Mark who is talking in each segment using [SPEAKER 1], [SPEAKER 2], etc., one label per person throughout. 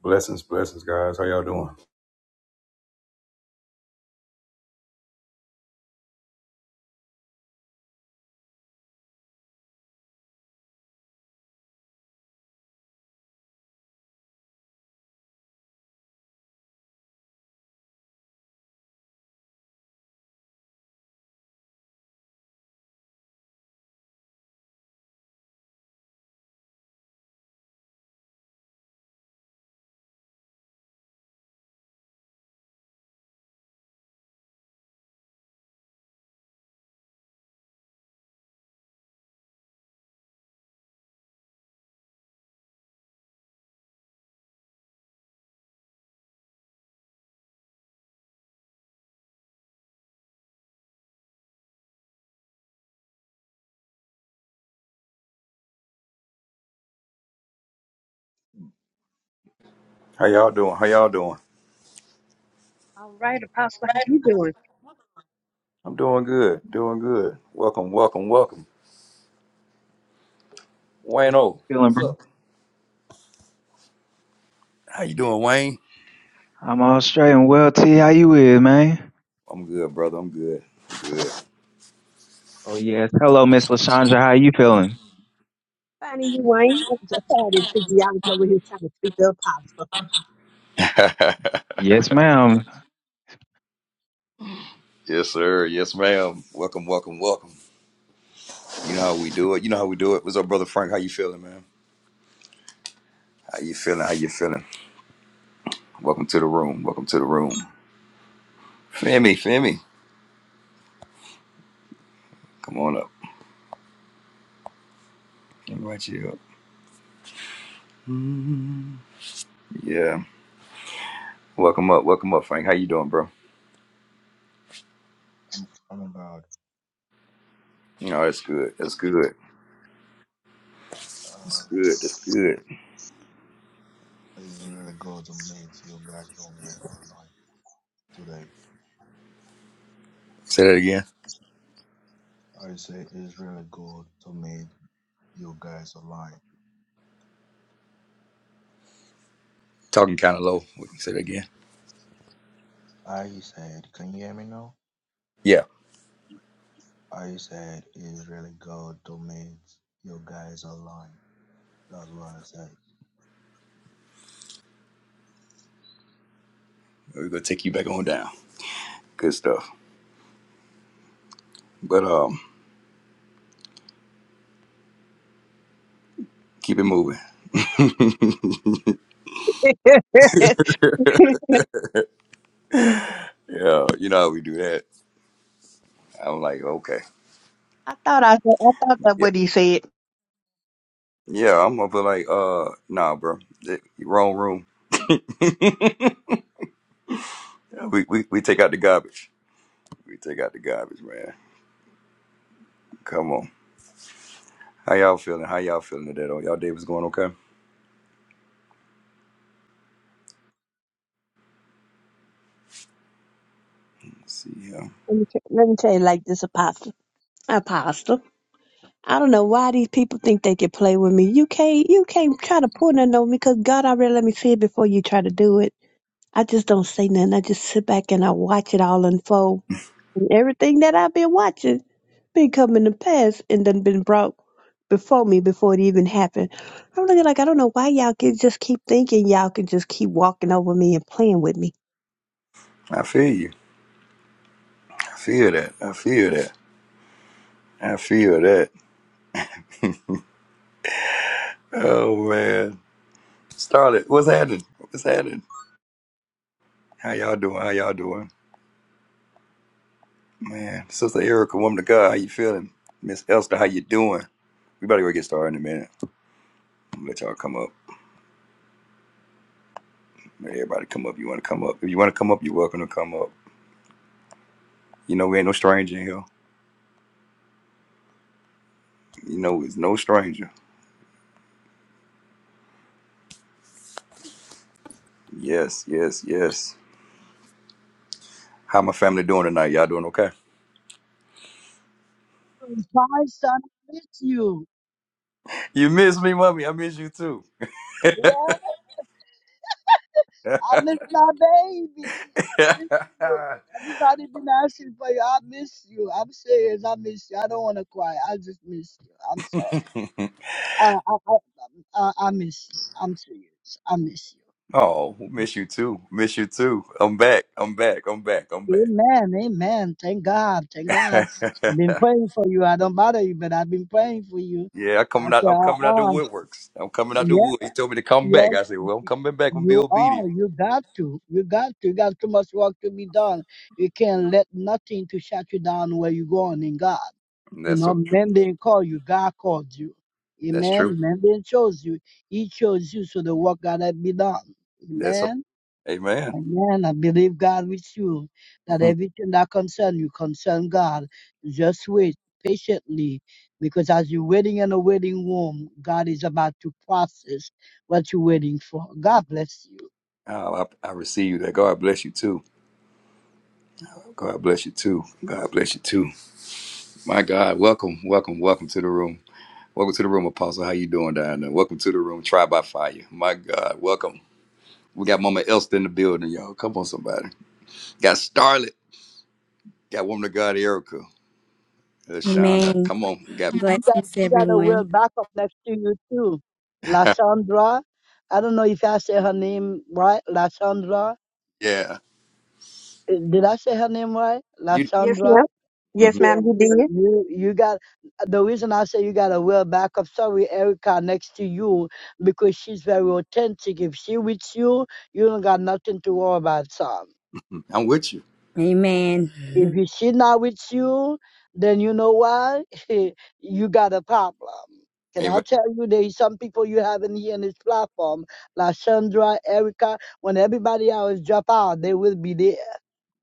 [SPEAKER 1] Blessings, blessings, guys. How y'all doing? How y'all doing? How y'all doing?
[SPEAKER 2] All right, Apostle, how you doing?
[SPEAKER 1] I'm doing good. Doing good. Welcome, welcome, welcome. Wayne O,
[SPEAKER 3] Feeling,
[SPEAKER 1] what's
[SPEAKER 3] bro?
[SPEAKER 1] up? How you doing, Wayne?
[SPEAKER 3] I'm all straight and well. T, how you is, man?
[SPEAKER 1] I'm good, brother. I'm good. I'm
[SPEAKER 3] Oh yes. Hello, Miss Lashondra. How you feeling?
[SPEAKER 2] Finding you, Wayne. I Sorry, this big Bianca over here trying to speak to
[SPEAKER 1] good.
[SPEAKER 3] Yes, ma'am.
[SPEAKER 1] yes, sir. Yes, ma'am. Welcome, welcome, welcome. You know how we do it. You know how we do it. What's up, brother Frank? How you feeling, man? How you feeling? How you feeling? Welcome to the room. Welcome to the room. Femi, Femi, come on up. Invite you up. Yeah. Welcome up. Welcome up, Frank. How you doing, bro?
[SPEAKER 4] I'm about
[SPEAKER 1] You know that's good. That's good.
[SPEAKER 4] um,
[SPEAKER 1] That's good. That's good.
[SPEAKER 4] it's really good to meet you guys on here online today.
[SPEAKER 1] Say that again.
[SPEAKER 4] I say it's really good to meet you guys online.
[SPEAKER 1] Talking kind of low. We can Say that again.
[SPEAKER 4] I said, can you hear me now?
[SPEAKER 1] Yeah.
[SPEAKER 4] I said it's really good to meet you guys online. That's what I said.
[SPEAKER 1] We're gonna take you back on down. Good stuff. But um, keep it moving.
[SPEAKER 2] Apostle.
[SPEAKER 1] yeah, you know how we do that. I'm like, okay,
[SPEAKER 2] I thought I, I thought that
[SPEAKER 1] yeah,
[SPEAKER 2] what he said.
[SPEAKER 1] yeah. I'm gonna be like, uh, nah, bro, Th- wrong room. we, we we take out the garbage. We take out the garbage, man. Come on. How y'all feeling? How y'all feeling today? though? y'all day was going okay? Let's see, yeah.
[SPEAKER 2] Let me, t- let me tell you like this, Apostle. Apostle. I don't know why these people think they can play with me. You can't, you can't try to pull nothing on me because God already let me see it before you try to do it. I just don't say nothing. I just sit back and I watch it all unfold. And everything that I've been watching been coming to pass and done been brought before me before it even happened. I'm looking like I don't know why y'all can just keep thinking y'all can just keep walking over me and playing with me.
[SPEAKER 1] I feel you. I feel that. I feel that. I feel that. Oh man. Starlet, what's happening? What's happening? How y'all doing? How y'all doing? Man, Sister Erica, woman of God, how you feeling? Miss Elster, how you doing? We about to go get started in a minute. I'm gonna let y'all come up. Let everybody come up. You wanna come up? If you wanna come up, you're welcome to come up. You know we ain't no stranger in here. You know it's no stranger. Yes, yes, yes. How my family doing tonight? Y'all doing okay?
[SPEAKER 5] Bye, son, I miss you.
[SPEAKER 1] you miss me, mommy. I miss you too.
[SPEAKER 5] Yeah, I miss my baby. I miss you. Everybody been asking for you. I miss you. I'm serious. I miss you. I don't want to cry. I just miss you. I'm sorry. I I I, I I miss you. I'm serious. I miss
[SPEAKER 1] oh, miss you too. Miss you too. I'm back. I'm back. I'm back. I'm back.
[SPEAKER 5] you. Amen. Amen. Thank God. Thank God. I've been praying for you. I don't bother you, but I've been praying for you.
[SPEAKER 1] yeah, I'm
[SPEAKER 5] I
[SPEAKER 1] coming out.
[SPEAKER 5] said,
[SPEAKER 1] I'm coming out the
[SPEAKER 5] uh-uh.
[SPEAKER 1] woodworks. I'm coming out the wood. He told me to come back.
[SPEAKER 5] Yes,
[SPEAKER 1] I said,
[SPEAKER 5] y-
[SPEAKER 1] "Well, I'm
[SPEAKER 5] y-
[SPEAKER 1] coming back and be
[SPEAKER 5] you
[SPEAKER 1] obedient."
[SPEAKER 5] are. You got to. You got to. You got too much work to be done. You can't let nothing to shut you down where you're going in God.
[SPEAKER 1] And
[SPEAKER 5] You
[SPEAKER 1] that's
[SPEAKER 5] know,
[SPEAKER 1] so true.
[SPEAKER 5] men didn't call you. God called you.
[SPEAKER 1] That's true.
[SPEAKER 5] Amen. Men didn't chose you. He chose you so the work got to be done.
[SPEAKER 1] That's so.
[SPEAKER 5] Amen.
[SPEAKER 1] Amen.
[SPEAKER 5] Amen. I believe God with you that everything that concern you concern God. Just wait patiently because as you're waiting in a waiting room, God is about to process what you're waiting for. God bless you.
[SPEAKER 1] Oh, I, I receive that. God bless you too. God bless you too. God bless you too. My God, welcome, welcome, welcome to the room. Welcome to the room, Apostle. How you doing down there? Welcome to the room, Try by Fire. My God, welcome. We got Mama Elston in the building, y'all. Come on, somebody. Got Starlet. Got Woman of God, Erica. Uh, Shonda.
[SPEAKER 6] Amen.
[SPEAKER 1] Come on. Got
[SPEAKER 5] You got,
[SPEAKER 6] Blessings,
[SPEAKER 5] you got a well
[SPEAKER 6] everyone.
[SPEAKER 5] backup next to you too. Lasandra. I don't know if I say her name right. Lasandra.
[SPEAKER 1] yeah.
[SPEAKER 5] Eh, Did I say her name right?
[SPEAKER 1] You,
[SPEAKER 2] Yes,
[SPEAKER 5] Lasandra.
[SPEAKER 2] ma'am. Yes,
[SPEAKER 1] Mhm.
[SPEAKER 5] Yeah,
[SPEAKER 2] ma'am, you did.
[SPEAKER 5] you you got the reason I say you got a real backup story, Erica next to you because she's very authentic. If she with you, you don't got nothing to worry about, son.
[SPEAKER 1] I'm with you.
[SPEAKER 5] If
[SPEAKER 6] Amen.
[SPEAKER 5] you- she not with you, then you know what? you got a problem. Can I
[SPEAKER 1] Amen.
[SPEAKER 5] tell you there is some people you haven't here in this platform, like Sandra, Erica, when everybody else drop out, they will be there.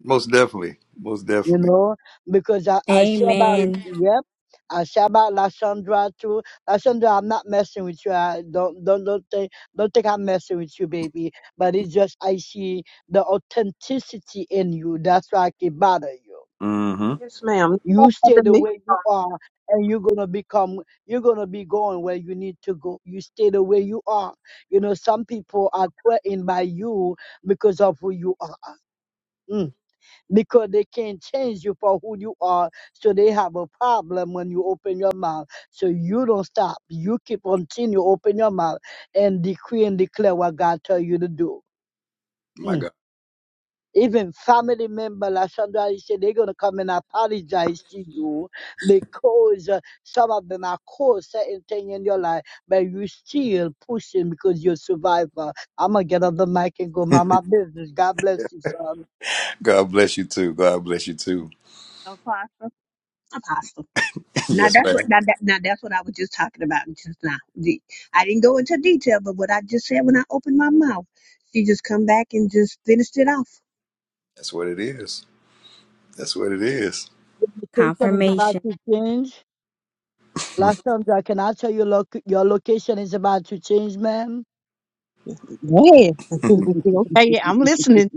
[SPEAKER 1] Most definitely. Most
[SPEAKER 5] you
[SPEAKER 1] definitely.
[SPEAKER 5] know, because I, I share about,
[SPEAKER 6] Amen.
[SPEAKER 5] yep, I share about Lashandra too. Lashandra, I'm not messing with you. I don't, don't, don't think, don't think I'm messing with you, baby. But it's just, I see the authenticity in you. That's why I can bother you.
[SPEAKER 1] hmm
[SPEAKER 2] Yes, ma'am.
[SPEAKER 5] You
[SPEAKER 2] Don't
[SPEAKER 5] stay
[SPEAKER 2] bother
[SPEAKER 5] the
[SPEAKER 2] me.
[SPEAKER 5] way you are and you're going to become, you're going to be going where you need to go. You stay the way you are. You know, some people are threatened by you because of who you are because they can't change you for who you are. So they have a problem when you open your mouth. So you don't stop. You keep continue open your mouth and decree and declare what God tell you to do.
[SPEAKER 1] My
[SPEAKER 5] Mm.
[SPEAKER 1] God.
[SPEAKER 5] Even family member, like Sandra said, they're gonna come and apologize to you because uh, some of them are caused certain thing in your life, but you still pushing because you're a survivor. I'm gonna get off the mic and go mind my business. God bless you, son.
[SPEAKER 1] God bless you too. God bless you too.
[SPEAKER 2] Apostle. Apostle. Now
[SPEAKER 1] yes,
[SPEAKER 2] that's what
[SPEAKER 1] ma'am.
[SPEAKER 2] now, that, now that's what I was just talking about just now. The- I didn't go into detail, but what I just said when I opened my mouth, she just come back and just finished it off.
[SPEAKER 1] That's what it is. That's what it is.
[SPEAKER 5] The invitation is about
[SPEAKER 6] Confirmation.
[SPEAKER 5] to change. Last time, Jack, can I tell you loc your location is about to change, ma'am?
[SPEAKER 2] Yes. okay, I'm listening.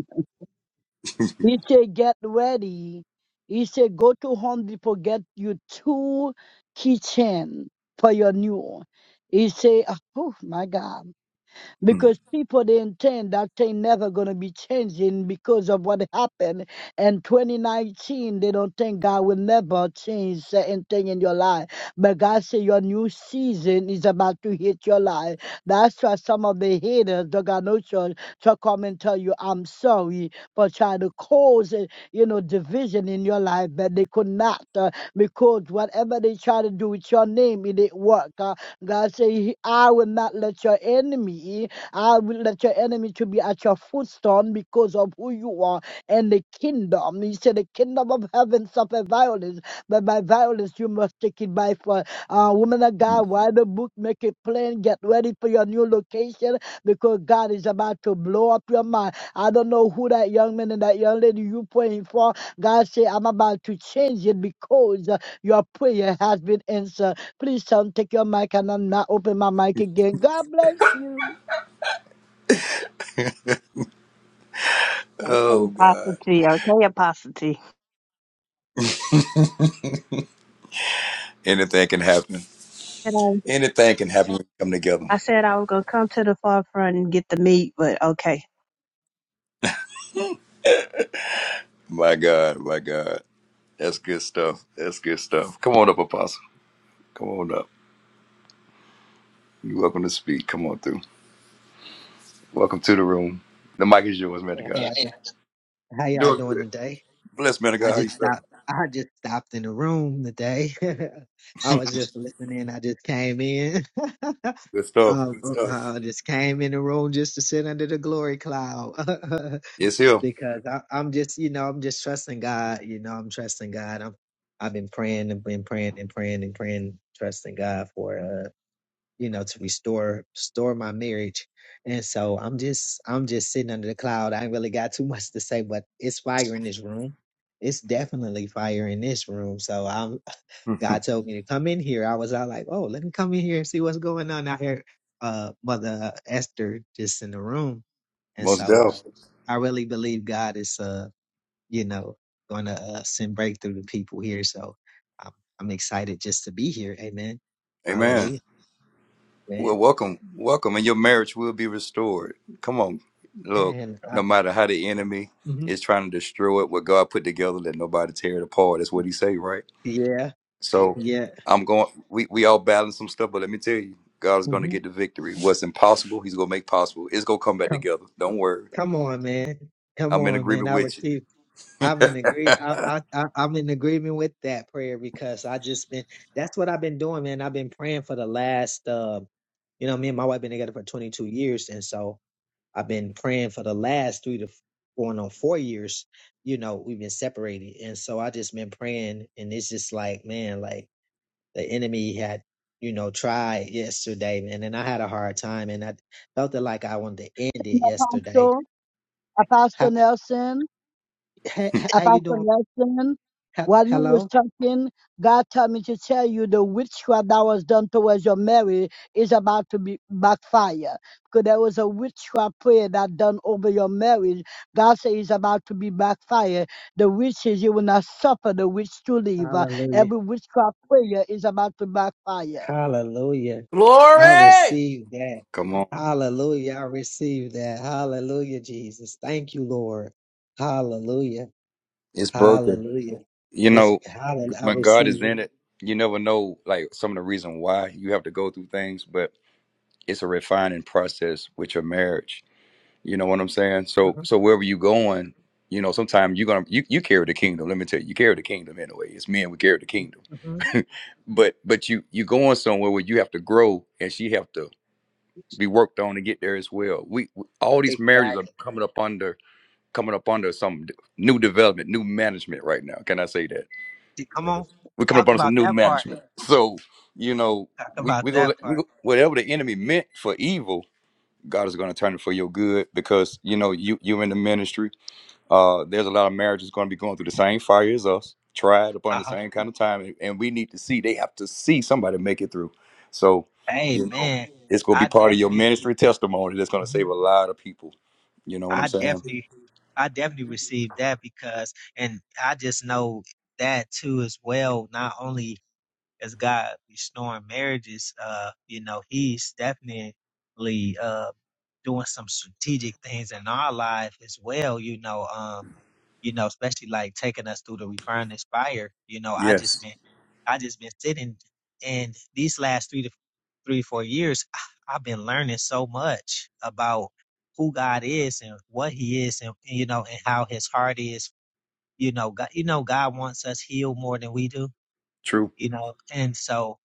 [SPEAKER 5] He said, get ready. He said, go to Home Depot, get you two kitchen for your new. He said, oh my God.
[SPEAKER 1] Mhm.
[SPEAKER 5] because people they intend That thing never gonna be changing because of what happened in 2019. They don't think God will never change certain thing in your life, but God say your new season is about to hit your life. That's why some of the haters, don't got no choice to come and tell you, "I'm sorry," for trying to cause, uh, you know, division in your life, but they could not uh, because whatever they try to do with your name, it didn't work. Uh, God say, "He- "I will not let your enemy." I will let your enemy to be at your footstone because of who you are and the kingdom. He said, The kingdom of heaven suffer violence, but by violence you must take it by force. Uh, woman of God, write a book, make it plain, get ready for your new location because God is about to blow up your mind. I don't know who that young man and that young lady you praying for. God say, I'm about to change it because uh, your prayer has been answered. Please, son, take your mic and I'm not open my mic again. God bless you.
[SPEAKER 2] Okay,
[SPEAKER 1] Oh
[SPEAKER 2] Apostle
[SPEAKER 1] God.
[SPEAKER 2] T. Okay, Apostle T.
[SPEAKER 1] Anything can happen.
[SPEAKER 2] And
[SPEAKER 1] Anything can happen when we come together.
[SPEAKER 2] I, I said I was gonna come to the forefront and get the meat, but okay.
[SPEAKER 1] My God, my God. That's good stuff. That's good stuff. Come on up, Apostle. Come on up. You're welcome to speak. Come on through. Welcome to the room. The mic is yours, man of
[SPEAKER 7] Hey, how
[SPEAKER 1] God.
[SPEAKER 7] y'all, do- how y'all
[SPEAKER 1] Doing
[SPEAKER 7] doing
[SPEAKER 1] good.
[SPEAKER 7] today?
[SPEAKER 1] Bless man of
[SPEAKER 7] I
[SPEAKER 1] God. How
[SPEAKER 7] just
[SPEAKER 1] you feeling?
[SPEAKER 7] stopped. I just stopped in the room today. I was just listening. I just came in.
[SPEAKER 1] Good stuff.
[SPEAKER 7] um,
[SPEAKER 1] Good stuff.
[SPEAKER 7] uh, I just came in the room just to sit under the glory cloud
[SPEAKER 1] Yes, he'll.
[SPEAKER 7] because I, I'm just, you know, I'm just trusting God. You know, I'm trusting God. I'm. I've been praying and been praying and praying and praying, trusting God for it you know, to restore restore my marriage. And so I'm just I'm just sitting under the cloud. I ain't really got too much to say, but it's fire in this room. It's definitely fire in this room. So I'm God told me to come in here. I was out like, oh, let me come in here and see what's going on out here. Uh mother Esther just in the room. And
[SPEAKER 1] Most
[SPEAKER 7] so
[SPEAKER 1] definitely.
[SPEAKER 7] I really believe God is uh, you know, gonna uh, send breakthrough to people here. So I'm I'm excited just to be here. Amen.
[SPEAKER 1] Amen.
[SPEAKER 7] Hallelujah. Man.
[SPEAKER 1] Well, welcome. Welcome. And your marriage will be restored. Come on. Look,
[SPEAKER 7] Man,
[SPEAKER 1] no matter how the enemy
[SPEAKER 7] hmm
[SPEAKER 1] is trying to destroy it, what God put together, let nobody tear it apart. That's what he say, right?
[SPEAKER 7] Yeah,
[SPEAKER 1] So
[SPEAKER 7] yeah.
[SPEAKER 1] I'm going, we, we all balance some stuff, but let me tell you, God is going to
[SPEAKER 7] hmm
[SPEAKER 1] get the victory. What's impossible, he's going to make possible. It's going to come back
[SPEAKER 7] Come,
[SPEAKER 1] together. Don't worry.
[SPEAKER 7] come on, man. Come
[SPEAKER 1] I'm in
[SPEAKER 7] on, man.
[SPEAKER 1] agreement
[SPEAKER 7] I
[SPEAKER 1] with you.
[SPEAKER 7] receive. I'm in agree. I, I, I, I'm in agreement with that prayer because I just been. That's what I've been doing, man. I've been praying for the last. Uh, you know, me and my wife been together for 22 years, and so I've been praying for the last three to f- going on four years. You know, we've been separated, and so I just been praying, and it's just like, man, like. the enemy had, you know, tried yesterday, and then I had a hard time, and I felt it like I wanted to end it yesterday.
[SPEAKER 5] Apostle,
[SPEAKER 7] How,
[SPEAKER 5] Apostle Nelson,
[SPEAKER 7] how, how you
[SPEAKER 5] Apostle
[SPEAKER 7] doing?
[SPEAKER 5] Nelson,
[SPEAKER 7] Ha-
[SPEAKER 5] while you was
[SPEAKER 7] hello?
[SPEAKER 5] talking, God told me to tell you the witchcraft that was done towards your marriage is about to be backfire. Because there was a witchcraft prayer that done over your marriage. God says it's about to be backfire. The witches, you will not suffer the witch to leave. Uh,
[SPEAKER 7] Hallelujah.
[SPEAKER 5] Every witchcraft prayer is about to backfire.
[SPEAKER 7] Hallelujah. I
[SPEAKER 8] Glory!
[SPEAKER 7] receive that.
[SPEAKER 1] Come on.
[SPEAKER 7] Hallelujah. I receive that. Hallelujah, Jesus. Thank you, Lord. Hallelujah.
[SPEAKER 1] It's broken.
[SPEAKER 7] Hallelujah.
[SPEAKER 1] You
[SPEAKER 7] Is
[SPEAKER 1] know,
[SPEAKER 7] hallelujah. I
[SPEAKER 1] when God is
[SPEAKER 7] receive it.
[SPEAKER 1] in it, you never know like some of the reason why you have to go through things, but it's a refining process with your marriage. You know what I'm saying? So
[SPEAKER 7] Mhm,
[SPEAKER 1] so wherever you going, you know, sometimes you're gonna you, you carry the kingdom. Let me tell you, you carry the kingdom anyway. It's men we carry the kingdom.
[SPEAKER 7] mhm.
[SPEAKER 1] But but you you going somewhere where you have to grow and she have to be worked on to get there as well. We, we all these marriages are
[SPEAKER 7] Exactly.
[SPEAKER 1] coming up under coming up under some d- new development, new management right now. Can I say that?
[SPEAKER 7] Come on.
[SPEAKER 1] we're coming up
[SPEAKER 7] Talk
[SPEAKER 1] on some
[SPEAKER 7] about
[SPEAKER 1] new
[SPEAKER 7] that part.
[SPEAKER 1] management. So, you know,
[SPEAKER 7] Talk
[SPEAKER 1] we
[SPEAKER 7] about
[SPEAKER 1] we go,
[SPEAKER 7] that part.
[SPEAKER 1] we go whatever the enemy meant for evil, God is going to turn it for your good because you know you you're in the ministry. Uh, there's a lot of marriages going to be going through the same fire as us, tried upon the
[SPEAKER 7] Uh-huh.
[SPEAKER 1] same kind of time, and, and we need to see. They have to see somebody make it through. So,
[SPEAKER 7] Hey
[SPEAKER 1] you know,
[SPEAKER 7] man,
[SPEAKER 1] it's going to be
[SPEAKER 7] I
[SPEAKER 1] part of your
[SPEAKER 7] definitely,
[SPEAKER 1] ministry testimony that's going to save a
[SPEAKER 7] Mhm.
[SPEAKER 1] lot of people. You know what I'm
[SPEAKER 7] I
[SPEAKER 1] saying?
[SPEAKER 7] definitely, I definitely received that because, and I just know that too as well. Not only is God restoring marriages, uh, you know, He's definitely, uh, doing some strategic things in our life as well, you know, um, you know, especially like taking us through the Refer and Inspire, you know, I just
[SPEAKER 1] Yes,
[SPEAKER 7] been I just been sitting and these last three to three, four years, I- I've been learning so much about who God is and what he is and you know, and how his heart is. You know, God, you know, God wants us healed more than we do
[SPEAKER 1] true.
[SPEAKER 7] you know and so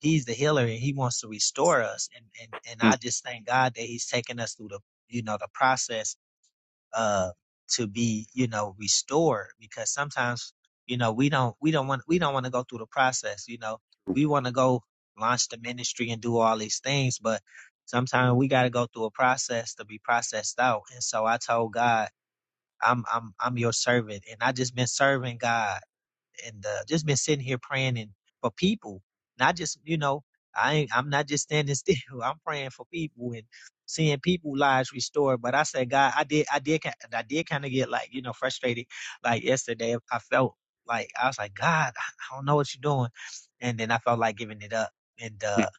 [SPEAKER 7] he's the healer and he wants to restore us and and, and
[SPEAKER 1] Mm,
[SPEAKER 7] i just thank god that he's taking us through the you know the process uh to be you know restored because sometimes you know we don't we don't want we don't want to go through the process you know we want to go launch the ministry and do all these things but sometimes we got to go through a process to be processed out and so i told god i'm i'm i'm your servant and i just been serving god and uh, just been sitting here praying and for people, not just you know, I ain't, I'm not just standing still. I'm praying for people and seeing people lives restored. But I said, God, I did, I did, I did kind of get like you know frustrated. Like yesterday, I felt like I was like, God, I don't know what you're doing, and then I felt like giving it up, and
[SPEAKER 1] mm,
[SPEAKER 7] uh,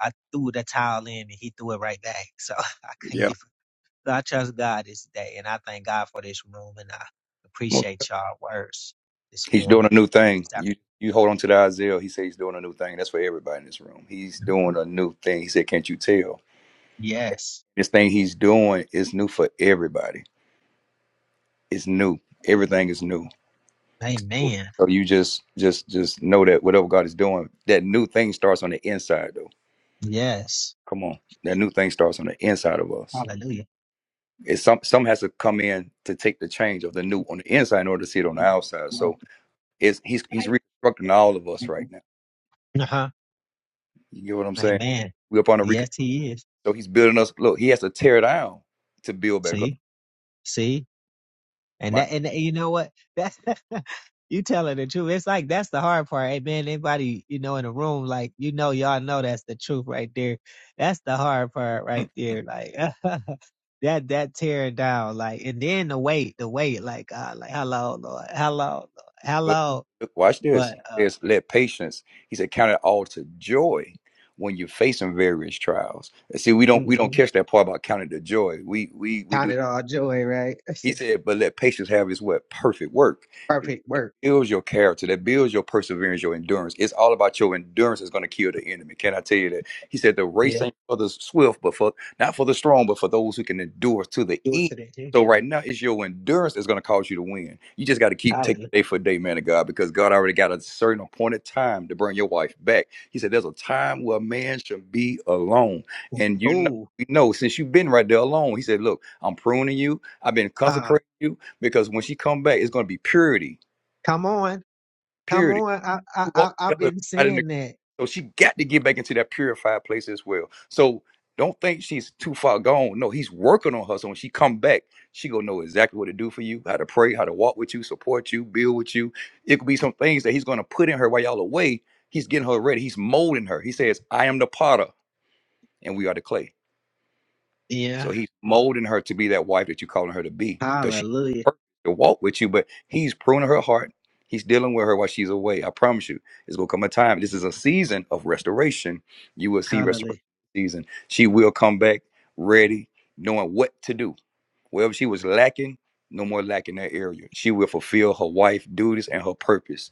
[SPEAKER 7] I threw the towel in, and He threw it right back. So I couldn't
[SPEAKER 1] Yeah.
[SPEAKER 7] give. So I trust God this day, and I thank God for this room, and I appreciate y'all words this
[SPEAKER 1] He's doing
[SPEAKER 7] morning.
[SPEAKER 1] a new thing. You you hold on to the Isaiah. He said he's doing a new thing. That's for everybody in this room. He's doing a new thing. He said, Can't you tell?
[SPEAKER 7] Yes.
[SPEAKER 1] This thing he's doing is new for everybody. It's new. Everything is new.
[SPEAKER 7] Amen.
[SPEAKER 1] So you just just just know that whatever God is doing, that new thing starts on the inside though.
[SPEAKER 7] Yes.
[SPEAKER 1] Come on. That new thing starts on the inside of us.
[SPEAKER 7] Hallelujah.
[SPEAKER 1] It's some some has to come in to take the change of the new on the inside in order to see it on the outside. So it's he's he's reconstructing all of us right now.
[SPEAKER 7] Uh-huh.
[SPEAKER 1] You get what I'm saying?
[SPEAKER 7] Amen.
[SPEAKER 1] We're up on a reconstruction
[SPEAKER 7] Yes, he is.
[SPEAKER 1] So he's building us. Look, he has to tear down to build back up.
[SPEAKER 7] See, see, and
[SPEAKER 1] My,
[SPEAKER 7] that, and you know what? That's you telling the truth. It's like that's the hard part. Hey, man, anybody you know in the room, like you know, y'all know that's the truth right there. That's the hard part right there. Like that, that tearing down. Like, and then the wait, the wait. Like, God, like hello, Lord, hello, Lord,
[SPEAKER 1] but
[SPEAKER 7] hello.
[SPEAKER 1] look, watch this.
[SPEAKER 7] But
[SPEAKER 1] He
[SPEAKER 7] uh,
[SPEAKER 1] says, "Let patience." He said, "Count it all to joy when you're facing various trials." And see, we don't we
[SPEAKER 7] mm-hmm.
[SPEAKER 1] don't catch that part about counting the joy. We we we do
[SPEAKER 7] Count it all joy, right?
[SPEAKER 1] He said, but let patience have his what? Perfect work. That
[SPEAKER 7] perfect work.
[SPEAKER 1] builds your character, that builds your perseverance, your endurance. It's all about your endurance that's going to kill the enemy. Can I tell you that? He said, the race
[SPEAKER 7] Yeah.
[SPEAKER 1] ain't for the swift, but for not for the strong, but for those who can endure to the
[SPEAKER 7] Do it
[SPEAKER 1] end.
[SPEAKER 7] today, the
[SPEAKER 1] So right now, it's your endurance that's going to cause you to win. You just got to keep taking
[SPEAKER 7] Hallelujah.
[SPEAKER 1] day for day, man of God, because God already got a certain appointed time to bring your wife back. He said, there's a time where a man should be alone. And you know,
[SPEAKER 7] Oh,
[SPEAKER 1] we know since you've been right there alone, he said, look, I'm pruning you. I've been
[SPEAKER 7] uh,
[SPEAKER 1] consecrating you because when she come back, it's going to be purity,
[SPEAKER 7] come on. Come
[SPEAKER 1] purity.
[SPEAKER 7] on. I, I,
[SPEAKER 1] We walk
[SPEAKER 7] I, I've
[SPEAKER 1] together
[SPEAKER 7] been
[SPEAKER 1] out in the
[SPEAKER 7] saying that.
[SPEAKER 1] so she got to get back into that purified place as well. So don't think she's too far gone. No, he's working on her. So when she come back, she gonna know exactly what to do for you, how to pray, how to walk with you, support you, build with you. It could be some things that he's gonna put in her while y'all away. He's getting her ready. He's molding her. He says, "I am the potter, and we are the clay."
[SPEAKER 7] Yeah.
[SPEAKER 1] So he's molding her to be that wife that you're calling her to be because she
[SPEAKER 7] Hallelujah.
[SPEAKER 1] has to walk with you, but he's pruning her heart. He's dealing with her while she's away. I promise you, it's going to come a time. This is a season of restoration. You will see
[SPEAKER 7] Hallelujah.
[SPEAKER 1] restoration season. She will come back ready, knowing what to do. Wherever she was lacking, no more lack in that area. She will fulfill her wife duties and her purpose.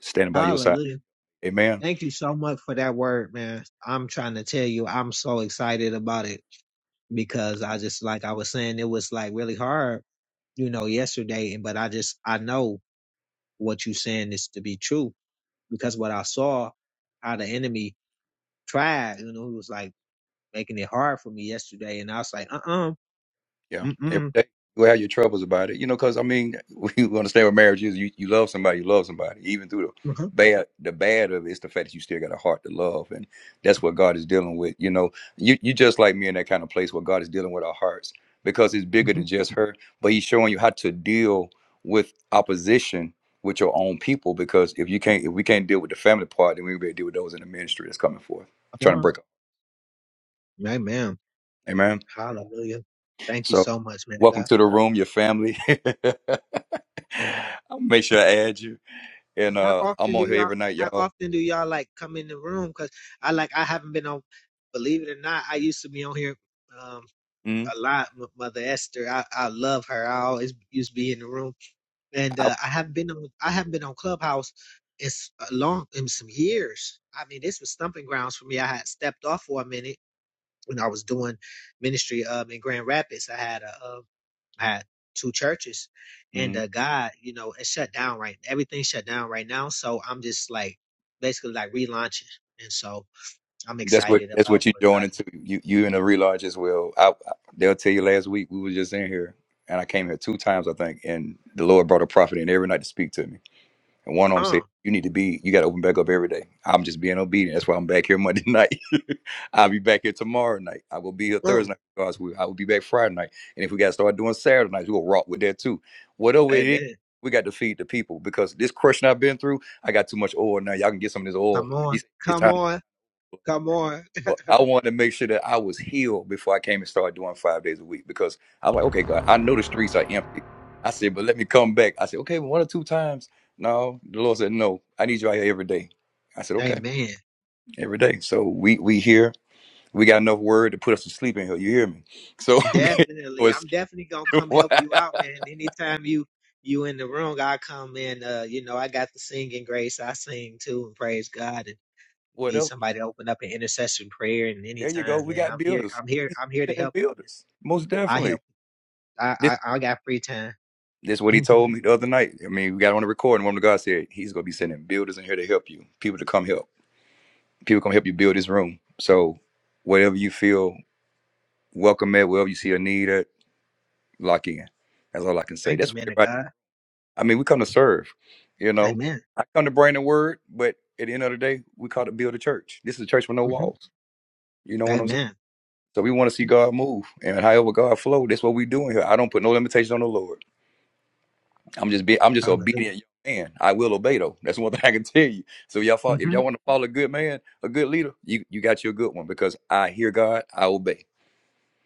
[SPEAKER 1] Standing by your side.
[SPEAKER 7] Hallelujah.
[SPEAKER 1] Amen.
[SPEAKER 7] Thank you so much for that word, man. I'm trying to tell you, I'm so excited about it because I just, like I was saying, it was like really hard, you know, yesterday. But I just, I know what you saying is to be true because what I saw, how the enemy tried. You know, he was like making it hard for me yesterday, and I was like, uh uh-uh, uh,
[SPEAKER 1] Yeah,
[SPEAKER 7] mm
[SPEAKER 1] every
[SPEAKER 7] mm,
[SPEAKER 1] day you have your troubles about it, you know. Because I mean, we understand what marriage is. You you love somebody, you love somebody, even through the
[SPEAKER 7] uh-huh,
[SPEAKER 1] bad. The bad of it is the fact that you still got a heart to love, and that's what God is dealing with. You know, you you just like me in that kind of place where God is dealing with our hearts because it's bigger
[SPEAKER 7] mm-hmm,
[SPEAKER 1] than just her, but He's showing you how to deal with opposition with your own people. Because if you can't, if we can't deal with the family part, then we better deal with those in the ministry that's coming forth,
[SPEAKER 7] come
[SPEAKER 1] trying to
[SPEAKER 7] on.
[SPEAKER 1] break up.
[SPEAKER 7] Amen.
[SPEAKER 1] Amen.
[SPEAKER 7] Hallelujah. Thank you
[SPEAKER 1] So,
[SPEAKER 7] so much, man of
[SPEAKER 1] welcome
[SPEAKER 7] God.
[SPEAKER 1] to the room, your family. I'll make sure I add you.
[SPEAKER 7] And
[SPEAKER 1] And
[SPEAKER 7] How
[SPEAKER 1] uh, I'm
[SPEAKER 7] often
[SPEAKER 1] on
[SPEAKER 7] do
[SPEAKER 1] here
[SPEAKER 7] y'all?
[SPEAKER 1] every night,
[SPEAKER 7] How
[SPEAKER 1] y'all.
[SPEAKER 7] often do y'all like come in the room? Cause I like I haven't been on. Believe it or not, I used to be on here um,
[SPEAKER 1] Mm,
[SPEAKER 7] a lot with Mother Esther. I, I love her. I always used to be in the room and
[SPEAKER 1] I,
[SPEAKER 7] uh, I haven't been on I haven't been on Clubhouse in s- a long in some years. I mean, this was stumping grounds for me. I had stepped off for a minute when I was doing ministry um in Grand Rapids. I had a uh, I had two churches, and
[SPEAKER 1] mm,
[SPEAKER 7] uh, God, you know, it shut down right. Everything shut down right now, so I'm just like basically like relaunching, and so I'm
[SPEAKER 1] that's what
[SPEAKER 7] excited
[SPEAKER 1] that's
[SPEAKER 7] about
[SPEAKER 1] what you're
[SPEAKER 7] what
[SPEAKER 1] doing
[SPEAKER 7] God is.
[SPEAKER 1] into
[SPEAKER 7] doing.
[SPEAKER 1] you you in the relaunch as well. I, I, they'll tell you last week we were just in here, and I came here two times I think, and the Lord brought a prophet in every night to speak to me. And one of them said,
[SPEAKER 7] Um,
[SPEAKER 1] "You need to be. You got to open back up every day." I'm just being obedient. That's why I'm back here Monday night. I'll be back here tomorrow night. I will be here Thursday
[SPEAKER 7] um,
[SPEAKER 1] night. God's will. I will be back Friday night. And if we got to start doing Saturday nights, we'll rock with that too. Whatever it is,
[SPEAKER 7] amen.
[SPEAKER 1] we got to feed the people because this crushing I've been through, I got too much oil now. Y'all can get some of this oil.
[SPEAKER 7] Come
[SPEAKER 1] He
[SPEAKER 7] on,
[SPEAKER 1] said, It's
[SPEAKER 7] come
[SPEAKER 1] time.
[SPEAKER 7] on, come on.
[SPEAKER 1] Well, I wanted to make sure that I was healed before I came and started doing five days a week because I was like, okay, God, I know the streets are empty. I said, but let me come back. I said, okay, well, one or two times. No, the Lord said, no, I need you out here every day. I said, okay,
[SPEAKER 7] Amen.
[SPEAKER 1] every day. So we we here. We got enough word to put us to sleep in here. You hear me? So no
[SPEAKER 7] Definitely. I'm
[SPEAKER 1] excuse
[SPEAKER 7] definitely gonna come
[SPEAKER 1] why.
[SPEAKER 7] help you out, man. Anytime you you in the room, I come in. Uh, you know, I got the singing grace. I sing too and praise God and
[SPEAKER 1] What
[SPEAKER 7] need
[SPEAKER 1] up?
[SPEAKER 7] somebody to open up an intercession prayer and
[SPEAKER 1] There you go.
[SPEAKER 7] anytime,
[SPEAKER 1] We
[SPEAKER 7] man.
[SPEAKER 1] got
[SPEAKER 7] I'm here,
[SPEAKER 1] builders.
[SPEAKER 7] I'm here,
[SPEAKER 1] He's
[SPEAKER 7] I'm here to
[SPEAKER 1] sending
[SPEAKER 7] help you, man.
[SPEAKER 1] builders, most
[SPEAKER 7] I
[SPEAKER 1] definitely.
[SPEAKER 7] help I I, I got free time.
[SPEAKER 1] That's what he
[SPEAKER 7] Mhm.
[SPEAKER 1] told me the other night. I mean, we got on the recording. Woman of God said he's gonna be sending builders in here to help you, people to come help, people come help you build this room. So, whatever you feel welcome at, wherever you see a need at, lock in. That's all I can say.
[SPEAKER 7] Thank you,
[SPEAKER 1] That's what
[SPEAKER 7] man of
[SPEAKER 1] everybody.
[SPEAKER 7] God.
[SPEAKER 1] I mean, we come to serve. You know,
[SPEAKER 7] Amen.
[SPEAKER 1] I come to bring the word, but at the end of the day, we call it build a church. This is a church with no
[SPEAKER 7] hmm
[SPEAKER 1] walls. You know what I'm saying?
[SPEAKER 7] Amen.
[SPEAKER 1] So we want to see God move, and however God flow, that's what we doing here. I don't put no limitations on the Lord. I'm just be I'm just an
[SPEAKER 7] Hallelujah.
[SPEAKER 1] obedient young man. I will obey though. That's one thing I can tell you. So y'all follow, if
[SPEAKER 7] hmm
[SPEAKER 1] y'all want to follow a good man, a good leader, you you got you a good one because I hear God, I obey.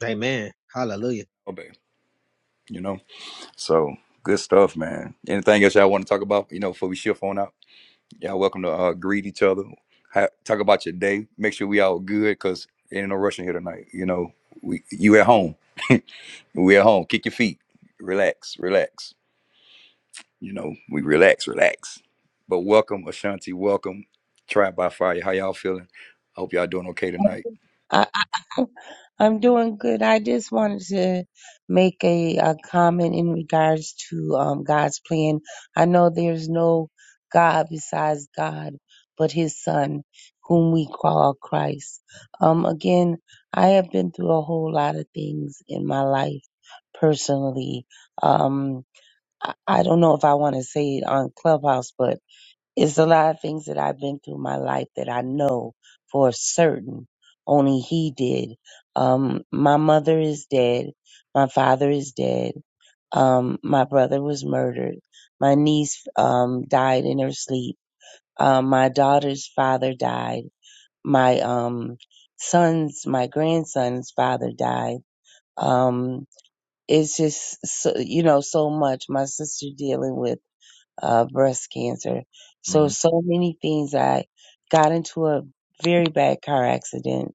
[SPEAKER 7] Amen. Hallelujah.
[SPEAKER 1] Obey. You know? So good stuff, man. Anything else y'all want to talk about, you know, before we shift on out? Y'all welcome to uh, greet each other. Ha- talk about your day. Make sure we all good because ain't no rushing here tonight. You know, we you at home. we at home. Kick your feet. Relax, relax You know, we relax, relax. But welcome, Ashanti. Welcome, Tribe by Fire. How y'all feeling? I hope y'all doing okay tonight.
[SPEAKER 9] I, I, I'm doing good. I just wanted to make a, a comment in regards to um, God's plan. I know there's no God besides God, but His Son, whom we call Christ. Um, again, I have been through a whole lot of things in my life personally. Um, I, I don't know if I want to say it on Clubhouse, but it's a lot of things that I've been through in my life that I know for certain only he did. Um, my mother is dead. My father is dead. Um, my brother was murdered. My niece, um, died in her sleep. Um, my daughter's father died. My, um, son's, my grandson's father died. Um, it's just, so, you know, so much. My sister dealing with uh, breast cancer. So, so many things. I got into a very bad car accident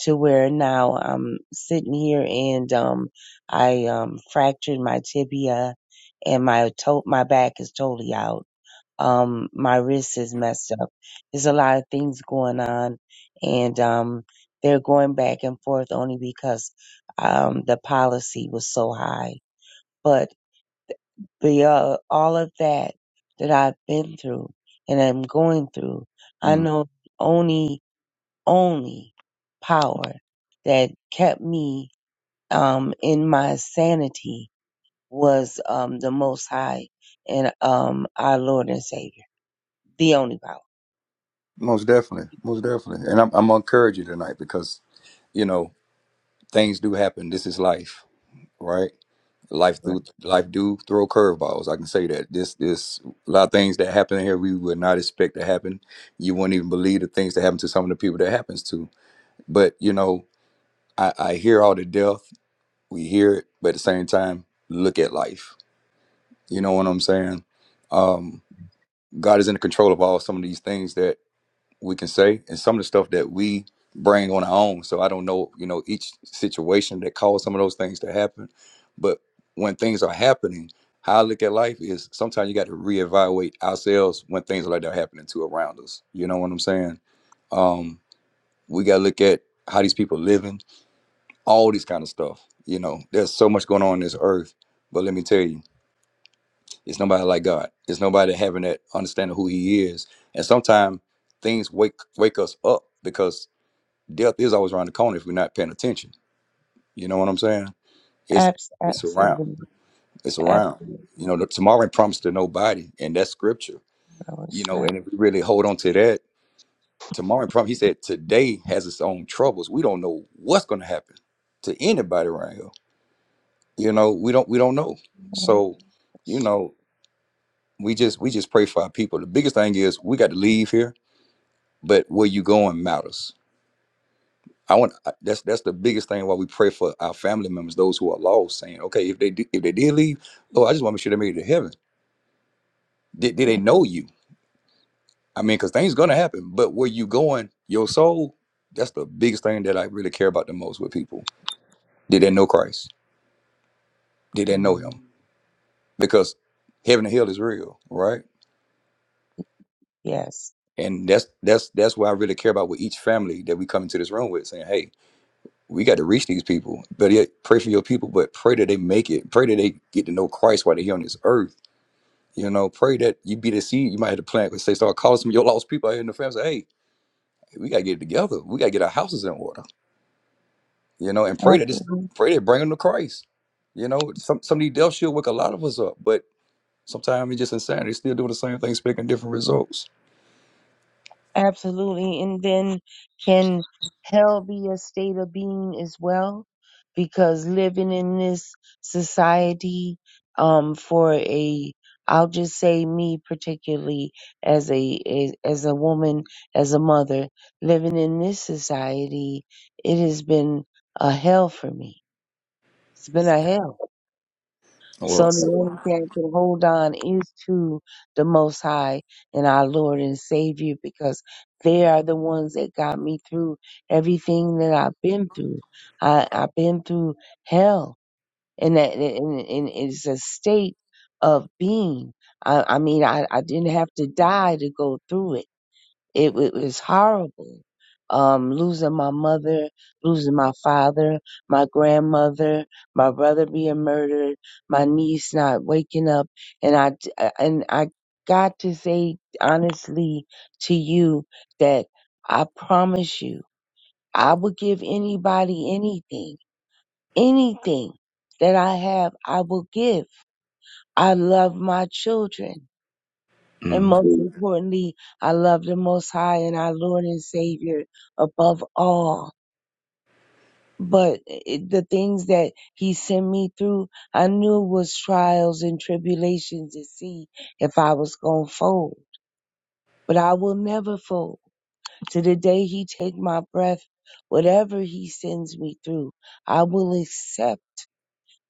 [SPEAKER 9] to where now I'm sitting here and, um, I, um, fractured my tibia and my to- my back is totally out. Um, my wrist is messed up. There's a lot of things going on and, um, they're going back and forth only because, um, the policy was so high. but beyond all of that that I've been through and I'm going through, I
[SPEAKER 1] Mm-hmm.
[SPEAKER 9] know the only, only power that kept me um, in my sanity was um, the Most High and um, our Lord and Savior. The only power.
[SPEAKER 1] Most definitely, most definitely, and I'm I'm gonna encourage you tonight because you know things do happen. This is life, right? Life
[SPEAKER 9] Right.
[SPEAKER 1] do life do throw curveballs. I can say that this this a lot of things that happen here we would not expect to happen. You wouldn't even believe the things that happen to some of the people that happens to. But you know, I, I hear all the death. We hear it, but at the same time, look at life You know what I'm saying? Um, God is in control of all some of these things that we can say and some of the stuff that we bring on our own. So I don't know, you know, each situation that caused some of those things to happen. But when things are happening, how I look at life is sometimes you got to reevaluate ourselves when things like that are happening to around us. You know what I'm saying? Um, we got to look at how these people living, all this kind of stuff. You know, there's so much going on in this earth. But let me tell you. It's nobody like God. It's nobody having that understanding who He is. And sometimes things wake wake us up because death is always around the corner if we're not paying attention. You know what I'm saying? It's
[SPEAKER 9] Abs-
[SPEAKER 1] it's around.
[SPEAKER 9] absolutely,
[SPEAKER 1] It's around.
[SPEAKER 9] absolutely.
[SPEAKER 1] You know, the, tomorrow ain't promised to nobody, and that's scripture.
[SPEAKER 9] No, it's
[SPEAKER 1] You know,
[SPEAKER 9] not.
[SPEAKER 1] and if we really hold on to that, tomorrow ain't promised. He said today has its own troubles. We don't know what's going to happen to anybody around here. You know, we don't we don't know. So, you
[SPEAKER 9] Yes.
[SPEAKER 1] know, we just we just pray for our people. The biggest thing is we got to leave here but where you going matters. I want I- that's that's the biggest thing why we pray for our family members, those who are lost, saying, okay, if they do, if they did leave, Lord, I just want to make sure they made it to heaven. Did, did they know you? I mean, because things gonna happen, but where you going, your soul, that's the biggest thing that I really care about the most with people. Did they know Christ? Did they know him?
[SPEAKER 9] Mm,
[SPEAKER 1] Because heaven and hell is real, right?
[SPEAKER 9] yes.
[SPEAKER 1] And that's that's that's what I really care about with each family that we come into this room with, saying, hey, we got to reach these people. But yeah, pray for your people, but pray that they make it. Pray that they get to know Christ while they're here on this earth. You know, pray that you be the seed. You might have to plant. Let's Say, start calling some of your lost people out here in the family. Say, hey, we got to get it together. We got to get our houses in order. You know, and pray that this, pray that bring them to Christ. You know, some some of these deaths should wake a lot of us up, but sometimes it's just insanity. Still doing the same thing, expecting different results.
[SPEAKER 9] Absolutely. And then can hell be a state of being as well? Because living in this society, um, for a, I'll just say me particularly as a, as, as a woman, as a mother, living in this society, it has been a hell for me. It's been a hell.
[SPEAKER 1] Well,
[SPEAKER 9] So the only thing I can hold on is to the Most High and our Lord and Savior because they are the ones that got me through everything that I've been through. I, I've been through hell and that and, and it's a state of being. I, I mean, I, I didn't have to die to go through it it, it was horrible. Um, losing my mother, losing my father, my grandmother, my brother being murdered, my niece not waking up, and I and I got to say honestly to you that I promise you, I would give anybody anything, anything that I have, I will give. I love my children. And
[SPEAKER 1] mm,
[SPEAKER 9] most importantly, I love the Most High and our Lord and Savior above all. But it, the things that He sent me through, I knew was trials and tribulations to see if I was going to fold. But I will never fold. To the day He take my breath, whatever He sends me through, I will accept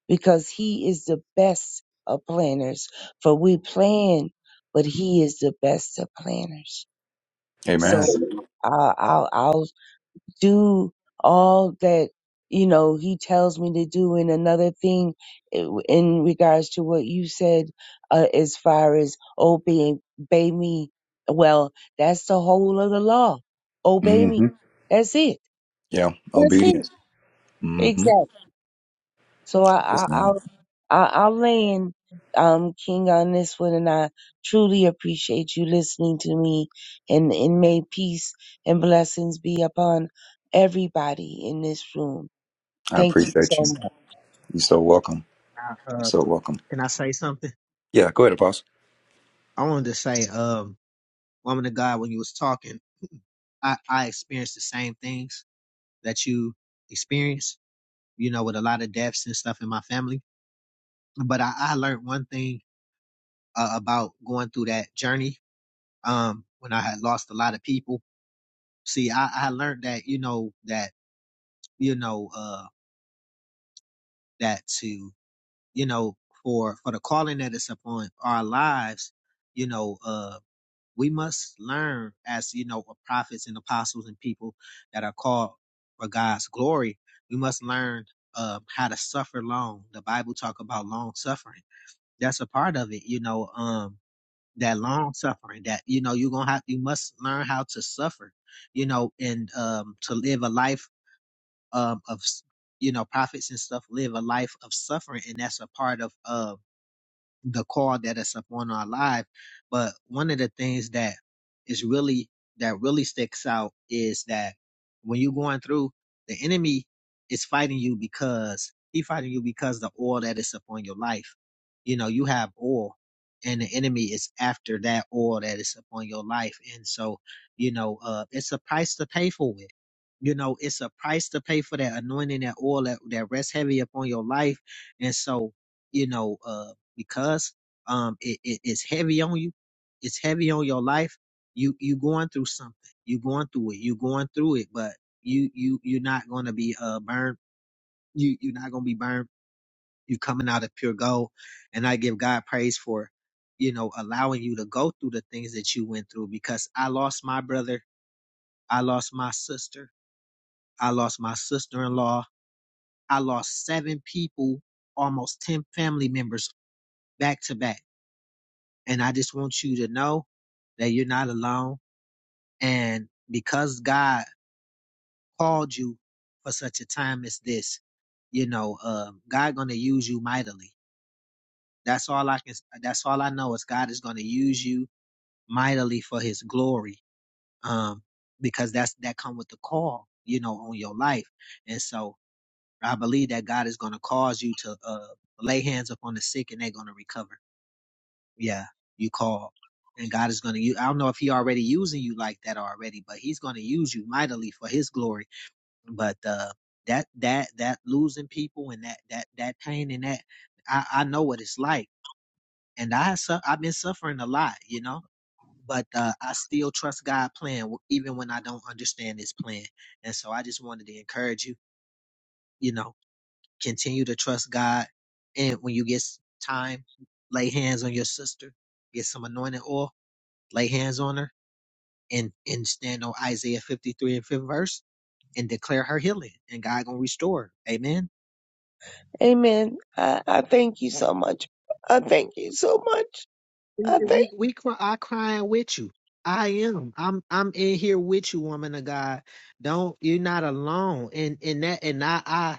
[SPEAKER 9] because He is the best of planners. For we plan, but He is the best of planners.
[SPEAKER 1] amen.
[SPEAKER 9] So I'll, I'll, I'll do all that, you know, he tells me to do. And another thing eh, in regards to what you said, uh, as far as obey, obey me, well, that's the whole of the law. Obey me.
[SPEAKER 1] Mm-hmm.
[SPEAKER 9] That's it.
[SPEAKER 1] Yeah,
[SPEAKER 9] That's it.
[SPEAKER 1] obedience. Mm-hmm.
[SPEAKER 9] Exactly. So I,
[SPEAKER 1] Yes,
[SPEAKER 9] I, I'll
[SPEAKER 1] man.
[SPEAKER 9] I, I'll land, um, King on this one, and I truly appreciate you listening to me, and and may peace and blessings be upon everybody in this room.
[SPEAKER 1] I
[SPEAKER 9] Thank you
[SPEAKER 1] appreciate
[SPEAKER 9] so
[SPEAKER 1] you.
[SPEAKER 9] much.
[SPEAKER 1] You're so welcome.
[SPEAKER 7] Now, uh,
[SPEAKER 1] So welcome.
[SPEAKER 7] can I say something?
[SPEAKER 1] Yeah, go ahead, Apostle.
[SPEAKER 7] I wanted to say, um, woman of God, when you was talking. I, I experienced the same things that you experience, you know, with a lot of deaths and stuff in my family. But I, I learned one thing uh, about going through that journey um, when I had lost a lot of people. See, I, I learned that, you know, that, you know, uh, that to, you know, for, for the calling that is upon our lives, you know, uh. we must learn as you know prophets and apostles and people that are called for god's glory we must learn um, how to suffer long the bible talk about long suffering that's a part of it you know um that long suffering that you know you're gonna have you must learn how to suffer you know and um to live a life um of you know prophets and stuff live a life of suffering and that's a part of um the call that is upon our life. But one of the things that is really that really sticks out is that when you're going through, the enemy is fighting you because he fighting you because the oil that is upon your life. You know, you have oil and the enemy is after that oil that is upon your life. And so, you know, uh it's a price to pay for it. You know, it's a price to pay for that anointing, that oil that, that rests heavy upon your life. And so, you know, uh because um it, it, it's heavy on you it's heavy on your life you you going through something you going through it you going through it but you you you're not going to be uh burned you you're not going to be burned you coming out of pure gold and i give god praise for you know allowing you to go through the things that you went through because i lost my brother i lost my sister i lost my sister-in-law i lost seven people almost 10 family members back to back And I just want you to know that you're not alone. And because God called you for such a time as this, you know, um, God gonna use you mightily. That's all I can. That's all I know is God is gonna use you mightily for His glory. Um, because that's that come with the call, you know, on your life. And so I believe that God is gonna cause you to uh, lay hands upon the sick and they're gonna recover. yeah, you call. And God is going to use, I don't know if he already using you like that already, but he's going to use you mightily for his glory. But, uh, that, that, that losing people and that, that, that pain and that, I, I know what it's like. And I, su- I've been suffering a lot, you know, but, uh, I still trust God's plan w- even when I don't understand his plan. And so I just wanted to encourage you, you know, continue to trust God. And when you get s- time, lay hands on your sister, get some anointing oil lay hands on her and and stand on Isaiah 53 and 5th verse and declare her healing and God gonna restore her. Amen.
[SPEAKER 9] Amen. I, I thank you so much. I thank you so much.
[SPEAKER 7] We
[SPEAKER 9] I
[SPEAKER 7] we,
[SPEAKER 9] thank
[SPEAKER 7] we cry, I crying with you. I am. I'm I'm in here with you, woman of God. Don't you're not alone. And and that and I I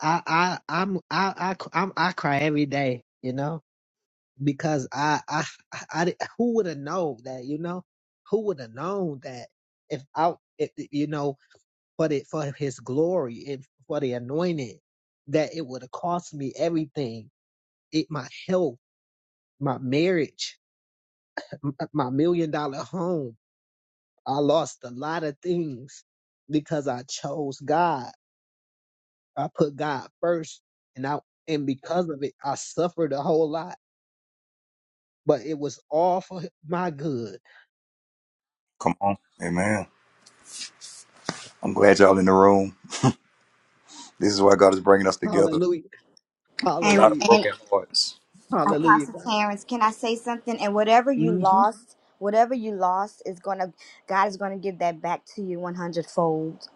[SPEAKER 7] I I I'm I I c- I'm, I cry every day, you know, because I I I, I di- who would have known that, you know, who would have known that if I if, you know for the, for his glory and for the anointing that it would have cost me everything it my health my marriage m- my million dollar home i lost a lot of things because i chose god i put god first and i and because of it i suffered a whole lot but it was all for my good
[SPEAKER 1] Come on. Amen. I'm glad y'all in the room. This is why God is bringing us together.
[SPEAKER 7] hallelujah
[SPEAKER 1] A
[SPEAKER 6] And
[SPEAKER 1] lot of
[SPEAKER 7] hallelujah
[SPEAKER 6] and
[SPEAKER 1] broken hearts. Come on.
[SPEAKER 7] hallelujah
[SPEAKER 6] Apostle
[SPEAKER 7] god
[SPEAKER 6] Terrence, can I say something? And whatever you
[SPEAKER 7] hmm
[SPEAKER 6] lost, whatever you lost is gonna God is gonna give that back to you one hundredfold.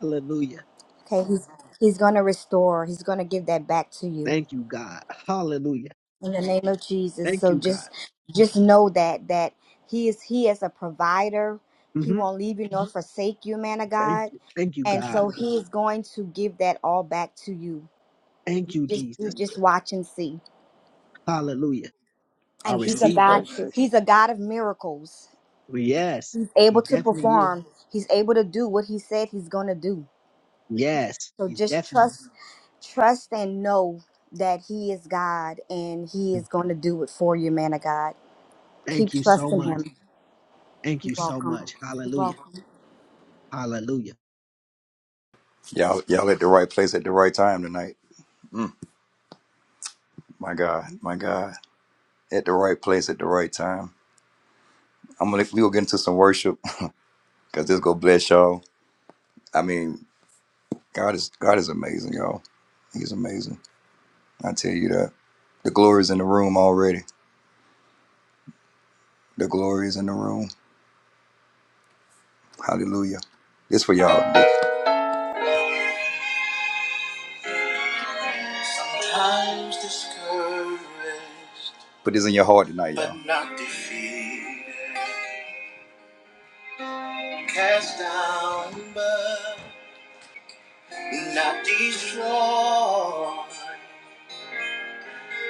[SPEAKER 7] hallelujah
[SPEAKER 6] Okay, he's he's gonna restore. He's gonna give that back to you.
[SPEAKER 7] thank you god hallelujah
[SPEAKER 6] in the name of Jesus.
[SPEAKER 7] thank
[SPEAKER 6] So
[SPEAKER 7] you god
[SPEAKER 6] just just know that that he is he is a provider. He
[SPEAKER 7] Mm-hmm.
[SPEAKER 6] won't leave you nor Mhm. forsake you, man of
[SPEAKER 7] Thank
[SPEAKER 6] God.
[SPEAKER 7] you. Thank you,
[SPEAKER 6] And
[SPEAKER 7] God.
[SPEAKER 6] so he is going to give that all back to you.
[SPEAKER 7] Thank you,
[SPEAKER 6] Just you
[SPEAKER 7] Jesus.
[SPEAKER 6] just watch and see.
[SPEAKER 7] Hallelujah. I
[SPEAKER 6] And he's a
[SPEAKER 7] receive it.
[SPEAKER 6] God,
[SPEAKER 9] you.
[SPEAKER 6] he's a God of miracles.
[SPEAKER 7] Yes,
[SPEAKER 6] He's
[SPEAKER 7] he
[SPEAKER 6] able to
[SPEAKER 7] definitely is.
[SPEAKER 6] perform. He's able to do what he said he's gonna do.
[SPEAKER 7] Yes,
[SPEAKER 6] So
[SPEAKER 7] he's
[SPEAKER 6] just
[SPEAKER 7] definitely.
[SPEAKER 6] trust, trust and know that he is God and he is gonna do it for you, man of God.
[SPEAKER 7] Thank
[SPEAKER 6] Keep
[SPEAKER 7] you so
[SPEAKER 6] trusting
[SPEAKER 7] much.
[SPEAKER 6] him.
[SPEAKER 7] Thank you
[SPEAKER 6] You're
[SPEAKER 7] so
[SPEAKER 6] welcome.
[SPEAKER 7] much.
[SPEAKER 6] You're
[SPEAKER 7] Hallelujah.
[SPEAKER 6] welcome.
[SPEAKER 7] Hallelujah.
[SPEAKER 1] Y'all, y'all at the right place at the right time tonight. Mm, my God, my God. At the right place at the right time. I'm gonna we gonna get into some worship because this gonna bless y'all. I mean, God is God is amazing, y'all. He's amazing. I tell you that. The glory is in the room already. The glory is in the room. Hallelujah. This for y'all. Sometimes discouraged, Put this in your heart tonight, y'all. but not defeated. Cast down, but not destroyed.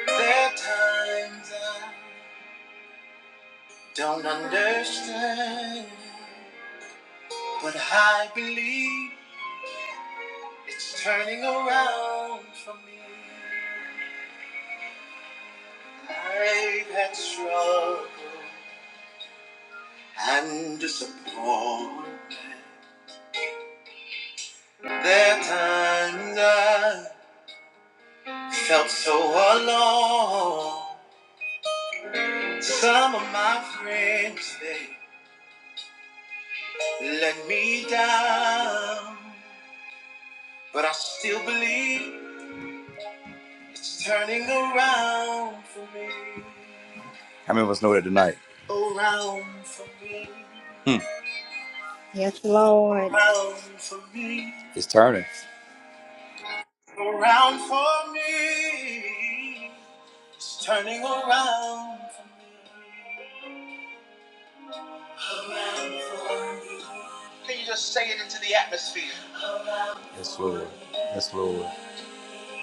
[SPEAKER 1] There are times I don't understand, but I believe it's turning around for me. I've had struggle and disappointment. There are times I felt so alone. Some of my friends, they let me down. But I still believe it's turning around for me. How many of us know that tonight? Around for me. Hmm.
[SPEAKER 6] Yes, Lord.
[SPEAKER 1] Around for me. It's turning. Around for me. It's turning around for me. Around for me. Can you just say it into the atmosphere? Yes, Lord. Yes, Lord.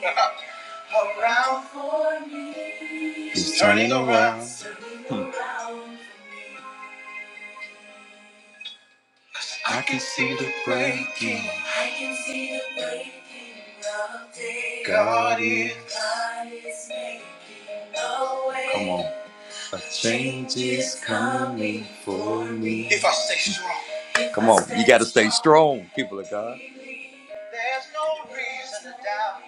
[SPEAKER 1] around for me. He's turning around. Hmm. I can see the breaking. I can see the breaking of day. God is. God is making a way. Come on. A change is coming for me. If I stay strong. Come on, you got to stay strong, people of God. There's no reason to doubt.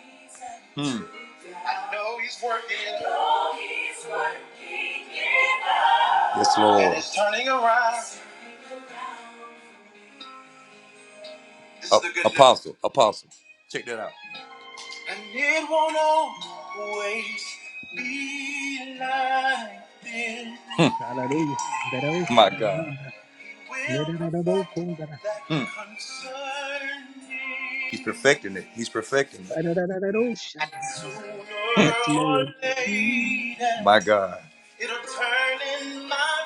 [SPEAKER 1] Hmm. I know he's working. I know he's working in us. Yes, Lord. And it's turning around. This uh, is the good news. apostle, news. apostle. Check that out. And it won't always be like this. Hmm,
[SPEAKER 7] Hallelujah.
[SPEAKER 1] My God. He will perfect that Hmm. concerning. He's perfecting it. He's perfecting it. Sooner
[SPEAKER 7] Yes,
[SPEAKER 1] or
[SPEAKER 7] Lord.
[SPEAKER 1] later, my God. it'll turn in my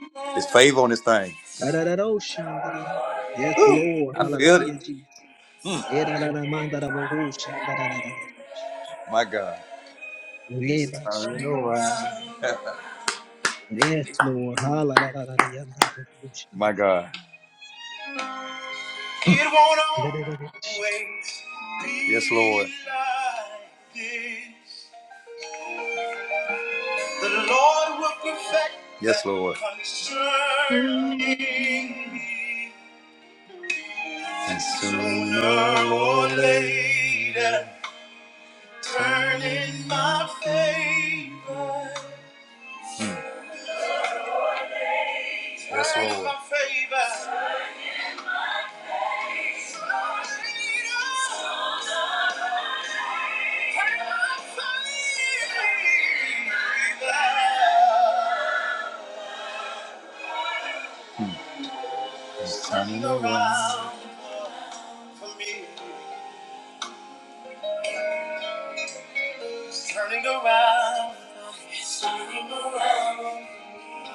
[SPEAKER 1] favor. His favor on this thing.
[SPEAKER 7] Yes, Lord.
[SPEAKER 1] I feel it.
[SPEAKER 7] Hallelujah,
[SPEAKER 1] Mm.
[SPEAKER 7] Jesus.
[SPEAKER 1] My God. He's turning around.
[SPEAKER 7] Yes, Lord. Hallelujah.
[SPEAKER 1] My God. It won't always be yes, Lord. like this. The Lord will perfect yes, Lord. concerning me. And sooner or later, Turn in my favor. Hmm, Yes, Turn in my favor. He's turning around for me. He's turning around. He's turning around.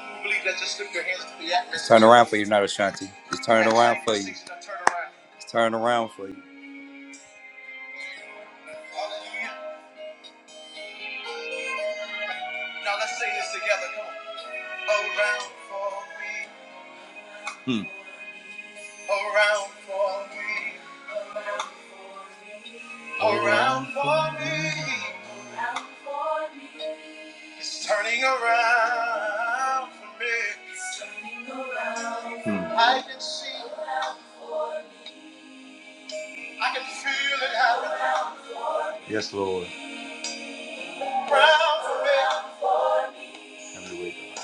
[SPEAKER 1] I Believe that. Just lift your hands to the atmosphere. He's turning around for you, not Ashanti. He's turning around for you. He's turning around for you. Hallelujah. Now let's say this together. Come on. Around for me. Hmm. around for me, around for me. It's turning around for me. Hmm. I can see, I can feel it happening. Yes, Lord. Around for me, Have your way, God.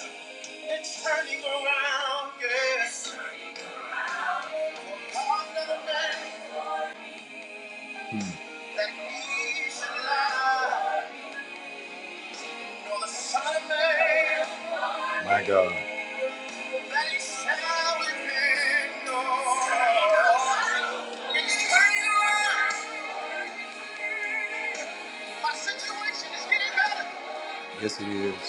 [SPEAKER 1] it's turning around, yes. For God, not a man. that My God. Yes, it is.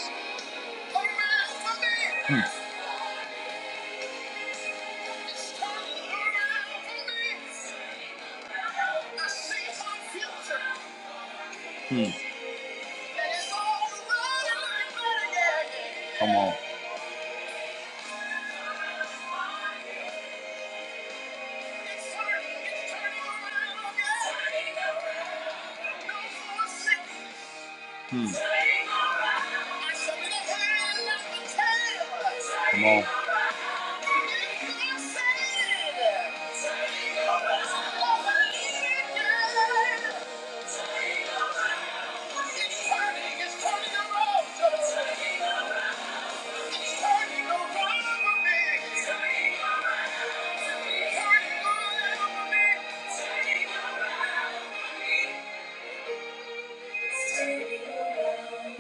[SPEAKER 1] Hmm. Hmm. yeah. Come on. Hmm. Come on. It's turning around.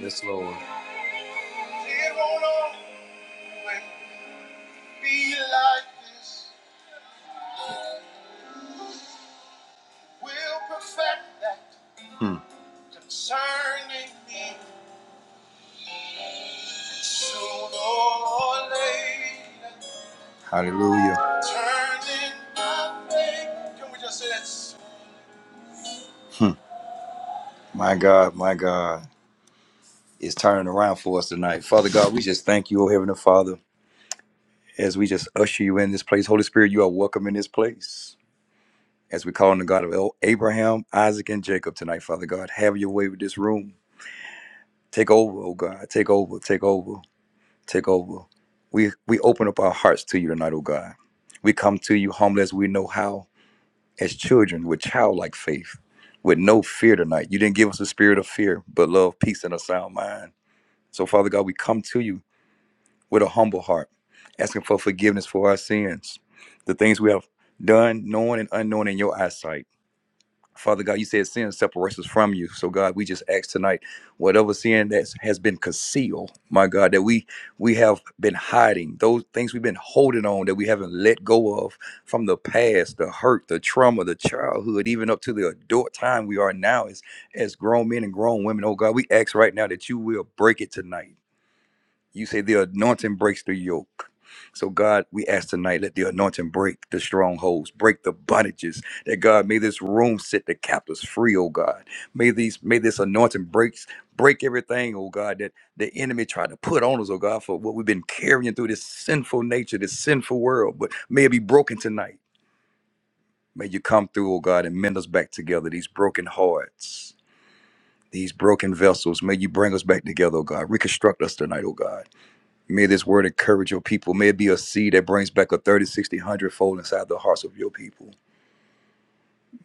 [SPEAKER 1] Yes, Lord. It won't always be like this. We'll perfect that Hmm. concerning me sooner or later. Hallelujah. Turning my faith. Can we just say that? Hmm. My God, my God. is turning around for us tonight. Father God, we just thank you, O Heavenly Father, as we just usher you in this place. Holy Spirit, you are welcome in this place. As we call on the God of El- Abraham, Isaac, and Jacob tonight, Father God, have your way with this room. Take over, oh God. Take over, take over, take over. We we open up our hearts to you tonight, oh God. We come to you humble as we know how, as children with childlike faith, with no fear tonight. You didn't give us a spirit of fear, but love, peace, and a sound mind. So, Father God, we come to you with a humble heart, asking for forgiveness for our sins, the things we have done, known and unknown in your eyesight. Father God, you said sin separates us from you. So God, we just ask tonight, whatever sin that has been concealed, my God, that we we have been hiding, those things we've been holding on that we haven't let go of from the past, the hurt, the trauma, the childhood, even up to the adult time we are now as as grown men and grown women. Oh God, we ask right now that you will break it tonight you say the anointing breaks the yoke. So, God, we ask tonight, let the anointing break the strongholds, break the bondages. That God, may this room set the captives free, oh God. May these, may this anointing breaks, break everything, oh God, that the enemy tried to put on us, oh God, for what we've been carrying through this sinful nature, this sinful world. But may it be broken tonight. May you come through, oh God, and mend us back together, these broken hearts, these broken vessels. May you bring us back together, oh God. Reconstruct us tonight, oh God. May this word encourage your people. May it be a seed that brings back a 30, 60, one hundred fold inside the hearts of your people.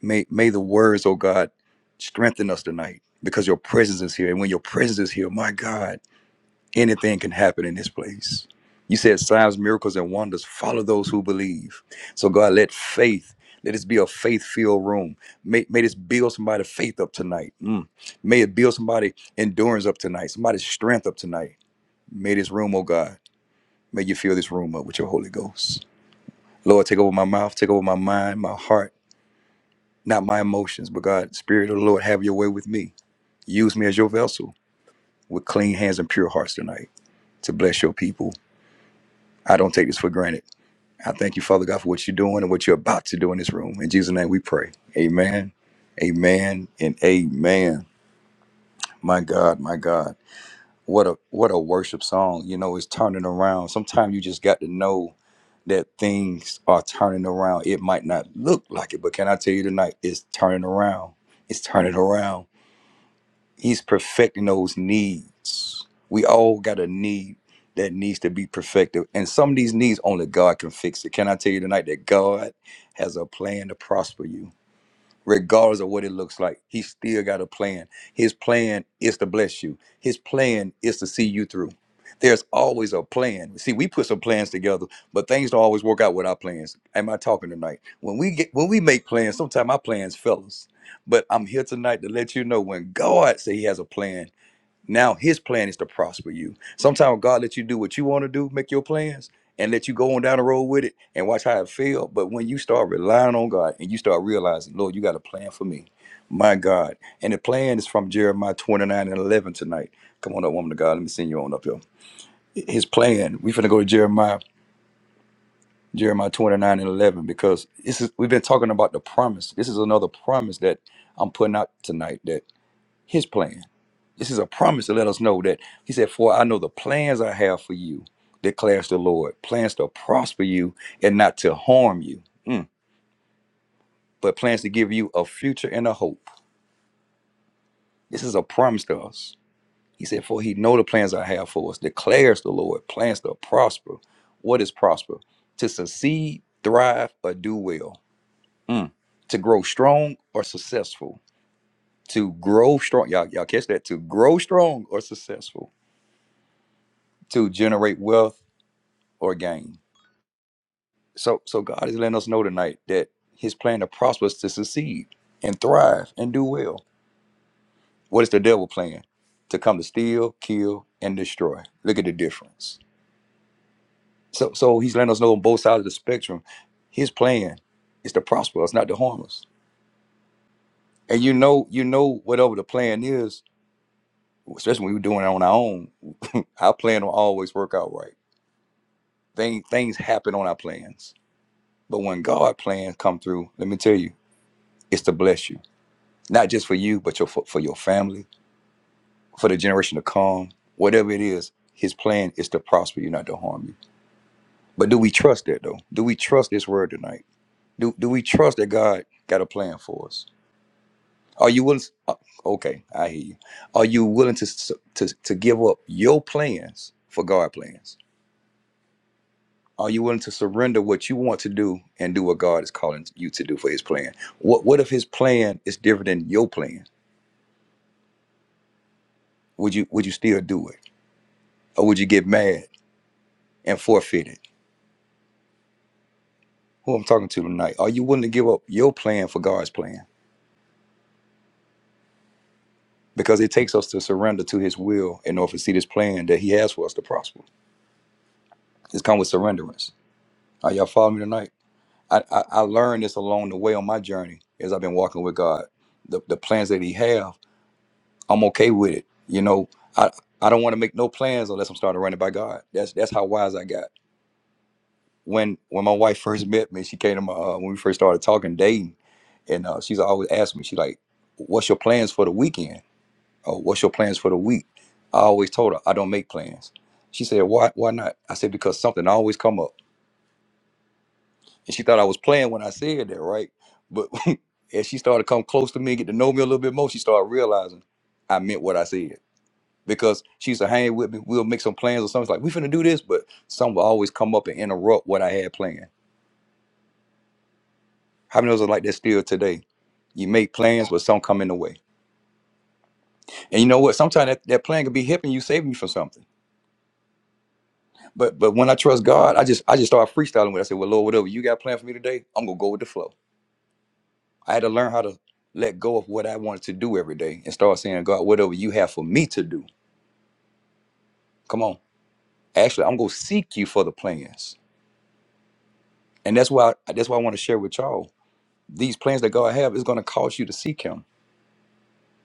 [SPEAKER 1] May, may the words, oh God, strengthen us tonight because your presence is here. And when your presence is here, my God, anything can happen in this place. You said signs, miracles, and wonders follow those who believe. So, God, let faith, let this be a faith filled room. May, may this build somebody's faith up tonight. Mm. May it build somebody endurance up tonight, somebody's strength up tonight. May this room, oh God. May you fill this room up with your Holy Ghost. Lord, take over my mouth, take over my mind, my heart, not my emotions, but God, Spirit of the Lord, have your way with me. Use me as your vessel with clean hands and pure hearts tonight to bless your people. I don't take this for granted. I thank you, Father God, for what you're doing and what you're about to do in this room. In Jesus' name we pray. Amen. Amen and amen. My God, my God. What a what a worship song. You know, it's turning around. Sometimes you just got to know that things are turning around. It might not look like it, but can I tell you tonight, it's turning around. It's turning around. He's perfecting those needs. We all got a need that needs to be perfected. And some of these needs only God can fix it. Can I tell you tonight that God has a plan to prosper you? regardless of what it looks like. He still got a plan. His plan is to bless you. His plan is to see you through. There's always a plan. See, we put some plans together, but things don't always work out with our plans. Am I talking tonight? When we get when we make plans, sometimes our plans fail us. But I'm here tonight to let you know when God say He has a plan, now his plan is to prosper you. Sometimes God lets you do what you want to do, make your plans, and let you go on down the road with it and watch how it fail. But when you start relying on God and you start realizing, Lord, you got a plan for me. My God. And the plan is from Jeremiah 29 and 11 tonight. Come on up, woman of God. Let me send you on up here. His plan. We're going to go to Jeremiah, Jeremiah 29 and 11 because this is, we've been talking about the promise. This is another promise that I'm putting out tonight that his plan. This is a promise to let us know that he said, For I know the plans I have for you, declares the Lord, plans to prosper you and not to harm you, Mm. but plans to give you a future and a hope. This is a promise to us. He said, For he know the plans I have for us, declares the Lord, plans to prosper. What is prosper? To succeed, thrive, or do well. Mm. To grow strong or successful. To grow strong. Y'all, y'all catch that? To grow strong or successful. To generate wealth or gain So so God is letting us know tonight that his plan to prosper is to succeed and thrive and do well. What is the devil plan? To come to steal, kill, and destroy. Look at the difference. So so he's letting us know on both sides of the spectrum, his plan is to prosper us, not to harm us. And you know, you know whatever the plan is, especially when we're doing it on our own, our plan will always work out right. Thing, things happen on our plans. But when God plans come through, let me tell you, it's to bless you not just for you, but your, for, for your family, for the generation to come. Whatever it is, his plan is to prosper you, not to harm you. But do we trust that though? Do we trust this word tonight? Do do we trust that God got a plan for us? Are you willing? uh, okay, I hear you. Are you willing to su- to to give up your plans for God plans? Are you willing to surrender what you want to do and do what God is calling you to do for His plan? What what if His plan is different than your plan? Would you would you still do it, or would you get mad? and forfeited. Who I'm talking to tonight? Are you willing to give up your plan for God's plan? Because it takes us to surrender to His will in order to see this plan that He has for us to prosper. It's come with surrenderance. Are y'all following me tonight? I, I, I learned this along the way on my journey as I've been walking with God. The, the plans that He have, I'm okay with it. You know, I I don't want to make no plans unless I'm starting to run it by God. That's that's how wise I got. when when my wife first met me, she came to my uh, when we first started talking dating, and uh, she's always asking me, she like, "What's your plans for the weekend? Or what's your plans for the week?" I always told her I don't make plans. She said, "Why? Why not?" I said, "Because something always come up," and she thought I was playing when I said that, right? But as she started to come close to me, get to know me a little bit more, she started realizing I meant what I said. Because she used to hang with me, we'll make some plans or something. It's like we finna do this, but something will always come up and interrupt what I had planned. How many of us are like that still today? You make plans, but some come in the way. And you know what? Sometimes that, that plan could be helping you, saving you from something. But but when I trust God, I just I just start freestyling with. it. I said, Well, Lord, whatever you got planned for me today, I'm gonna go with the flow. I had to learn how to let go of what I wanted to do every day and start saying, God, whatever you have for me to do, come on. Actually, I'm gonna seek you for the plans. And that's why that's why I want to share with y'all. These plans that God have is gonna cause you to seek him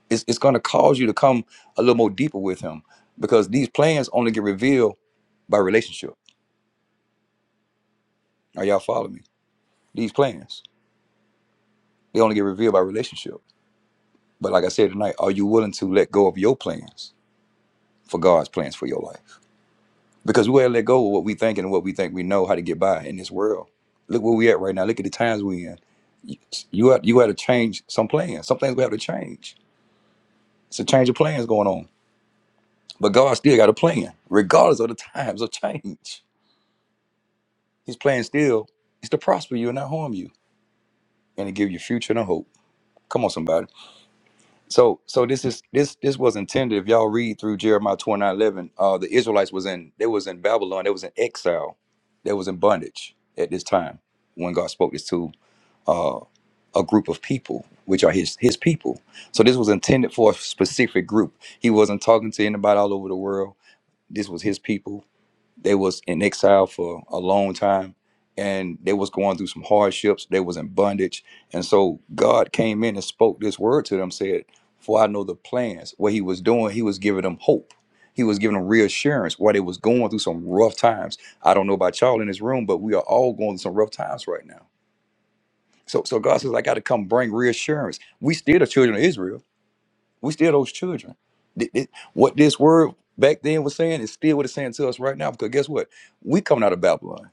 [SPEAKER 1] it's, it's going to cause you to come a little more deeper with him because these plans only get revealed by relationship are y'all following me these plans they only get revealed by relationship but like i said tonight are you willing to let go of your plans for god's plans for your life because we gotta let go of what we think and what we think we know how to get by in this world look where we at right now look at the times we in you you have, you have to change some plans some things we have to change it's a change of plans going on but god still got a plan regardless of the times of change His plan still is to prosper you and not harm you, and to give you a future and a hope. Come on, somebody. So, so this is this this was intended. If y'all read through Jeremiah twenty nine eleven, uh, the Israelites was in they was in Babylon. They was in exile. They was in bondage at this time when God spoke this to uh, a group of people, which are His His people. So this was intended for a specific group. He wasn't talking to anybody all over the world. This was His people they was in exile for a long time and they was going through some hardships they was in bondage and so god came in and spoke this word to them said for i know the plans what he was doing he was giving them hope he was giving them reassurance while they was going through some rough times i don't know about y'all in this room but we are all going through some rough times right now so so god says i got to come bring reassurance we still the children of israel we still those children. Th- th- What this word back then was saying is still what it's saying to us right now. Because guess what? We coming out of Babylon.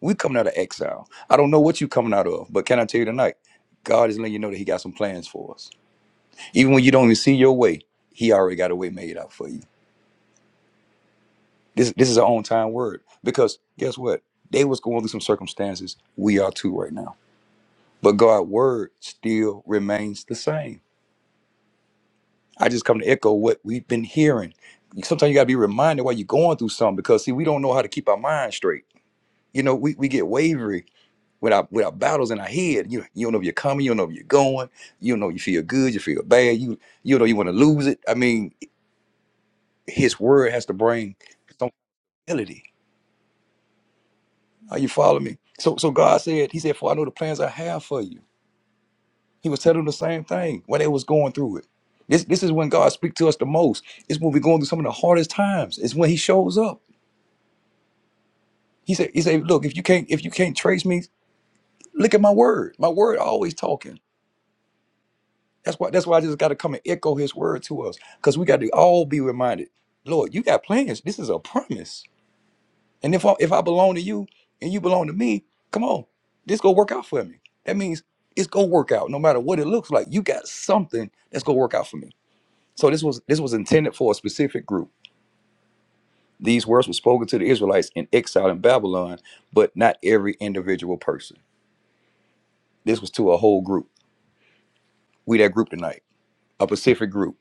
[SPEAKER 1] We coming out of exile. I don't know what you coming out of, but can I tell you tonight? God is letting you know that He got some plans for us. Even when you don't even see your way, He already got a way made out for you. This this is an on time word because guess what? They was going through some circumstances. We are too right now. But God's word still remains the same. I just come to echo what we've been hearing. Sometimes you gotta be reminded why you're going through something because see, we don't know how to keep our mind straight. You know, we, we get wavery with our with our battles in our head. You you don't know if you're coming, you don't know if you're going, you don't know if you feel good, you feel bad, you you don't know you want to lose it. I mean, his word has to bring some humility. Are you following me? So so God said, He said, For I know the plans I have for you. He was telling them the same thing when they was going through it. This this is when God speaks to us the most. It's when we're going through some of the hardest times. It's when he shows up. He said, he said, look, if you can't if you can't trace me, look at my word. My word always talking. That's why that's why I just got to come and echo his word to us because we got to all be reminded, Lord, you got plans. This is a promise. And if I, if I belong to you and you belong to me, come on, this gonna work out for me. That means it's gonna work out no matter what it looks like. You got something that's gonna work out for me. So this was this was intended for a specific group. These words were spoken to the Israelites in exile in Babylon, but not every individual person. This was to a whole group. We that group tonight, a Pacific group.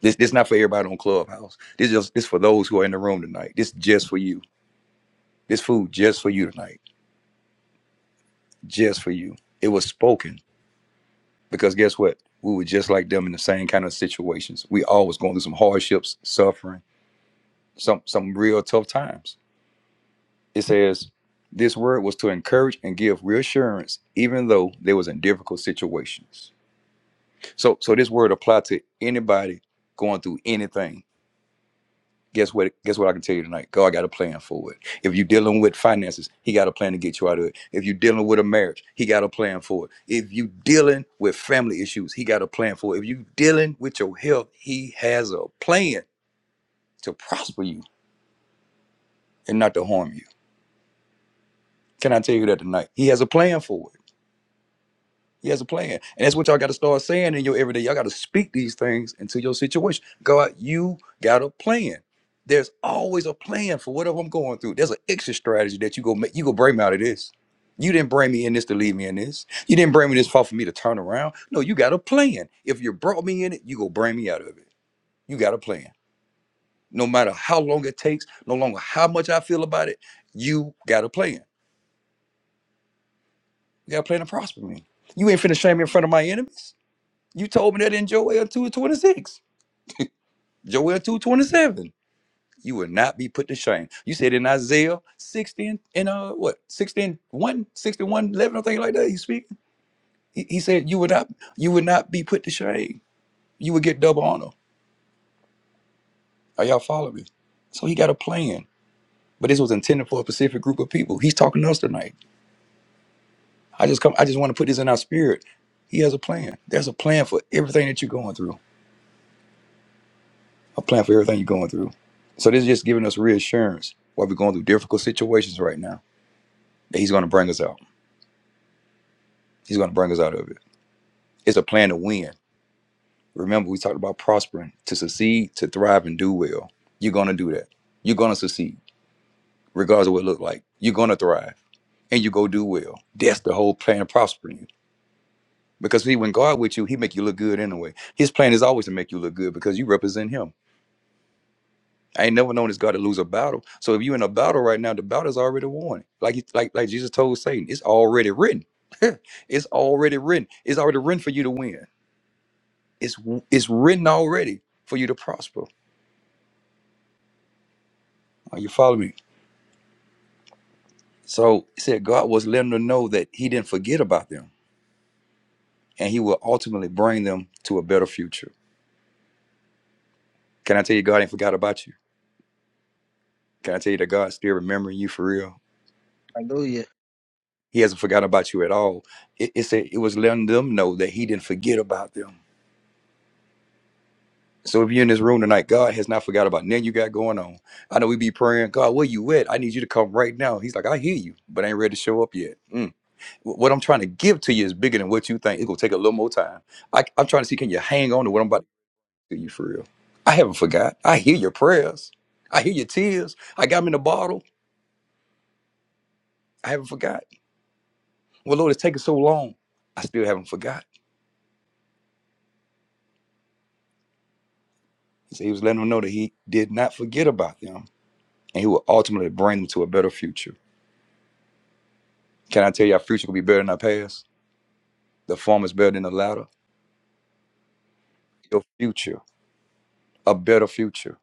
[SPEAKER 1] This this not for everybody on Clubhouse. This just this for those who are in the room tonight. This just for you. This food just for you tonight. Just for you. It was spoken because guess what? We were just like them in the same kind of situations. We always going through some hardships, suffering, some some real tough times. It says this word was to encourage and give reassurance, even though they was in difficult situations. So so this word apply to anybody going through anything Guess what? Guess what I can tell you tonight? God got a plan for it. If you're dealing with finances, He got a plan to get you out of it. If you're dealing with a marriage, He got a plan for it. If you're dealing with family issues, He got a plan for it. If you're dealing with your health, He has a plan to prosper you and not to harm you. Can I tell you that tonight? He has a plan for it. He has a plan. And that's what y'all got to start saying in your everyday. Y'all got to speak these things into your situation. God, you got a plan. There's always a plan for whatever I'm going through. There's an exit strategy that you go make. You go bring me out of this. You didn't bring me in this to leave me in this. You didn't bring me this far for me to turn around. No, you got a plan. If you brought me in it, you go bring me out of it. You got a plan. No matter how long it takes, no longer how much I feel about it, you got a plan. You got a plan to prosper me. You ain't finna shame me in front of my enemies. You told me that in Joel 2.26, Joel 2.27. You will not be put to shame. You said in Isaiah 16 and uh what 16 1, sixty one eleven or something like that. He speak. He, he said you would not you would not be put to shame. You would get double honor. Are y'all following me? So he got a plan. But this was intended for a specific group of people. He's talking to us tonight. I just come I just want to put this in our spirit. He has a plan. There's a plan for everything that you're going through. a plan for everything you're going through. So this is just giving us reassurance while we're going through difficult situations right now that he's going to bring us out. He's going to bring us out of it. It's a plan to win. Remember, we talked about prospering, to succeed, to thrive, and do well. You're going to do that. You're going to succeed, regardless of what it looks like. You're going to thrive, and you go do well. That's the whole plan of prospering you. Because see, when God with you, He make you look good anyway. His plan is always to make you look good because you represent Him. I ain't never known this God to lose a battle. So if you in a battle right now, the battle's already won. Like he- like like Jesus told Satan, it's already written. it's already written. It's already written for you to win. It's w- it's written already for you to prosper. Are you following me? So he said God was letting them know that he didn't forget about them and he will ultimately bring them to a better future. Can I tell you God ain't forgot about you? Can I tell you that God's still remembering you for real? He hasn't forgotten about you at all. It, it said it was letting them know that he didn't forget about them So if you're in this room tonight, God has not forgot about nothing you got going on. I know we be praying, God, where you at? I need you to come right now. He's like, I hear you, but I ain't ready to show up yet. Mm. What I'm trying to give to you is bigger than what you think. It's gonna take a little more time. I, I'm trying to see, can you hang on to what I'm about to give you for real? I haven't forgot. I hear your prayers. I hear your tears. I got them in a bottle. I haven't forgot. Well, Lord, it's taking so long. I still haven't forgot. So he was letting them know that he did not forget about them, and he will ultimately bring them to a better future. Can I tell you, our future will be better than our past? The form is better than the latter. Your future, a better future.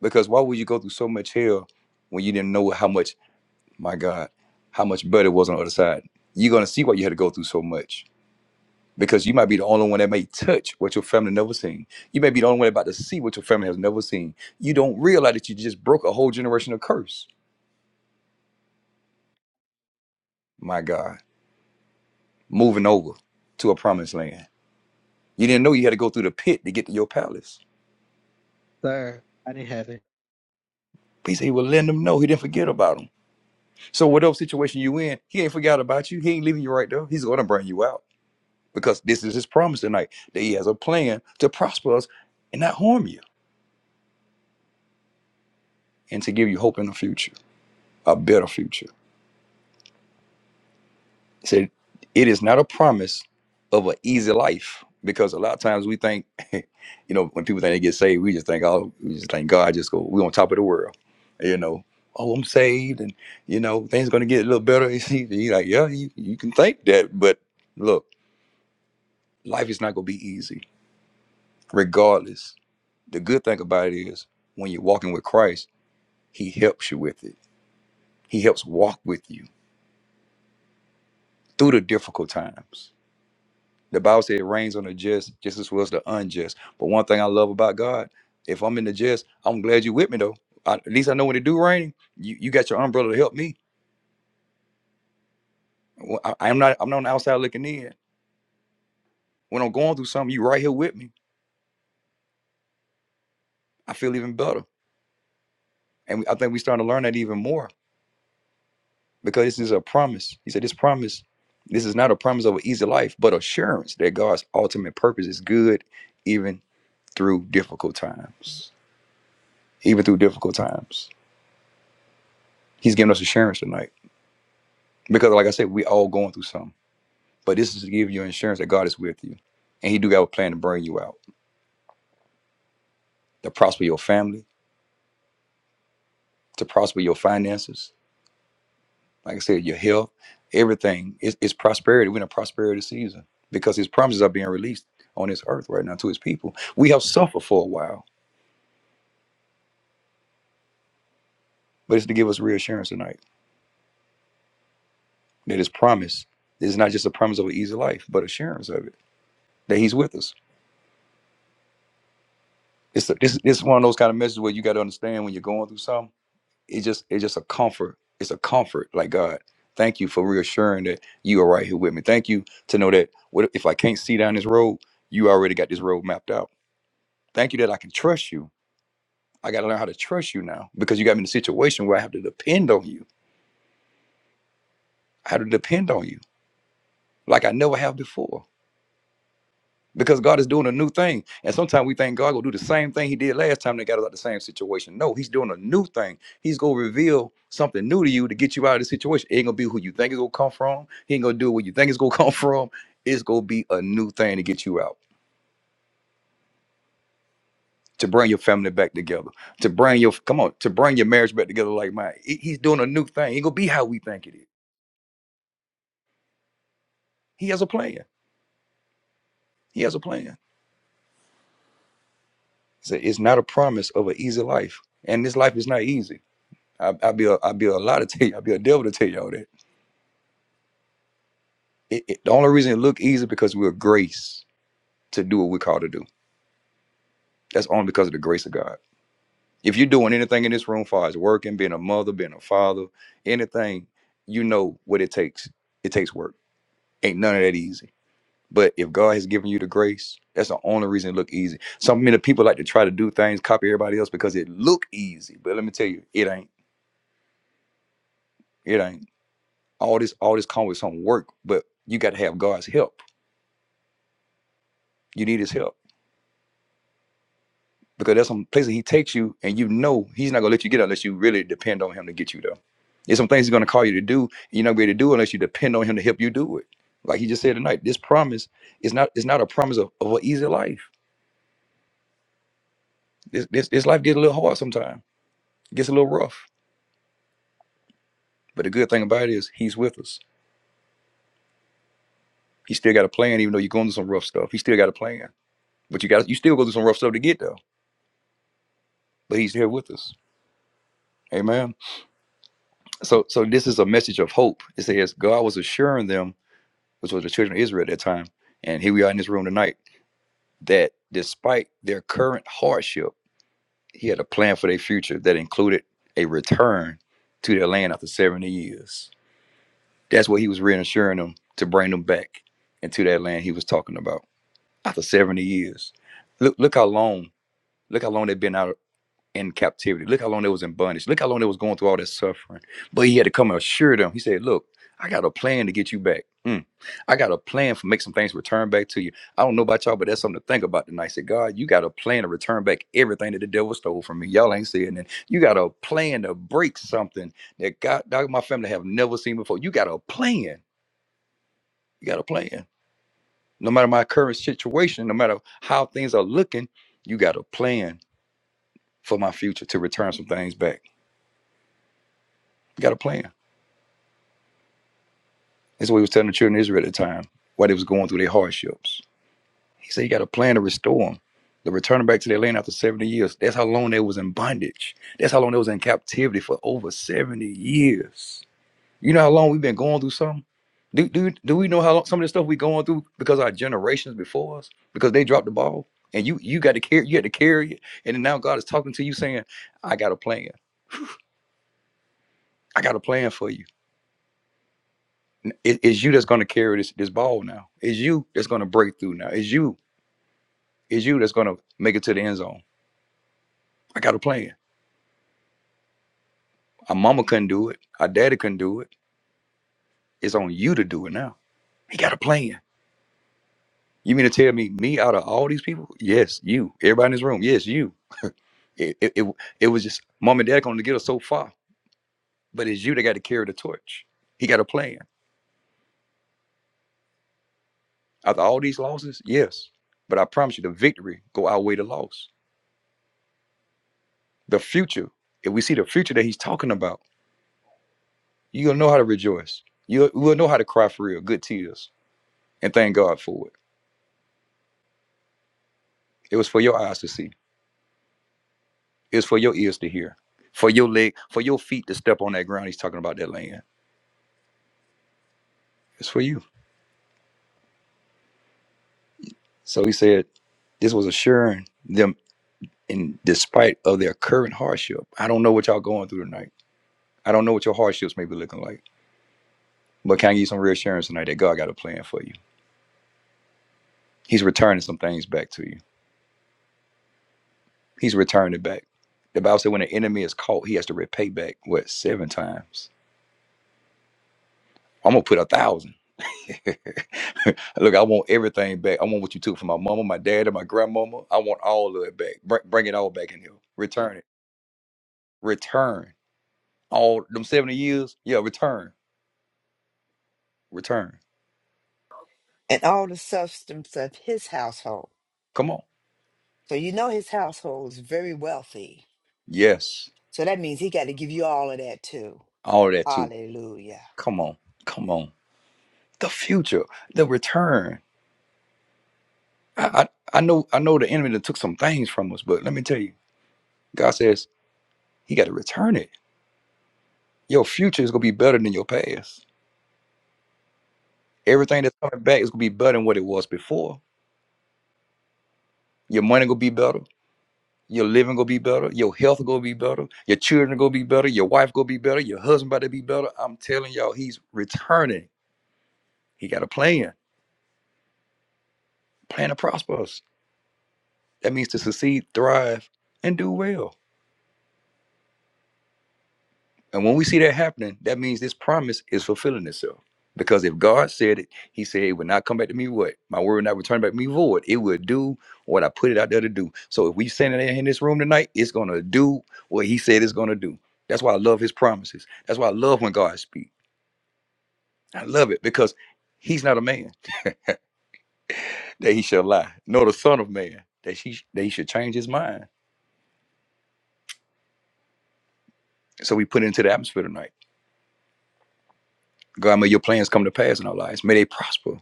[SPEAKER 1] Because why would you go through so much hell when you didn't know how much, my God, how much better it was on the other side? You're gonna see why you had to go through so much. Because you might be the only one that may touch what your family never seen. You may be the only one about to see what your family has never seen. You don't realize that you just broke a whole generation of curse. My God, moving over to a promised land. You didn't know you had to go through the pit to get to your palace.
[SPEAKER 7] Sir, I didn't have it.
[SPEAKER 1] But he said he would letting them know he didn't forget about them. So whatever situation you in, he ain't forgot about you. He ain't leaving you right there. He's gonna bring you out because this is his promise tonight that he has a plan to prosper us and not harm you and to give you hope in the future, a better future. He said, it is not a promise of an easy life because a lot of times we think, you know, when people think they get saved, we just think, oh, we just think God just go, we on top of the world, you know. Oh, I'm saved, and you know things gonna get a little better. He's like, yeah, you, you can think that, but look, life is not gonna be easy regardless. The good thing about it is when you're walking with Christ, He helps you with it. He helps walk with you through the difficult times. The Bible says it rains on the just just as well as the unjust. But one thing I love about God, if I'm in the just, I'm glad you're with me though. I, at least I know when it do rain, you, you got your umbrella to help me. Well, I, I'm not I'm not on the outside looking in. When I'm going through something, you right here with me. I feel even better. And I think we starting to learn that even more because this is a promise. He said, This promise, this is not a promise of an easy life, but assurance that God's ultimate purpose is good even through difficult times. Even through difficult times. He's giving us assurance tonight. Because like I said, we all going through something. But this is to give you assurance that God is with you. And he do have a plan to bring you out, to prosper your family, to prosper your finances, like I said, your health, everything. It's, it's prosperity. We're in a prosperity season because His promises are being released on this earth right now to His people. We have suffered for a while, but it's to give us reassurance tonight that His promise is not just a promise of an easy life, but assurance of it that He's with us. It's a, this this is one of those kind of messages where you got to understand when you're going through something. It's just it's just a comfort. It's a comfort. Like God, thank you for reassuring that you are right here with me. Thank you to know that what if I can't see down this road, you already got this road mapped out Thank you that I can trust you. I got to learn how to trust you now because you got me in a situation where I have to depend on you. I have to depend on you like I never have before because God is doing a new thing. And sometimes we think God will do the same thing he did last time they got us out of the same situation. No, he's doing a new thing. He's going to reveal something new to you to get you out of the situation. It ain't going to be who you think it's going to come from. He ain't going to do what you think it's going to come from. It's going to be a new thing to get you out, to bring your family back together to bring your come on to bring your marriage back together like mine. He- He's doing a new thing. It gonna be how we think it is. He has a plan. He has a plan. So it's not a promise of an easy life, and this life is not easy. I, I be a, I be a lot to tell you. I be a devil to tell y'all that. It, it, the only reason it look easy because we're grace to do what we're called to do. That's only because of the grace of God. If you're doing anything in this room, far as working, being a mother, being a father, anything, you know what it takes. It takes work. Ain't none of that easy But if God has given you the grace, that's the only reason it look easy. So many people like to try to do things, copy everybody else because it look easy. But let me tell you, it ain't. It ain't. All this, all this comes with some work, but you got to have God's help. You need his help. Because there's some places he takes you and you know he's not gonna let you get unless you really depend on him to get you there. There's some things he's gonna call you to do, and you're not ready to do unless you depend on him to help you do it. Like he just said tonight, this promise is not it's not a promise of, of an easy life. This, this this life gets a little hard sometimes, It gets a little rough But the good thing about it is he's with us. He still got a plan, even though you're going through some rough stuff. He still got a plan. But you got you still go through some rough stuff to get there. But he's here with us. Amen. So so this is a message of hope. It says God was assuring them, which was the children of Israel at that time, and here we are in this room tonight, that despite their current hardship, he had a plan for their future that included a return to their land after 70 years. That's what he was reassuring them to bring them back into that land he was talking about. after 70 years. Look, look how long, look how long they've been out in captivity. Look how long they was in bondage. Look how long they was going through all that suffering. But he had to come and assure them. He said, look, I got a plan to get you back. Mm. I got a plan for make some things return back to you. I don't know about y'all, but that's something to think about tonight. I said, God, you got a plan to return back everything that the devil stole from me. Y'all ain't saying that. You got a plan to break something that God, dog, my family have never seen before. You got a plan. You got a plan. No matter my current situation, no matter how things are looking, you got a plan for my future to return some things back. You got a plan. That's what he was telling the children of Israel at the time while they was going through their hardships. He said, You got a plan to restore them. To return them back to their land after 70 years. That's how long they was in bondage. That's how long they was in captivity for over 70 years. You know how long we've been going through something? Do, do, do we know how long some of the stuff we going through because our generations before us, because they dropped the ball and you you got to carry you had to carry it. And then now God is talking to you saying, I got a plan. I got a plan for you. N- It, it's you that's gonna carry this this ball now. It's you that's gonna break through now. It's you, it's you that's gonna make it to the end zone. I got a plan. Our mama couldn't do it, our daddy couldn't do it. It's on you to do it now. He got a plan. You mean to tell me, me out of all these people? Yes, you. Everybody in this room, yes, you It it, it, it was just mom and dad going to get us so far, but it's you that got to carry the torch. He got a plan. After all these losses, yes, but I promise you, the victory go outweigh the loss. The future, if we see the future that he's talking about, you gonna know how to rejoice. You will know how to cry for real, good tears, and thank God for it. It was for your eyes to see. It's for your ears to hear. For your leg, for your feet to step on that ground. He's talking about that land. It's for you. So he said, this was assuring them in despite of their current hardship. I don't know what y'all going through tonight. I don't know what your hardships may be looking like. But can I give you some reassurance tonight that God got a plan for you? He's returning some things back to you. He's returning it back. The Bible said when the enemy is caught, he has to repay back what seven times. I'm gonna put a thousand. Look, I want everything back. I want what you took from my mama, my dad, and my grandmama. I want all of it back. Bring, bring it all back in here. Return it. Return all them seventy years. Yeah, return. Return.
[SPEAKER 10] and all the substance of his household.
[SPEAKER 1] Come on.
[SPEAKER 10] So you know his household is very wealthy.
[SPEAKER 1] Yes.
[SPEAKER 10] So that means he got to give you all of that too.
[SPEAKER 1] all that too.
[SPEAKER 10] Hallelujah.
[SPEAKER 1] Come on, come on. The future, the return. I, I I know I know the enemy that took some things from us, but let me tell you, God says He got to return it. Your future is gonna be better than your past. Everything that's coming back is gonna be better than what it was before. Your money gonna be better. Your living gonna be better. Your health gonna be better. Your children gonna be better. Your wife gonna be better. Your husband about to be better. I'm telling y'all, He's returning. He got a plan. Plan to prosper us. That means to succeed, thrive, and do well. And when we see that happening, that means this promise is fulfilling itself. Because if God said it, He said it would not come back to me what? My word would not return back to me void. It would do what I put it out there to do. So if we standing in this room tonight, it's gonna do what He said it's gonna do. That's why I love His promises. That's why I love when God speaks. I love it because He's not a man that He shall lie, nor the Son of Man that He that He should change His mind. So we put it into the atmosphere tonight. God, may Your plans come to pass in our lives. May they prosper.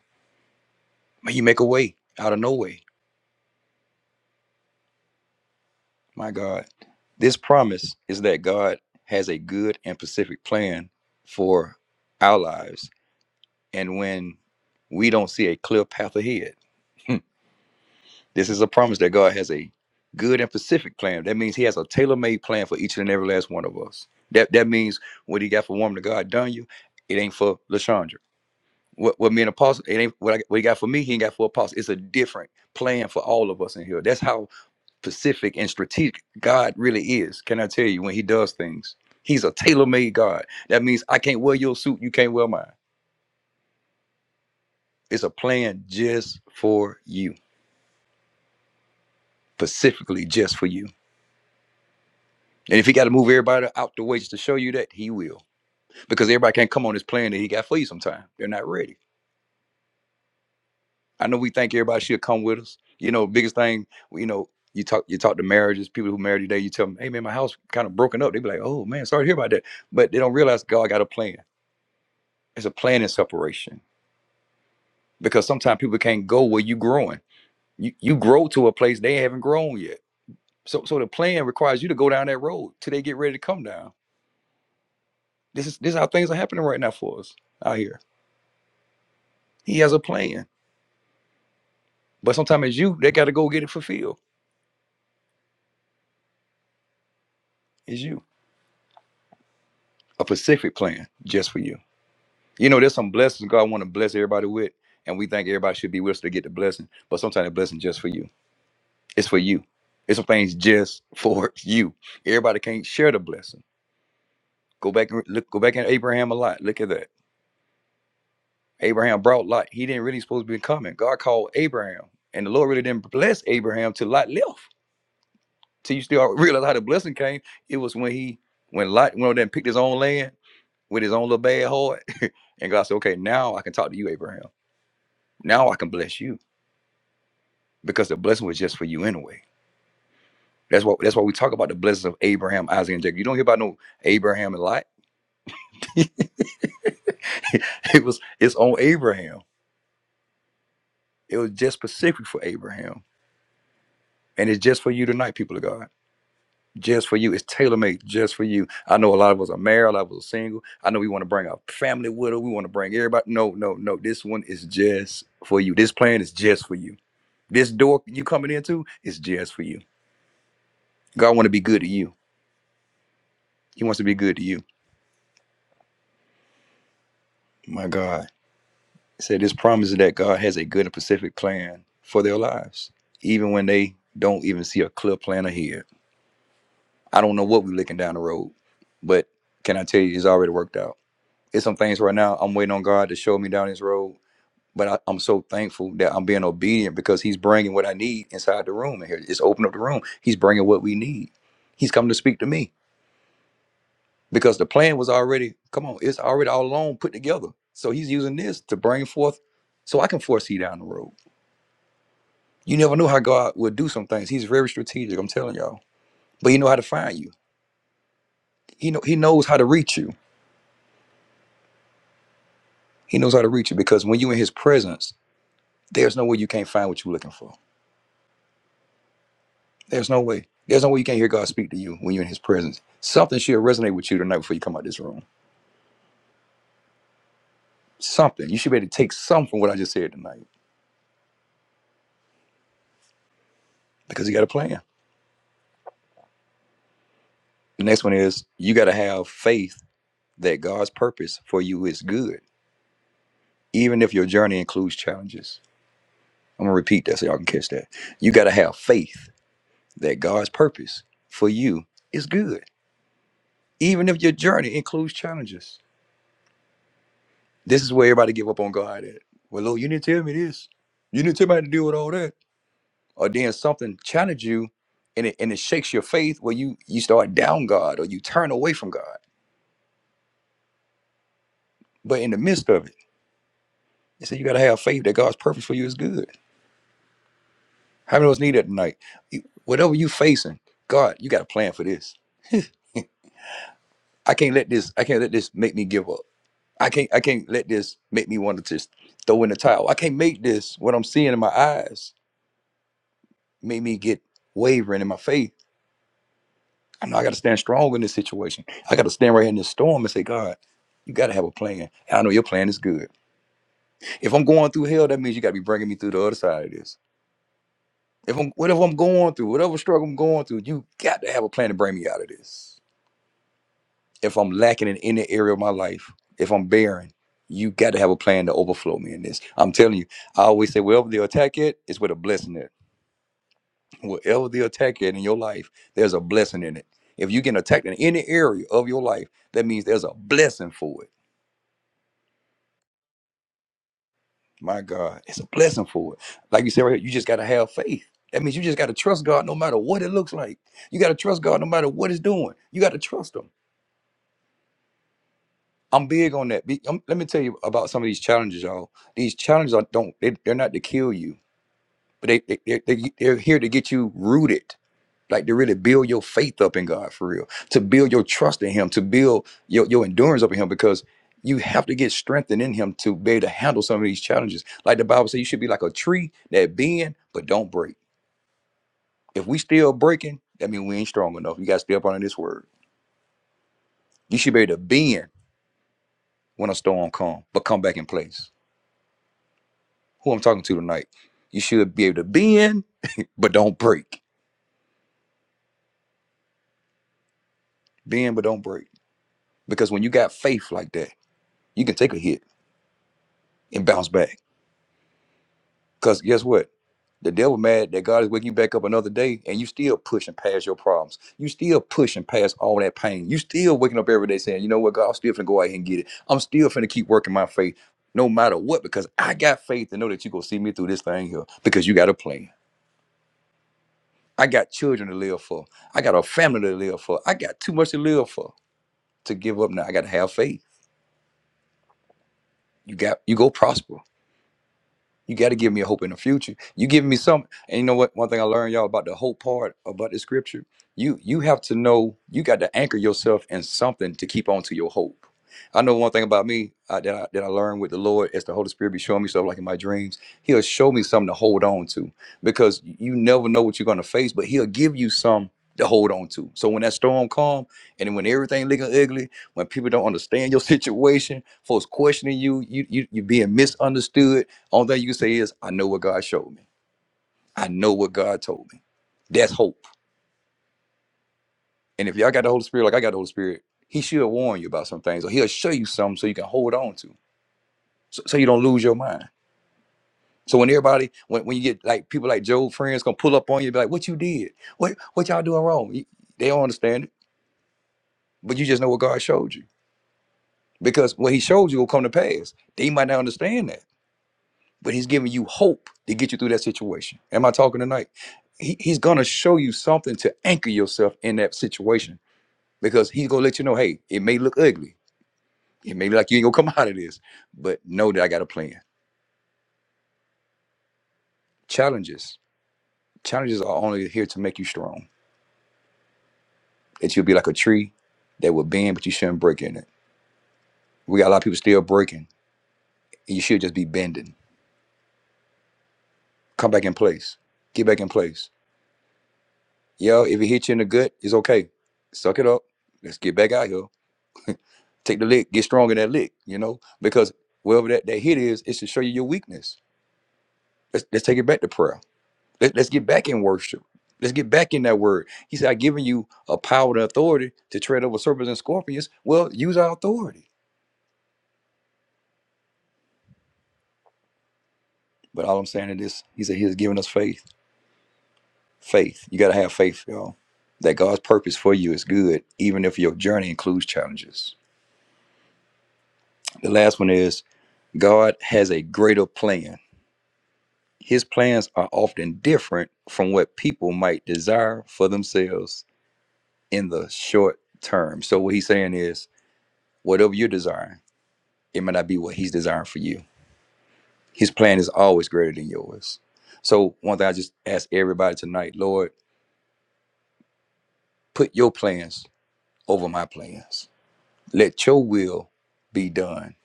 [SPEAKER 1] May You make a way out of no way. My God. This promise is that God has a good and specific plan for our lives. And when we don't see a clear path ahead, this is a promise that God has a good and specific plan. That means He has a tailor made plan for each and every last one of us. That that means what He got for woman of God done you, it ain't for Lashandra. What what me and Apostle, it ain't what, I, what He got for me, He ain't got for Apostle. It's a different plan for all of us in here. That's how specific and strategic God really is. Can I tell you when He does things? He's a tailor-made God. That means I can't wear your suit, you can't wear mine. It's a plan just for you, specifically just for you. And if he got to move everybody out the way just to show you that, he will. Because everybody can't come on this plan that he got for you sometime. They're not ready. I know we think everybody should come with us. You know, biggest thing, you know, you talk you talk to marriages, people who married today, you tell them, hey man, my house kind of broken up. They be like, oh man, sorry to hear about that. But they don't realize God got a plan. It's a planning separation because sometimes people can't go where you are growing. You you grow to a place they haven't grown yet. So so the plan requires you to go down that road till they get ready to come down. This is this is how things are happening right now for us out here. He has a plan, but sometimes it's you that got to go get it fulfilled. It's you a specific plan just for you. You know, there's some blessings God want to bless everybody with, and we think everybody should be with us to get the blessing. But sometimes the blessing just for you. It's for you. It's some things just for you. Everybody can't share the blessing. Go back and look. Go back at Abraham a lot. Look at that. Abraham brought Lot. He didn't really supposed to be coming. God called Abraham, and the Lord really didn't bless Abraham till Lot left. Till you still realize how the blessing came. It was when he, when Lot went over there and picked his own land with his own little bad heart, and God said, "Okay, now I can talk to you, Abraham. Now I can bless you because the blessing was just for you anyway." That's what. That's why we talk about the blessings of Abraham, Isaac, and Jacob. You don't hear about no Abraham and Lot. it was. It's on Abraham. It was just specific for Abraham And it's just for you tonight, people of God. Just for you. It's tailor made just for you. I know a lot of us are married, a lot of us are single. I know we want to bring our family with us. We want to bring everybody. No, no, no. This one is just for you. This plan is just for you. This door you coming into is just for you. God want to be good to you. He wants to be good to you. My God. It said this promise is that God has a good and specific plan for their lives, even when they don't even see a clear plan ahead. I don't know what we're looking down the road, but can I tell you it's already worked out? it's some things right now I'm waiting on God to show me down His road. But I, I'm so thankful that I'm being obedient because He's bringing what I need inside the room. In here, just open up the room. He's bringing what we need. He's come to speak to me because the plan was already come on. It's already all along put together. So He's using this to bring forth, so I can foresee down the road. You never know how God will do some things. He's very strategic. I'm telling y'all. But He know how to find you. He know He knows how to reach you. He knows how to reach you because when you in His presence, there's no way you can't find what you're looking for There's no way. There's no way you can't hear God speak to you when you're in His presence. Something should resonate with you tonight before you come out this room. Something. You should be able to take something from what I just said tonight because you got a plan. The next one is you got to have faith that God's purpose for you is good, even if your journey includes challenges. I'm going to repeat that so y'all can catch that. You got to have faith that God's purpose for you is good, even if your journey includes challenges. This is where everybody give up on God at. Well, Lord, you didn't tell me this. You didn't tell me how to deal with all that. or then something challenges you and it, and it shakes your faith where you you start down God or you turn away from God. But in the midst of it, you said you gotta have faith that God's purpose for you is good. How many of us need that tonight? You- Whatever you facing, God, you got a plan for this. I can't let this, I can't let this make me give up. I can't I can't let this make me want to just throw in the towel. I can't make this what I'm seeing in my eyes make me get wavering in my faith I know I got to stand strong in this situation. I got to stand right here in this storm and say, God, you got to have a plan. and I know your plan is good. If I'm going through hell, that means you got to be bringing me through the other side of this. If I'm whatever I'm going through, whatever struggle I'm going through, you got to have a plan to bring me out of this. If I'm lacking in any area of my life, if I'm barren, you got to have a plan to overflow me in this. I'm telling you, I always say, wherever the attack it, it's where the blessing is. Whatever the attack at in your life, there's a blessing in it. If you get attacked in any area of your life, that means there's a blessing for it. My God, it's a blessing for it. Like you said right here, you just gotta have faith. That means you just gotta trust God no matter what it looks like. You gotta trust God no matter what it's doing. You gotta trust Him. I'm big on that. Be- um, let me tell you about some of these challenges, y'all. These challenges are don't they, they're not to kill you, but they, they they're, they're here to get you rooted like to really build your faith up in God for real, to build your trust in Him, to build your, your endurance up in Him, because you have to get strengthened in Him to be able to handle some of these challenges. Like the Bible says, you should be like a tree that bend but don't break. If we still breaking, that means we ain't strong enough. You got to stay up under this word. You should be able to bend when a storm come, but come back in place. Who I'm talking to tonight? You should be able to bend but don't break. Bend but don't break. Because when you got faith like that, you can take a hit and bounce back Because guess what? The devil mad that God is waking you back up another day and you still pushing past your problems. You still pushing past all that pain. You still waking up every day saying, you know what, God, I'm still finna go out here and get it. I'm still finna keep working my faith no matter what because I got faith to know that you're gonna see me through this thing here because you got a plan. I got children to live for. I got a family to live for. I got too much to live for to give up now. I got to have faith. You got you go prosper. You got to give me a hope in the future. You give me some, and you know what? One thing I learned, y'all, about the hope part about the scripture, you you have to know you got to anchor yourself in something to keep on to your hope. I know one thing about me uh, that I, that I learned with the Lord is the Holy Spirit be showing me stuff like in my dreams. He'll show me something to hold on to because you never know what you're going to face, but He'll give you some to hold on to. So when that storm come, and when everything looking ugly, when people don't understand your situation, folks questioning you, you you you being misunderstood only thing you can say is, I know what God showed me. I know what God told me. That's hope. And if y'all got the Holy Spirit, like I got the Holy Spirit, He should warn you about some things, or He'll show you something so you can hold on to, so, so you don't lose your mind. So when everybody, when, when you get like people like Job friends gonna pull up on you, be like, "What you did? What what y'all doing wrong?" You- they don't understand it, but you just know what God showed you because what He showed you will come to pass. They might not understand that but he's giving you hope to get you through that situation. Am I talking tonight? He, he's gonna show you something to anchor yourself in that situation because he's gonna let you know, hey, it may look ugly, it may be like you ain't gonna come out of this, but know that I got a plan. Challenges, challenges are only here to make you strong. That you'll be like a tree that will bend, but you shouldn't break in it. We got a lot of people still breaking, and you should just be bending. Come back in place. Get back in place. Yo, if it hits you in the gut, it's okay. Suck it up. Let's get back out here Take the lick, get strong in that lick, you know, because wherever that, that hit is, it's to show you your weakness. Let's, let's take it back to prayer. Let, let's get back in worship. Let's get back in that word. He said, I've given you a power and authority to tread over serpents and scorpions. Well, use our authority. But all I'm saying is this He said, He has given us faith. Faith. You got to have faith, y'all, that God's purpose for you is good, even if your journey includes challenges. The last one is God has a greater plan His plans are often different from what people might desire for themselves in the short term. So, what he's saying is, whatever you're desiring, it may not be what he's desiring for you. His plan is always greater than yours. So, one thing I just ask everybody tonight, Lord, put your plans over my plans. Let your will be done,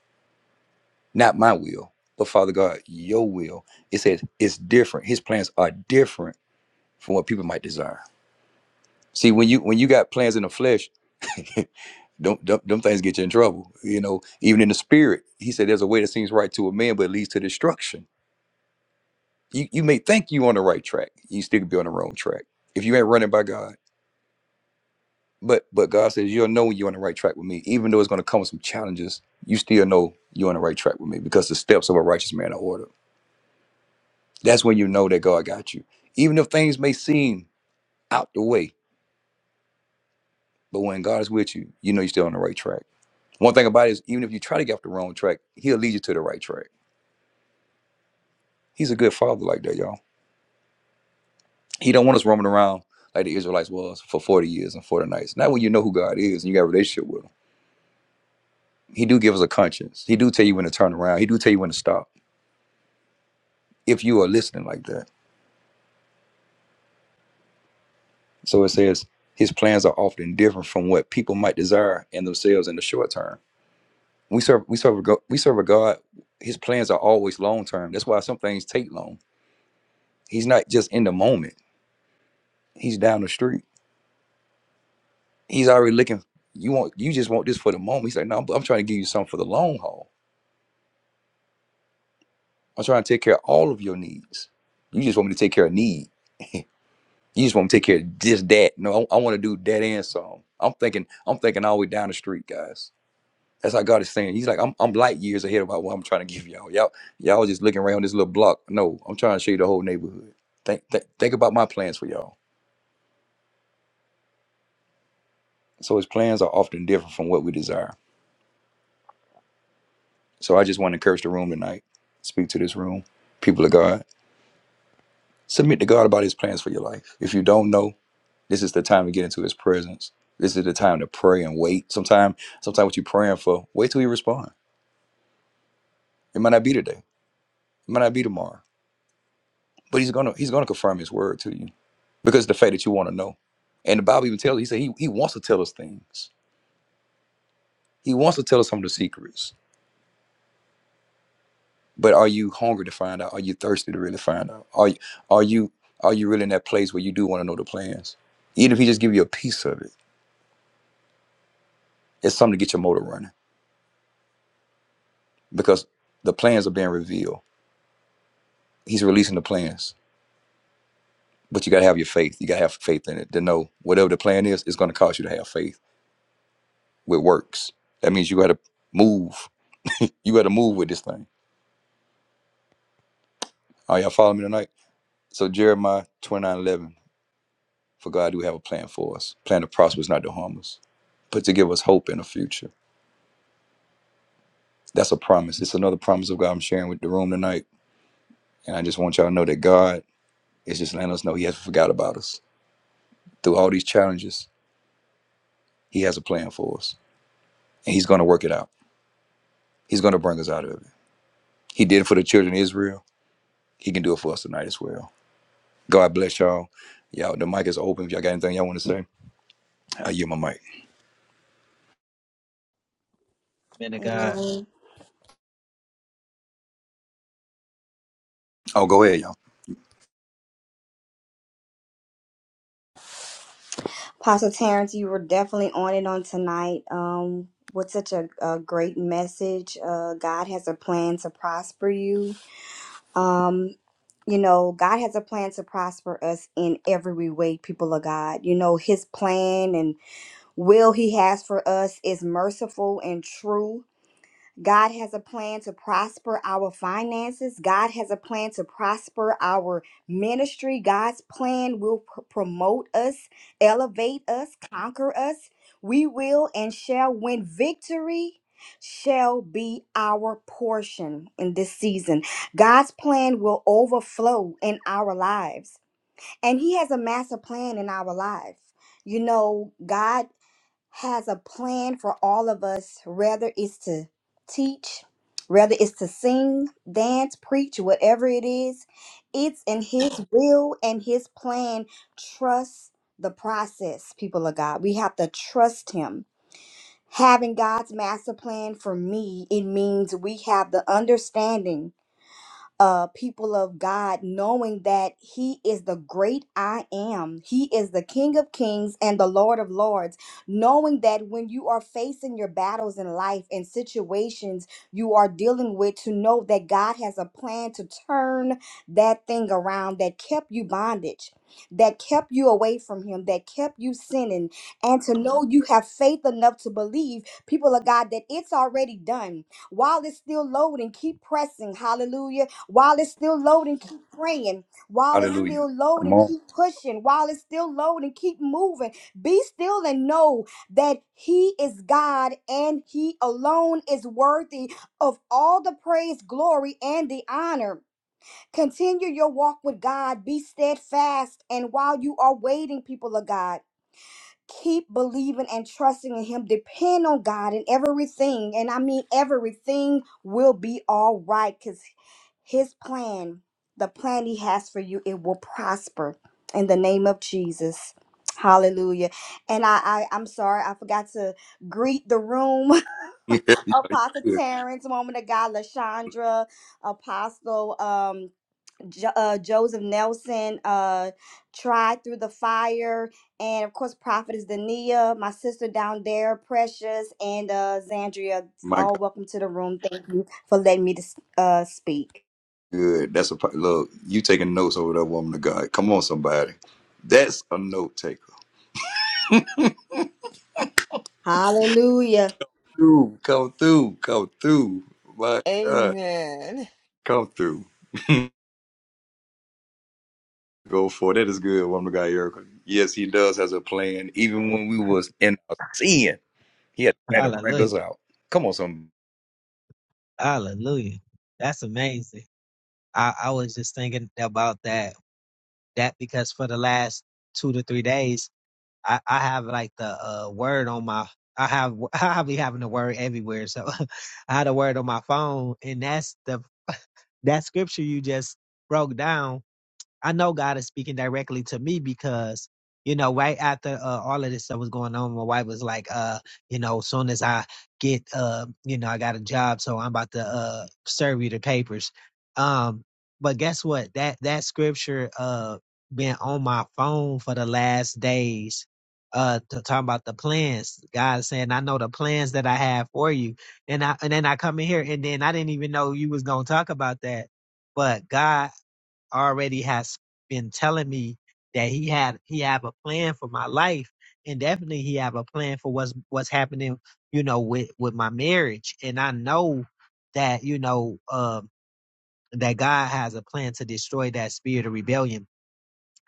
[SPEAKER 1] not my will, but Father God, your will. It says it's different. His plans are different from what people might desire. See, when you when you got plans in the flesh, Don't them, them things get you in trouble. You know, even in the spirit, he said there's a way that seems right to a man, but it leads to destruction. You you may think you on the right track, you still could be on the wrong track if you ain't running by God. But but God says you'll know when you're on the right track with me, even though it's going to come with some challenges. You still know you're on the right track with me because the steps of a righteous man are ordered. That's when you know that God got you, even if things may seem out the way. But when God is with you, you know you're still on the right track. One thing about it is, even if you try to get off the wrong track, He'll lead you to the right track. He's a good father like that, y'all. He don't want us roaming around like the Israelites was for 40 years and 40 nights. Not when you know who God is and you got a relationship with him. He do give us a conscience. He do tell you when to turn around. He do tell you when to stop. If you are listening like that. So it says his plans are often different from what people might desire in themselves in the short term. We serve we serve a go- we serve a God. His plans are always long term. That's why some things take long. He's not just in the moment. He's down the street. He's already looking. You want you just want this for the moment. He's like, no, I'm, I'm trying to give you something for the long haul I'm trying to take care of all of your needs. You just want me to take care of need. you just want me to take care of this, that. No, I, I want to do that and some. I'm thinking, I'm thinking all the way down the street, guys. That's how God is saying. He's like, I'm, I'm light years ahead about what I'm trying to give y'all. Y'all, y'all just looking around this little block. No, I'm trying to show you the whole neighborhood. Think, think, think about my plans for y'all. So his plans are often different from what we desire. So I just want to encourage the room tonight. Speak to this room, people of God. Submit to God about His plans for your life. If you don't know, This is the time to get into his presence. This is the time to pray and wait. Sometimes, sometimes what you're praying for, wait till he responds. It might not be today. It might not be tomorrow. But he's gonna he's gonna confirm his word to you. Because the fact that you want to know. And the Bible even tells he said he, he wants to tell us things. He wants to tell us some of the secrets. But are you hungry to find out? Are you thirsty to really find out? Are you are you are you really in that place where you do want to know the plans? Even if he just give you a piece of it, it's something to get your motor running. Because the plans are being revealed. He's releasing the plans But you got to have your faith. You got to have faith in it to know whatever the plan is, it's going to cause you to have faith with works. That means you got to move. You got to move with this thing. Are y'all following me tonight? So Jeremiah twenty nine eleven. for God do have a plan for us. Plan to prosper is not to harm us, but to give us hope in the future. That's a promise. It's another promise of God I'm sharing with the room tonight. And I just want y'all to know that God is just letting us know he hasn't forgot about us. Through all these challenges, he has a plan for us. And he's going to work it out. He's going to bring us out of it. He did it for the children of Israel. He can do it for us tonight as well. God bless y'all. Y'all, the mic is open. If y'all got anything y'all want to say, I yield my mic.
[SPEAKER 7] Man of God.
[SPEAKER 6] Amen.
[SPEAKER 1] Oh, go ahead, y'all.
[SPEAKER 6] Apostle Terrence, you were definitely on it on tonight. Um, with such a, a great message. Uh, God has a plan to prosper you. Um, you know, God has a plan to prosper us in every way, people of God. You know, His plan and will He has for us is merciful and true. God has a plan to prosper our finances. God has a plan to prosper our ministry. God's plan will pr- promote us, elevate us, conquer us. We will and shall win victory. Shall be our portion in this season. God's plan will overflow in our lives, and He has a master plan in our lives. You know, God has a plan for all of us, whether it's to teach, whether it's to sing, dance, preach, whatever it is. It's in His will and His plan. Trust the process, people of God. We have to trust Him. Having God's master plan for me, it means we have the understanding uh, people of God, knowing that He is the great I am. He is the King of kings and the Lord of lords. Knowing that when you are facing your battles in life and situations you are dealing with, to know that God has a plan to turn that thing around that kept you bondage. That kept you away from him, that kept you sinning, and to know you have faith enough to believe, people of God, that it's already done while it's still loading, keep pressing. Hallelujah while it's still loading, keep praying. While it's
[SPEAKER 1] Hallelujah.
[SPEAKER 6] still
[SPEAKER 1] Come
[SPEAKER 6] loading,
[SPEAKER 1] on.
[SPEAKER 6] keep pushing. While it's still loading, keep moving. Be still and know that He is God and He alone is worthy of all the praise, glory, and the honor. Continue your walk with God. Be steadfast. And while you are waiting, people of God, keep believing and trusting in him depend on god in everything and i mean everything will be all right because his plan the plan he has for you it will prosper in the name of jesus hallelujah and i, I i'm sorry i forgot to greet the room
[SPEAKER 1] Yeah, you
[SPEAKER 6] apostle
[SPEAKER 1] good.
[SPEAKER 6] terrence woman of god lashandra apostle um, Jo- uh, Joseph Nelson uh, tried through the fire, and of course, Prophet is Dania, my sister down there, Precious, and uh, Zandria.
[SPEAKER 1] My
[SPEAKER 6] All
[SPEAKER 1] God,
[SPEAKER 6] welcome to the room. Thank you for letting me to s- uh, speak.
[SPEAKER 1] good. That's a pro- look. You taking notes over that woman of God. Come on, somebody. That's a note taker.
[SPEAKER 6] Hallelujah.
[SPEAKER 1] Through, come through. Come through. My God,
[SPEAKER 10] Amen.
[SPEAKER 1] come through. Go for it. That is good, woman of God, Erica. Yes, he does has a plan. Even when we was in our sin, he had a plan to bring us
[SPEAKER 7] Hallelujah.
[SPEAKER 1] out. Come on, some.
[SPEAKER 7] Hallelujah. That's amazing. I, I was just thinking about that. That because for the last two to three days, I, I have like the uh, word on my I have I'll be having the word everywhere. So I had a word on my phone and that's the that scripture you just broke down I know God is speaking directly to me because, you know, right after uh, all of this stuff was going on, my wife was like, uh, you know, as soon as I get, uh, you know, I got a job, so I'm about to uh, serve you the papers. Um, but guess what? That that scripture uh been on my phone for the last days. Uh, to talk about the plans, God is saying, I know the plans that I have for you, and I and then I come in here, and then I didn't even know you was gonna talk about that, but God already has been telling me that he had he have a plan for my life and definitely he have a plan for what's what's happening you know with with my marriage and i know that you know um that god has a plan to destroy that spirit of rebellion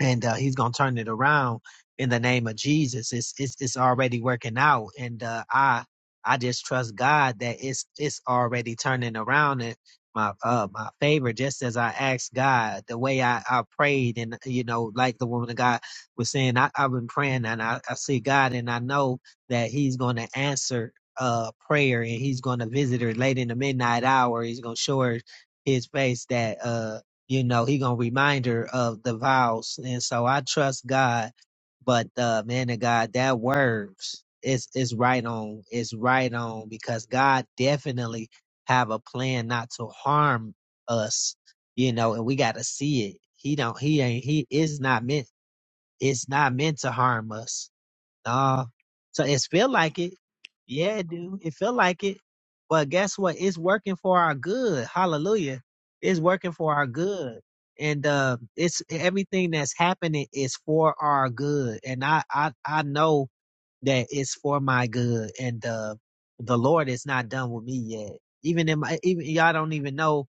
[SPEAKER 7] and uh, he's gonna turn it around in the name of Jesus. It's it's it's already working out, and uh, I I just trust God that it's it's already turning around in my uh my favor. Just as I asked God, the way I I prayed, and you know, like the woman of God was saying, I I've been praying, and I I see God, and I know that He's gonna answer uh prayer, and He's gonna visit her late in the midnight hour. He's gonna show her his face that uh you know he gonna remind her of the vows and so i trust god but uh man of god that words is is right on it's right on because god definitely have a plan not to harm us you know and we gotta see it he don't he ain't he is not meant it's not meant to harm us uh, so it's feel like it. Yeah, it do. It feel like it. But guess what? It's working for our good. Hallelujah. It's working for our good. And uh it's everything that's happening is for our good. And I I, I know that it's for my good. And uh the Lord is not done with me yet. Even in my even y'all don't even know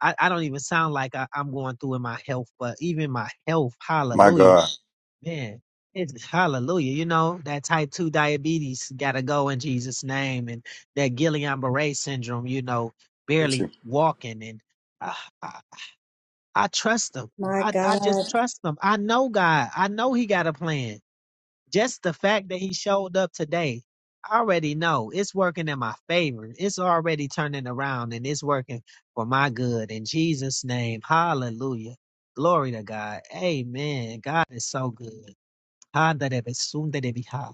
[SPEAKER 7] I, I don't even sound like I, I'm going through in my health, but even my health,
[SPEAKER 1] My
[SPEAKER 7] hallelujah
[SPEAKER 1] God.
[SPEAKER 7] Man, it's hallelujah. You know, that type 2 diabetes got to go in Jesus' name. And that Guillain Barre syndrome, you know,
[SPEAKER 1] Get
[SPEAKER 7] barely
[SPEAKER 1] you.
[SPEAKER 7] walking. And I, I, I trust him.
[SPEAKER 6] My
[SPEAKER 7] I, I just
[SPEAKER 6] God.
[SPEAKER 7] trust him. I know God. I know he got a plan. Just the fact that he showed up today, I already know it's working in my favor. It's already turning around and it's working for my good. In Jesus' name, hallelujah. Glory to God. Amen. God is so good. Handarebe sundarebiha.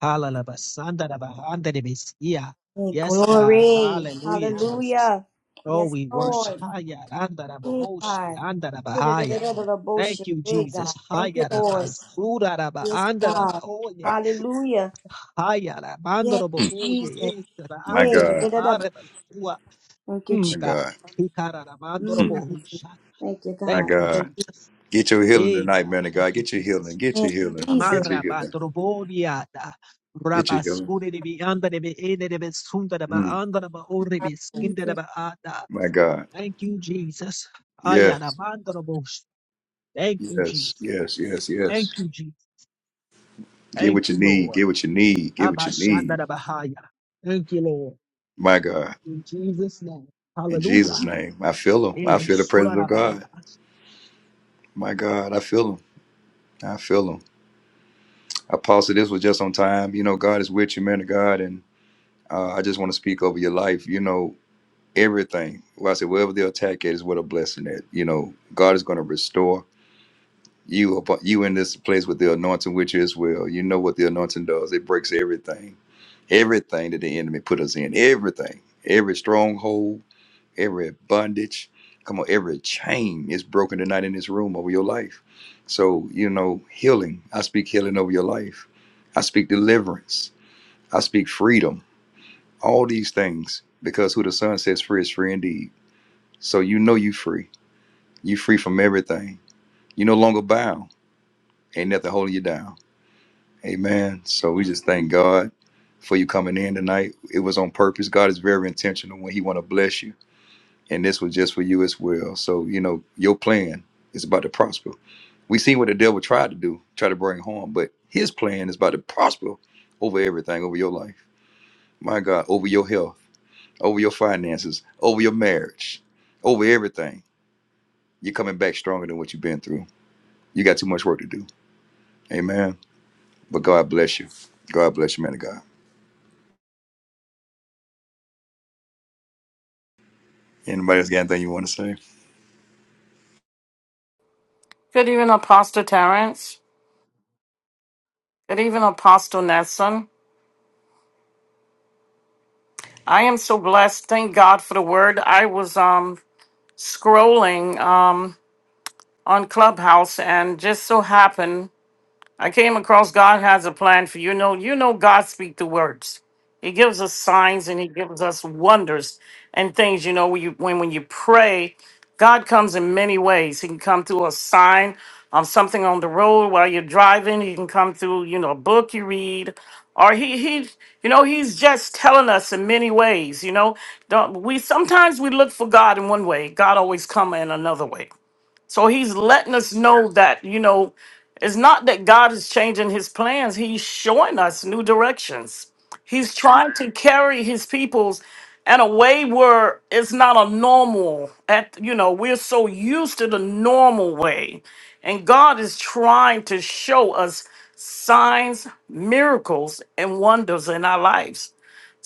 [SPEAKER 7] Halalaba sandaraba handarebesia.
[SPEAKER 6] Hey,
[SPEAKER 7] Yes, God.
[SPEAKER 6] glory.
[SPEAKER 7] Hallelujah, Jesus.
[SPEAKER 6] Hallelujah.
[SPEAKER 7] Oh,
[SPEAKER 6] Yes,
[SPEAKER 7] we worship.
[SPEAKER 6] Lord.
[SPEAKER 7] Haya andaraba
[SPEAKER 6] Hey,
[SPEAKER 7] oshi
[SPEAKER 6] God.
[SPEAKER 7] andaraba haya.
[SPEAKER 6] Da-da-da-da-da-da-da,
[SPEAKER 7] Thank
[SPEAKER 6] Bullshit.
[SPEAKER 7] you,
[SPEAKER 6] Hey,
[SPEAKER 7] Jesus.
[SPEAKER 6] God. Thank you,
[SPEAKER 7] Haya raba
[SPEAKER 6] Lord.
[SPEAKER 7] suraraba
[SPEAKER 6] Yes,
[SPEAKER 7] andaraba
[SPEAKER 6] God.
[SPEAKER 1] I-
[SPEAKER 7] oye.
[SPEAKER 6] Hallelujah.
[SPEAKER 7] Haya
[SPEAKER 6] Yes,
[SPEAKER 7] rabandorobo
[SPEAKER 1] Mm.
[SPEAKER 6] Jesus.
[SPEAKER 7] oye. Esra
[SPEAKER 1] My God.
[SPEAKER 7] andaraba
[SPEAKER 6] Yeah,
[SPEAKER 7] areba sua.
[SPEAKER 6] Thank you,
[SPEAKER 7] Mm,
[SPEAKER 1] My
[SPEAKER 6] Jesus.
[SPEAKER 7] God.
[SPEAKER 1] God.
[SPEAKER 7] Hikara,
[SPEAKER 1] Mm.
[SPEAKER 6] Mm,
[SPEAKER 7] Hikararabandorobo husha.
[SPEAKER 6] Thank you,
[SPEAKER 1] My
[SPEAKER 6] God.
[SPEAKER 7] Thank you,
[SPEAKER 1] God.
[SPEAKER 6] Yes,
[SPEAKER 7] Jesus.
[SPEAKER 1] Get your healing
[SPEAKER 7] Hey,
[SPEAKER 1] tonight, man
[SPEAKER 7] God.
[SPEAKER 1] of God.
[SPEAKER 7] Thank you,
[SPEAKER 1] Get your
[SPEAKER 7] Jesus.
[SPEAKER 1] healing. Get your healing. Get
[SPEAKER 6] Jesus.
[SPEAKER 1] your
[SPEAKER 7] Maraba
[SPEAKER 1] healing.
[SPEAKER 7] Drobodiada.
[SPEAKER 1] Get your healing.
[SPEAKER 7] Rabascure de Bianda de Beede de Besunda de
[SPEAKER 1] Mm.
[SPEAKER 7] Baanda de Baore Beskinda de
[SPEAKER 6] Jesus.
[SPEAKER 7] Baada.
[SPEAKER 1] My God.
[SPEAKER 7] Thank you, Jesus. Ayana
[SPEAKER 1] Yes.
[SPEAKER 7] Mandrobosh. Thank you,
[SPEAKER 1] Yes.
[SPEAKER 7] Jesus.
[SPEAKER 1] Yes. Yes.
[SPEAKER 7] Thank
[SPEAKER 1] Yes.
[SPEAKER 7] you, Jesus.
[SPEAKER 1] Get
[SPEAKER 7] Thank
[SPEAKER 1] what you
[SPEAKER 7] you,
[SPEAKER 1] need.
[SPEAKER 7] Lord.
[SPEAKER 1] Get what you need. Get what you
[SPEAKER 7] Abashanda
[SPEAKER 1] need.
[SPEAKER 7] de Bahaya. Thank you, Lord.
[SPEAKER 1] My God.
[SPEAKER 7] In Jesus' name.
[SPEAKER 1] In Jesus'
[SPEAKER 7] Hallelujah.
[SPEAKER 1] name. I feel him. I feel the
[SPEAKER 7] Yes.
[SPEAKER 1] presence of God. My God. I feel him. I feel him. Apostle, this was just on time. You know, God is with you, man of God. And uh, I just want to speak over your life. You know, everything. Well, I said, wherever the attack is, what a blessing that you know God is going to restore you. upon- You in this place with the anointing, which is well, you know what the anointing does. It breaks everything, everything that the enemy put us in, everything, every stronghold, every bondage. Come on, every chain is broken tonight in this room over your life. So you know healing. I speak healing over your life. I speak deliverance. I speak freedom. All these things because who the Son sets free is free indeed. So you know you free. You free from everything. You no longer bound. Ain't nothing holding you down. Amen. So we just thank God for you coming in tonight. It was on purpose. God is very intentional when He want to bless you, and this was just for you as well. So you know your plan is about to prosper. We seen what the devil tried to do, try to bring harm, but his plan is about to prosper over everything, over your life. My God, over your health, over your finances, over your marriage, over everything. You're coming back stronger than what you've been through. You got too much work to do. Amen. But God bless you. God bless you, man of God. Anybody else got anything you want to say?
[SPEAKER 8] Good evening, Apostle Terrence. Good evening, Apostle Nelson. I am so blessed. Thank God for the word. I was um scrolling um on Clubhouse and just so happened. I came across God has a plan for you. Know you know God speak the words. He gives us signs and He gives us wonders and things. You know when you when when you pray, God comes in many ways. He can come through a sign on something on the road while you're driving. He can come through you know a book you read, or he he you know He's just telling us in many ways. You know don't we sometimes we look for God in one way. God always come in another way. So he's letting us know that, you know, it's not that God is changing his plans, he's showing us new directions. He's trying to carry his peoples in a way where it's not a normal at you know, we're so used to the normal way. And God is trying to show us signs, miracles, and wonders in our lives.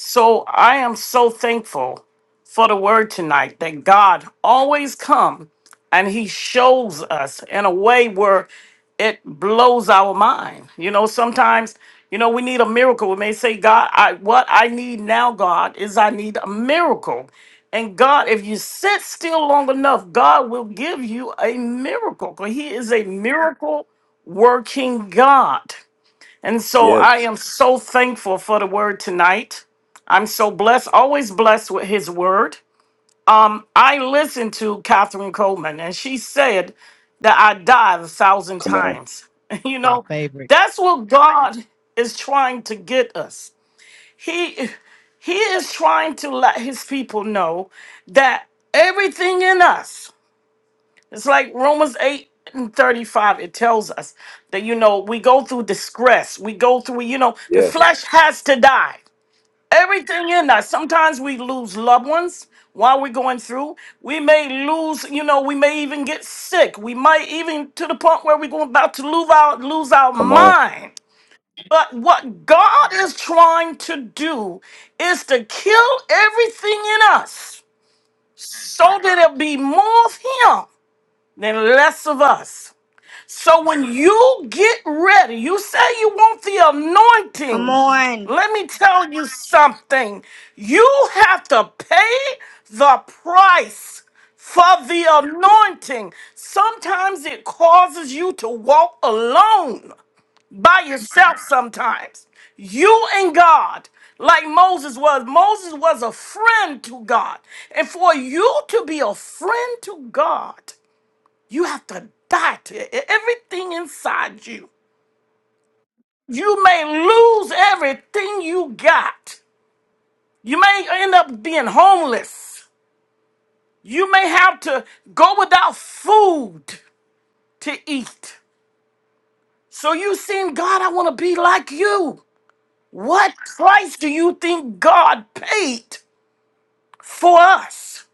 [SPEAKER 8] So I am so thankful for the word tonight that God always come and he shows us in a way where it blows our mind. You know, sometimes, you know, we need a miracle. We may say, God, I what I need now, God, is I need a miracle. And God, if you sit still long enough, God will give you a miracle. 'cause He is a miracle working God. And so I
[SPEAKER 1] Yes.
[SPEAKER 8] am so thankful for the word tonight. I'm so blessed, always blessed with his word. Um, I listened to Catherine Coleman, and she said that I died a thousand
[SPEAKER 1] Come on.
[SPEAKER 8] times. You
[SPEAKER 7] My
[SPEAKER 8] know,
[SPEAKER 7] favorite.
[SPEAKER 8] that's what God is trying to get us. He he is trying to let his people know that everything in us it's like Romans 8 and 35, it tells us that, you know, we go through distress. We go through, you know, the
[SPEAKER 1] Yes.
[SPEAKER 8] flesh has to die. Everything in us. Sometimes we lose loved ones while we're going through. We may lose, you know, we may even get sick. We might even to the point where we're going about to lose our lose our
[SPEAKER 1] Come on.
[SPEAKER 8] mind. But what God is trying to do is to kill everything in us so that it'll be more of him than less of us. So when you get ready, you say you want the
[SPEAKER 6] Come
[SPEAKER 8] anointing.
[SPEAKER 6] on.
[SPEAKER 8] Let me tell you something. You have to pay the price for the anointing. Sometimes it causes you to walk alone by yourself sometimes. You and God, like Moses was. Moses was a friend to God. And for you to be a friend to God, you have to die to e- e-, everything inside you. You may lose everything you got. You may end up being homeless. You may have to go without food to eat. So you saying, God, I want to be like you. What price do you think God paid for us?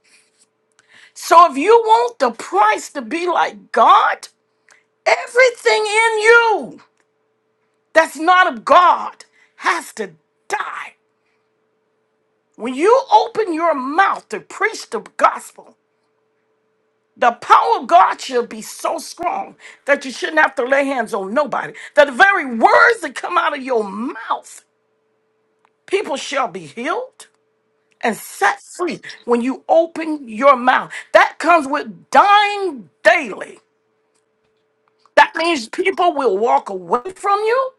[SPEAKER 8] So if you want the price to be like God, everything in you that's not of God has to die When you open your mouth to preach the gospel, the power of God should be so strong that you shouldn't have to lay hands on nobody. That the very words that come out of your mouth, people shall be healed and set free when you open your mouth. That comes with dying daily. That means people will walk away from you,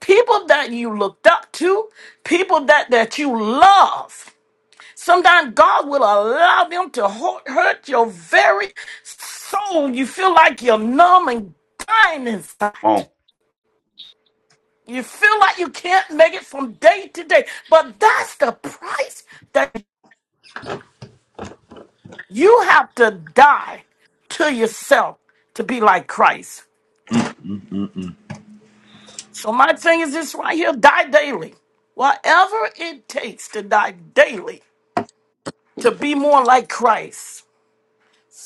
[SPEAKER 8] people that you looked up to, people that, that you love. Sometimes God will allow them to hu- hurt your very soul. You feel like you're numb and dying inside.
[SPEAKER 1] Come on.
[SPEAKER 8] You feel like you can't make it from day to day. But that's the price that you have to die to yourself to be like Christ.
[SPEAKER 1] Mm, mm, mm,
[SPEAKER 8] So my thing is this right here die daily. Whatever it takes to die daily to be more like Christ.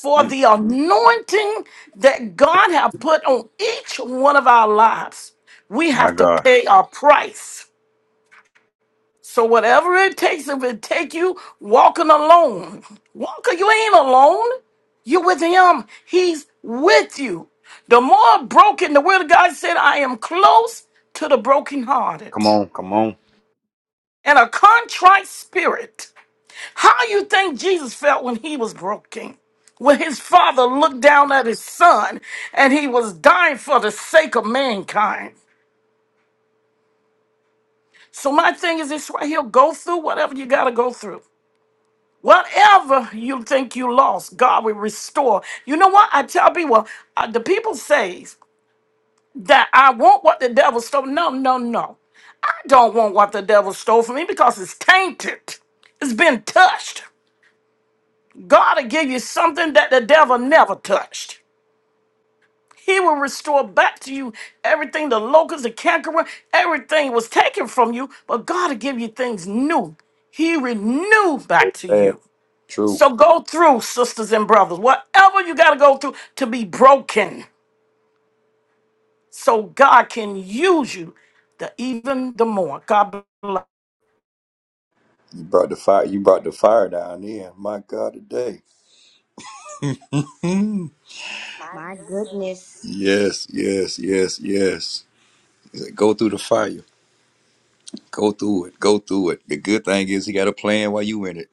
[SPEAKER 8] for
[SPEAKER 1] mm,
[SPEAKER 8] the
[SPEAKER 1] mm.
[SPEAKER 8] anointing that God have put on each one of our lives. We
[SPEAKER 1] My
[SPEAKER 8] have to
[SPEAKER 1] God.
[SPEAKER 8] pay a price. So whatever it takes, if it take you walking alone, walker, you ain't alone. You're with him. He's with you. The more broken, the word of God said, I am close to the brokenhearted
[SPEAKER 1] Come on. Come on.
[SPEAKER 8] and a contrite spirit. How you think Jesus felt when he was broken? When his father looked down at his son and he was dying for the sake of mankind. So my thing is this right here, go through whatever you gotta go through. Whatever you think you lost, God will restore. You know what? I tell people, uh, the people says that I want what the devil stole. No, no, no. I don't want what the devil stole from me because it's tainted. It's been touched. God will give you something that the devil never touched. He will restore back to you everything the locusts, the cankerworm, everything was taken from you, but God will give you things new. He renew back to
[SPEAKER 1] Amen.
[SPEAKER 8] you.
[SPEAKER 1] True.
[SPEAKER 8] So go through, sisters and brothers, whatever you got to go through to be broken so God can use you the, even the more. God bless.
[SPEAKER 1] You brought the fire. You brought the fire down there. My God, today. Hmm.
[SPEAKER 6] My goodness.
[SPEAKER 1] Yes, yes, yes, yes. He said, go through the fire. Go through it. Go through it. The good thing is he got a plan while you in it.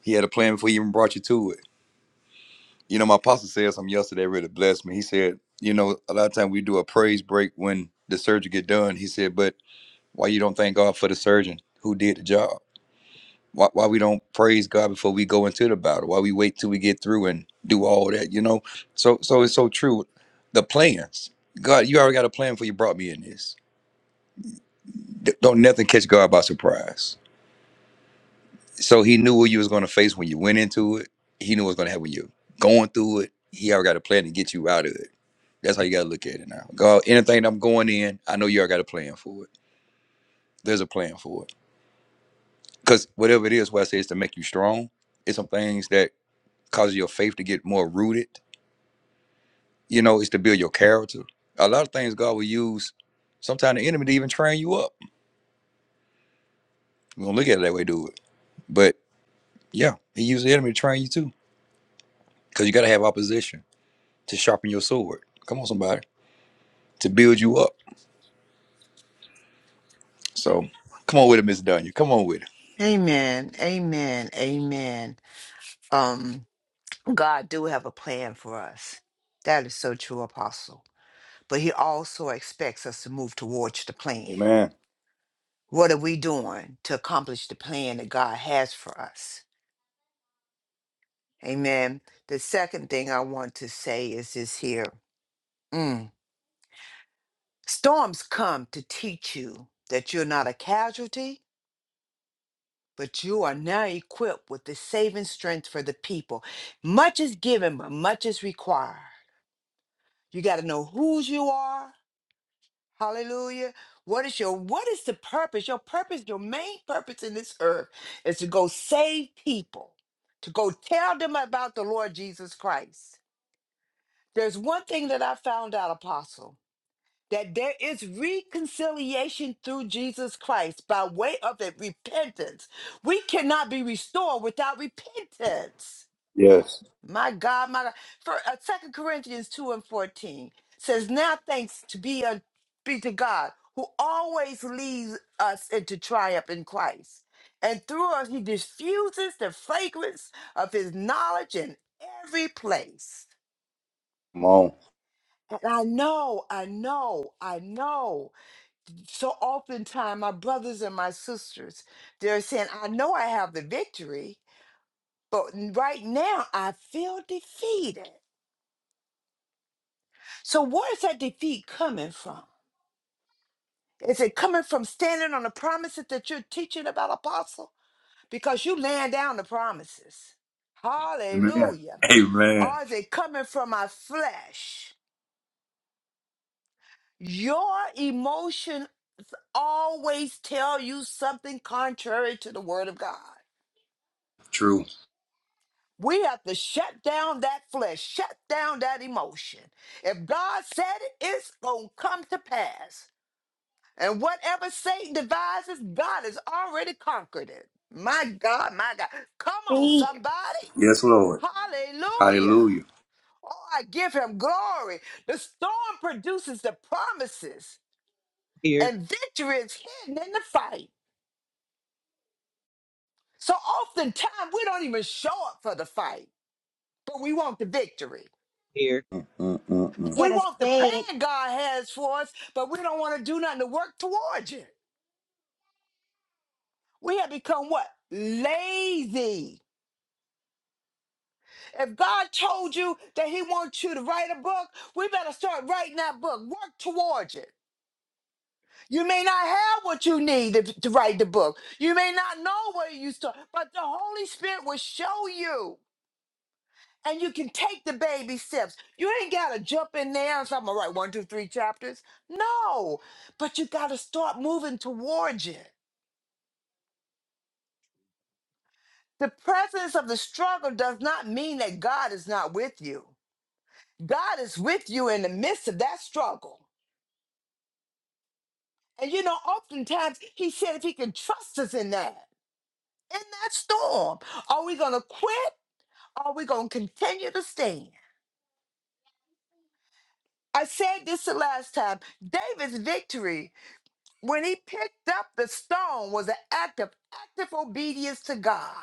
[SPEAKER 1] He had a plan before he even brought you to it. You know, my pastor said something yesterday that really blessed me. He said, you know, a lot of time we do a praise break when the surgery get done. He said, but why you don't thank God for the surgeon who did the job? Why, why we don't praise God before we go into the battle? Why we wait till we get through and do all that? You know, so so it's so true. The plans, God, you already got a plan for you brought me in this. D- don't nothing catch God by surprise. So he knew what you was gonna face when you went into it. He knew what was gonna happen when you're going through it. He already got a plan to get you out of it. That's how you gotta look at it now. God, anything I'm going in, I know you already got a plan for it. There's a plan for it. Cause whatever it is, what I say is to make you strong. It's some things that cause your faith to get more rooted. You know, it's to build your character. A lot of things God will use, sometimes the enemy to even train you up. We don't look at it that way, do it. But yeah, he used the enemy to train you too. Cause you gotta have opposition to sharpen your sword. Come on, somebody. to build you up. So come on with it, Miss Dunya. Come on with it.
[SPEAKER 10] Amen. Amen. Amen. Um, God do have a plan for us. That is so true, Apostle. But he also expects us to move towards the plan.
[SPEAKER 1] Amen.
[SPEAKER 10] What are we doing to accomplish the plan that God has for us? Amen. The second thing I want to say is this here. Mm. Storms come to teach you that you're not a casualty, but you are now equipped with the saving strength for the people. Much is given, but much is required. You got to know whose you are. Hallelujah. What is your what is the purpose? Your purpose, your main purpose in this earth is to go save people, to go tell them about the Lord Jesus Christ. There's one thing that I found out, Apostle. that there is reconciliation through Jesus Christ by way of a repentance. We cannot be restored without repentance.
[SPEAKER 1] Yes.
[SPEAKER 10] My God, my God. For uh, 2 Corinthians 2 and 14 says, Now thanks to be, uh, be to God who always leads us into triumph in Christ. And through us, he diffuses the fragrance of his knowledge in every place.
[SPEAKER 1] Come on.
[SPEAKER 10] And I know, I know, I know so oftentimes my brothers and my sisters they're saying i know i have the victory but right now i feel defeated so where is that defeat coming from is it coming from standing on the promises that you're teaching about apostle because you laying down the promises
[SPEAKER 1] Amen.
[SPEAKER 10] hallelujah
[SPEAKER 1] Amen.
[SPEAKER 10] or is it coming from my flesh your emotion always tell you something contrary to the word of god
[SPEAKER 1] True.
[SPEAKER 10] We have to shut down that flesh, shut down that emotion. If God said it, it's going to come to pass. And whatever Satan devises, God has already conquered it. My God, my God. Come on,
[SPEAKER 6] Speak.
[SPEAKER 10] somebody.
[SPEAKER 1] Yes, Lord.
[SPEAKER 10] Hallelujah.
[SPEAKER 1] Hallelujah.
[SPEAKER 10] Oh, I give him glory. The storm produces the promises,
[SPEAKER 7] Here,
[SPEAKER 10] and victory is hidden in the fight. So oftentimes, we don't even show up for the fight, but we want the victory.
[SPEAKER 7] here.
[SPEAKER 1] Mm, mm, mm,
[SPEAKER 6] You
[SPEAKER 1] mm.
[SPEAKER 10] We
[SPEAKER 6] gotta
[SPEAKER 10] want the
[SPEAKER 6] say it.
[SPEAKER 10] plan God has for us, but we don't want to do nothing to work towards it. We have become what? Lazy. If God told you that He wants you to write a book, we better start writing that book. Work towards it. You may not have what you need to, to write the book. You may not know where you start, but the Holy Spirit will show you. And you can take the baby steps. You ain't gotta jump in there and say, I'm gonna write one, two, three chapters. No, but you gotta start moving towards it. The presence of the struggle does not mean that God is not with you. God is with you in the midst of that struggle. And you know, oftentimes he said if he can trust us in that, in that storm, are we going to quit? Are we going to continue to stand? I said this the last time. David's victory when he picked up the stone was an act of active obedience to God.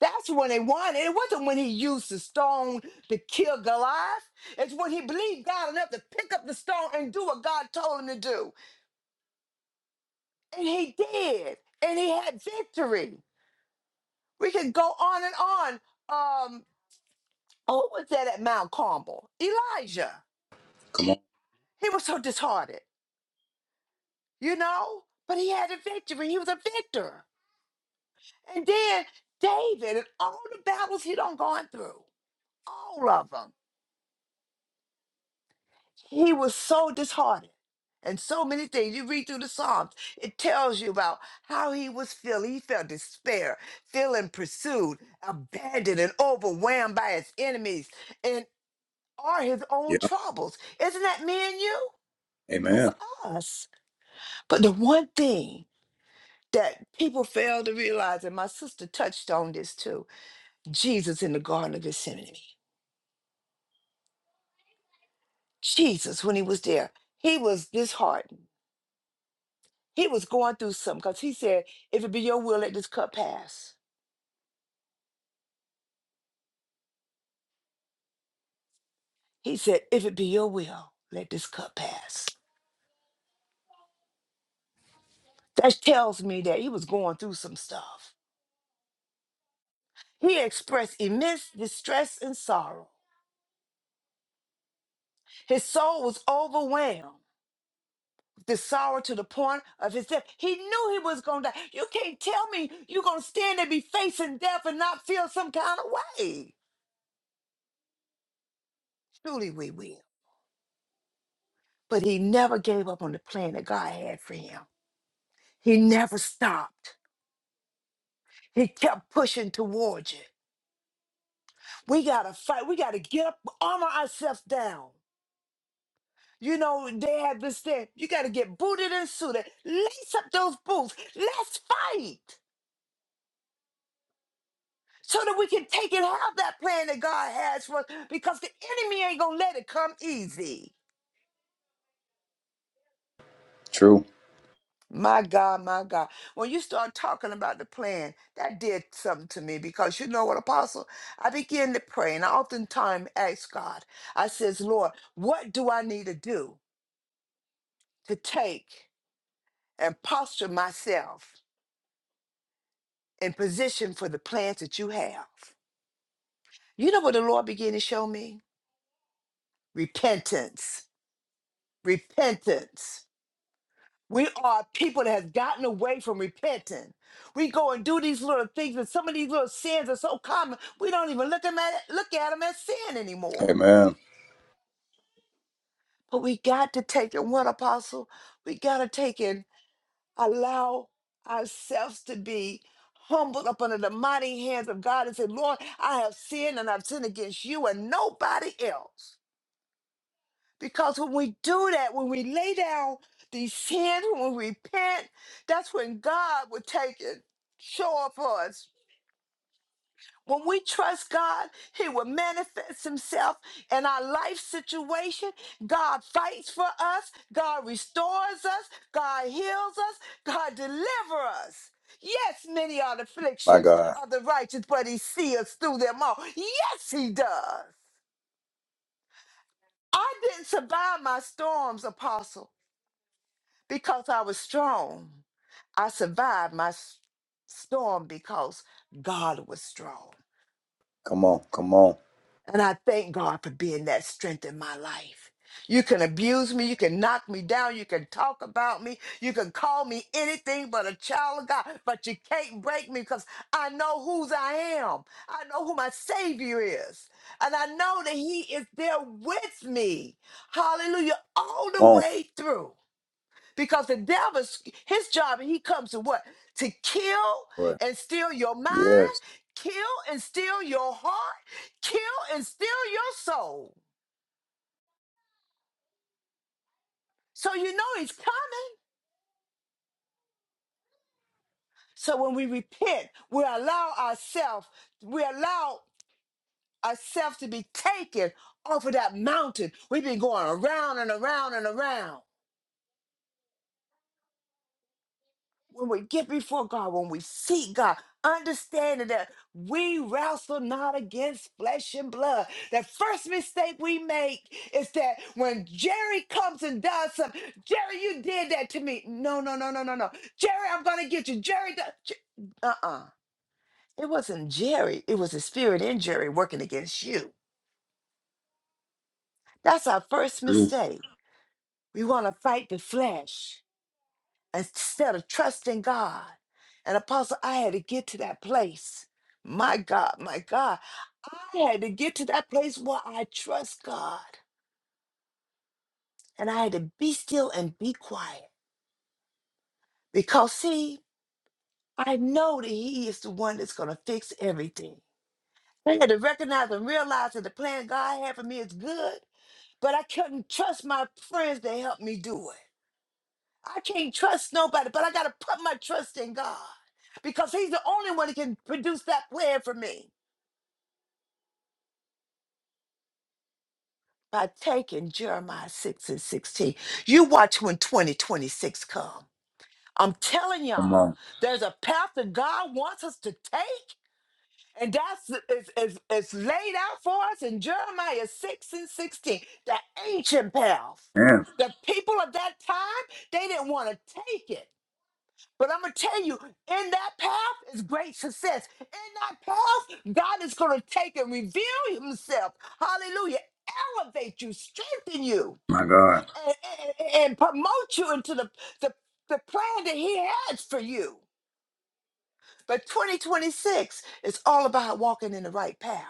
[SPEAKER 10] That's when they won. it wasn't when he used the stone to kill Goliath. It's when he believed God enough to pick up the stone and do what God told him to do. And he did. And he had victory. We could go on and on. Um, oh, who was that at Mount Carmel? Elijah.
[SPEAKER 1] Come on.
[SPEAKER 10] He was so disheartened, you know? But he had a victory. He was a victor. And then David and all the battles he done gone through. All of them. he was so disheartened and so many things you read through the psalms it tells you about how he was feeling he felt despair feeling pursued abandoned and overwhelmed by his enemies and are his
[SPEAKER 1] Yeah.
[SPEAKER 10] own troubles isn't that me and you that's
[SPEAKER 1] Amen.
[SPEAKER 10] us but the one thing that people fail to realize and my sister touched on this too jesus in the garden of gethsemane jesus when he was there he was disheartened He was going through something because he said, If it be your will, let this cup pass. He said, If it be your will, let this cup pass. That tells me that he was going through some stuff. He expressed immense distress and sorrow. His soul was overwhelmed with the sorrow to the point of his death. He knew he was going to die. You can't tell me you're going to stand and be facing death and not feel some kind of way. Truly, we will. But he never gave up on the plan that God had for him. He never stopped. He kept pushing towards you. We gotta fight. We gotta get up, armor ourselves down. You know, they had this thing. You gotta get booted and suited. Lace up those boots. Let's fight. So that we can take and have that plan that God has for us. Because the enemy ain't gonna let it come easy.
[SPEAKER 1] True.
[SPEAKER 10] My God, my God. When you start talking about the plan, that did something to me because you know what, Apostle? I begin to pray and I oftentimes ask God, I says, Lord, what do I need to do? to take and posture myself in position for the plans that you have. You know what the Lord began to show me? Repentance. Repentance. We are people that has gotten away from repenting. We go and do these little things, and some of these little sins are so common we don't even look them at look at them as sin anymore.
[SPEAKER 1] Amen.
[SPEAKER 10] But we got to take in what apostle? We got to take in. allow ourselves to be humbled up under the mighty hands of God and say, Lord, I have sinned and I've sinned against you and nobody else. Because when we do that, when we lay down these sins, when we repent, that's when God will take it, show up for us when we trust God, He will manifest Himself in our life situation. God fights for us. God restores us. God heals us. God delivers us. Yes, many are the
[SPEAKER 1] My
[SPEAKER 10] afflictions
[SPEAKER 1] God.
[SPEAKER 10] of the righteous, but He sees us through them all. Yes, He does. I didn't survive my storms, Apostle, because I was strong. I survived my s- storm because God was strong.
[SPEAKER 1] Come on. Come on.
[SPEAKER 10] And I thank God for being that strength in my life. You can abuse me. You can knock me down. You can talk about me. You can call me anything but a child of God, but you can't break me because I know whose I am. I know who my Savior is. And I know that He is there with me. Hallelujah. All
[SPEAKER 1] Come
[SPEAKER 10] the
[SPEAKER 1] on.
[SPEAKER 10] way through. Because the devil's his job, and he comes to what? To kill
[SPEAKER 1] Lord.
[SPEAKER 10] and steal your mind,
[SPEAKER 1] Yes.
[SPEAKER 10] kill and steal your heart, kill and steal your soul. So you know he's coming. So when we repent, we allow ourselves, we allow ourselves to be taken off of that mountain. We've been going around and around and around. when we get before God, when we seek God, understanding that we wrestle not against flesh and blood. The first mistake we make is that when Jerry comes and does something, Jerry, you did that to me. No, no, no, no, no, no. Jerry, I'm going to get you. Jerry, do- Jer- uh-uh. It wasn't Jerry. It was the spirit in Jerry working against you. That's our first mistake. We want to fight the flesh instead of trusting God. And Apostle, I had to get to that place. My God, my God. I had to get to that place where I trust God. And I had to be still and be quiet. Because, see, I know that He is the one that's going to fix everything. I had to recognize and realize that the plan God had for me is good, but I couldn't trust my friends to help me do it. I can't trust nobody, but I got to put my trust in God because He's the only one that can produce that plan for me. By taking Jeremiah 6 and 16, you watch when 2026 come. I'm telling
[SPEAKER 1] Come
[SPEAKER 10] y'all,
[SPEAKER 1] on.
[SPEAKER 10] there's a path that God wants us to take, and that's is, is, is laid out for us in Jeremiah 6 and 16, the ancient path.
[SPEAKER 1] Man.
[SPEAKER 10] The people of that time, they didn't want to take it. But I'm going to tell you, in that path is great success. In that path, God is going to take and reveal himself. Hallelujah. Elevate you, strengthen you,
[SPEAKER 1] My God.
[SPEAKER 10] and, and- and promote you into the, the, the plan that he has for you. But 2026 is all about walking in the right path.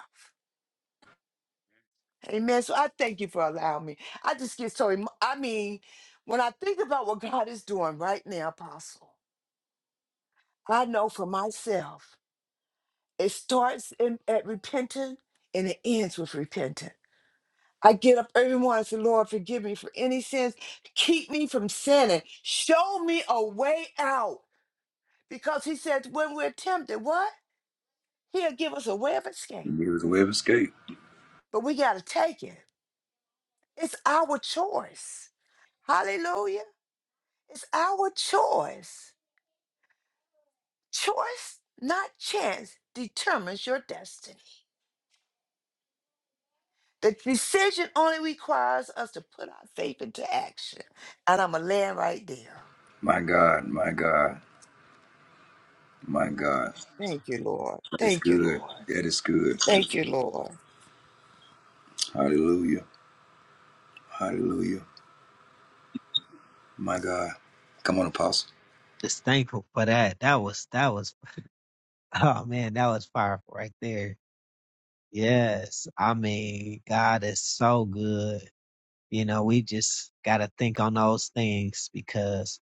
[SPEAKER 10] Amen. So I thank you for allowing me. I just get so, emo- I mean, when I think about what God is doing right now, Apostle, I know for myself. It starts in, at repenting and it ends with repenting. I get up every morning and say, Lord, forgive me for any sins. Keep me from sinning. Show me a way out. Because he said, when we're tempted, what? He'll give us a way of escape. But we got to take it. It's our choice. Hallelujah. It's our choice. Choice, not chance, determines your destiny. The decision only requires us to put our faith into action. And I'm going to land right there.
[SPEAKER 1] My God. My God. My God.
[SPEAKER 10] Thank you, Lord.
[SPEAKER 1] That's
[SPEAKER 10] Thank you,
[SPEAKER 1] good.
[SPEAKER 10] Lord.
[SPEAKER 1] That is good.
[SPEAKER 10] Thank you, Lord.
[SPEAKER 1] Hallelujah. Hallelujah. My God. Come on, Apostle.
[SPEAKER 7] Just thankful for that. That was, that was, oh man, that was powerful right there Yes, I mean, God is so good. You know, we just got to think on those things because,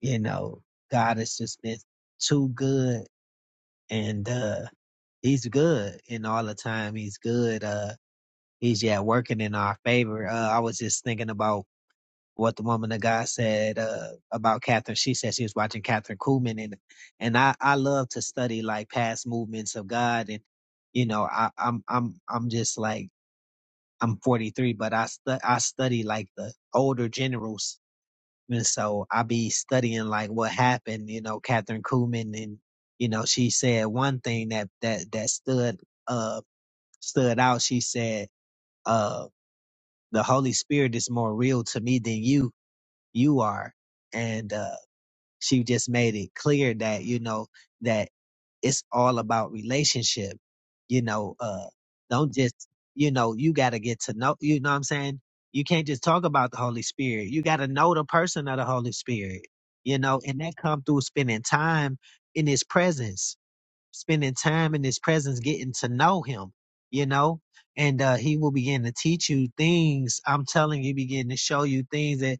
[SPEAKER 7] you know, God has just been too good and uh he's good and all the time he's good. Uh he's yeah working in our favor. Uh I was just thinking about what the woman of God said uh about Catherine. She said she was watching Catherine Kuhlman and and I I love to study like past movements of God and you know, I, I'm I'm I'm just like I'm 43, but I stu- I study like the older generals, and so I be studying like what happened. You know, Catherine Kuhlman, and you know, she said one thing that that that stood uh stood out. She said, uh, the Holy Spirit is more real to me than you you are, and uh, she just made it clear that you know that it's all about relationship. You know, uh, don't just, you know, you got to get to know, you know what I'm saying? You can't just talk about the Holy Spirit. You got to know the person of the Holy Spirit, you know, and that come through spending time in his presence, spending time in his presence, getting to know him, you know, and, uh, he will begin to teach you things. I'm telling you, begin to show you things that,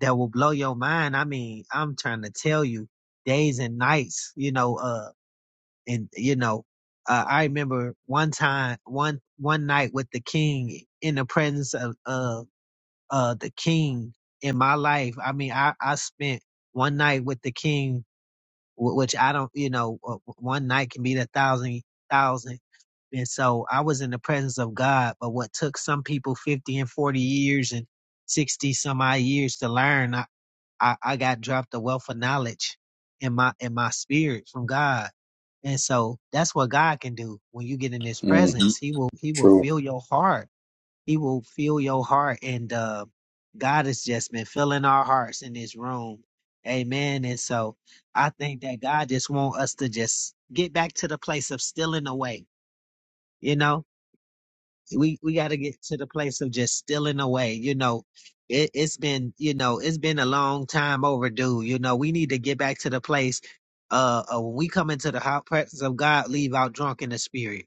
[SPEAKER 7] that will blow your mind. I mean, I'm trying to tell you days and nights, you know, uh, and you know, uh, I remember one time, one one night with the king in the presence of of uh, the king in my life. I mean, I I spent one night with the king, wh- which I don't, you know, uh, one night can be a thousand thousand. And so I was in the presence of God, but what took some people 50 and 40 years and 60 some odd years to learn, I, I, I got dropped a wealth of knowledge in my in my spirit from God. And so that's what God can do when you get in his
[SPEAKER 1] hmm
[SPEAKER 7] presence. He will he will
[SPEAKER 1] True.
[SPEAKER 7] fill your heart. He will fill your heart and uh God has just been filling our hearts in this room. Amen. And so I think that God just want us to just get back to the place of stealing away, you know? we we got to get to the place of just stealing away you know it, it's been you know it's been a long time overdue you know we need to get back to the place uh, uh when we come into the hot presence of god leave out drunk in the spirit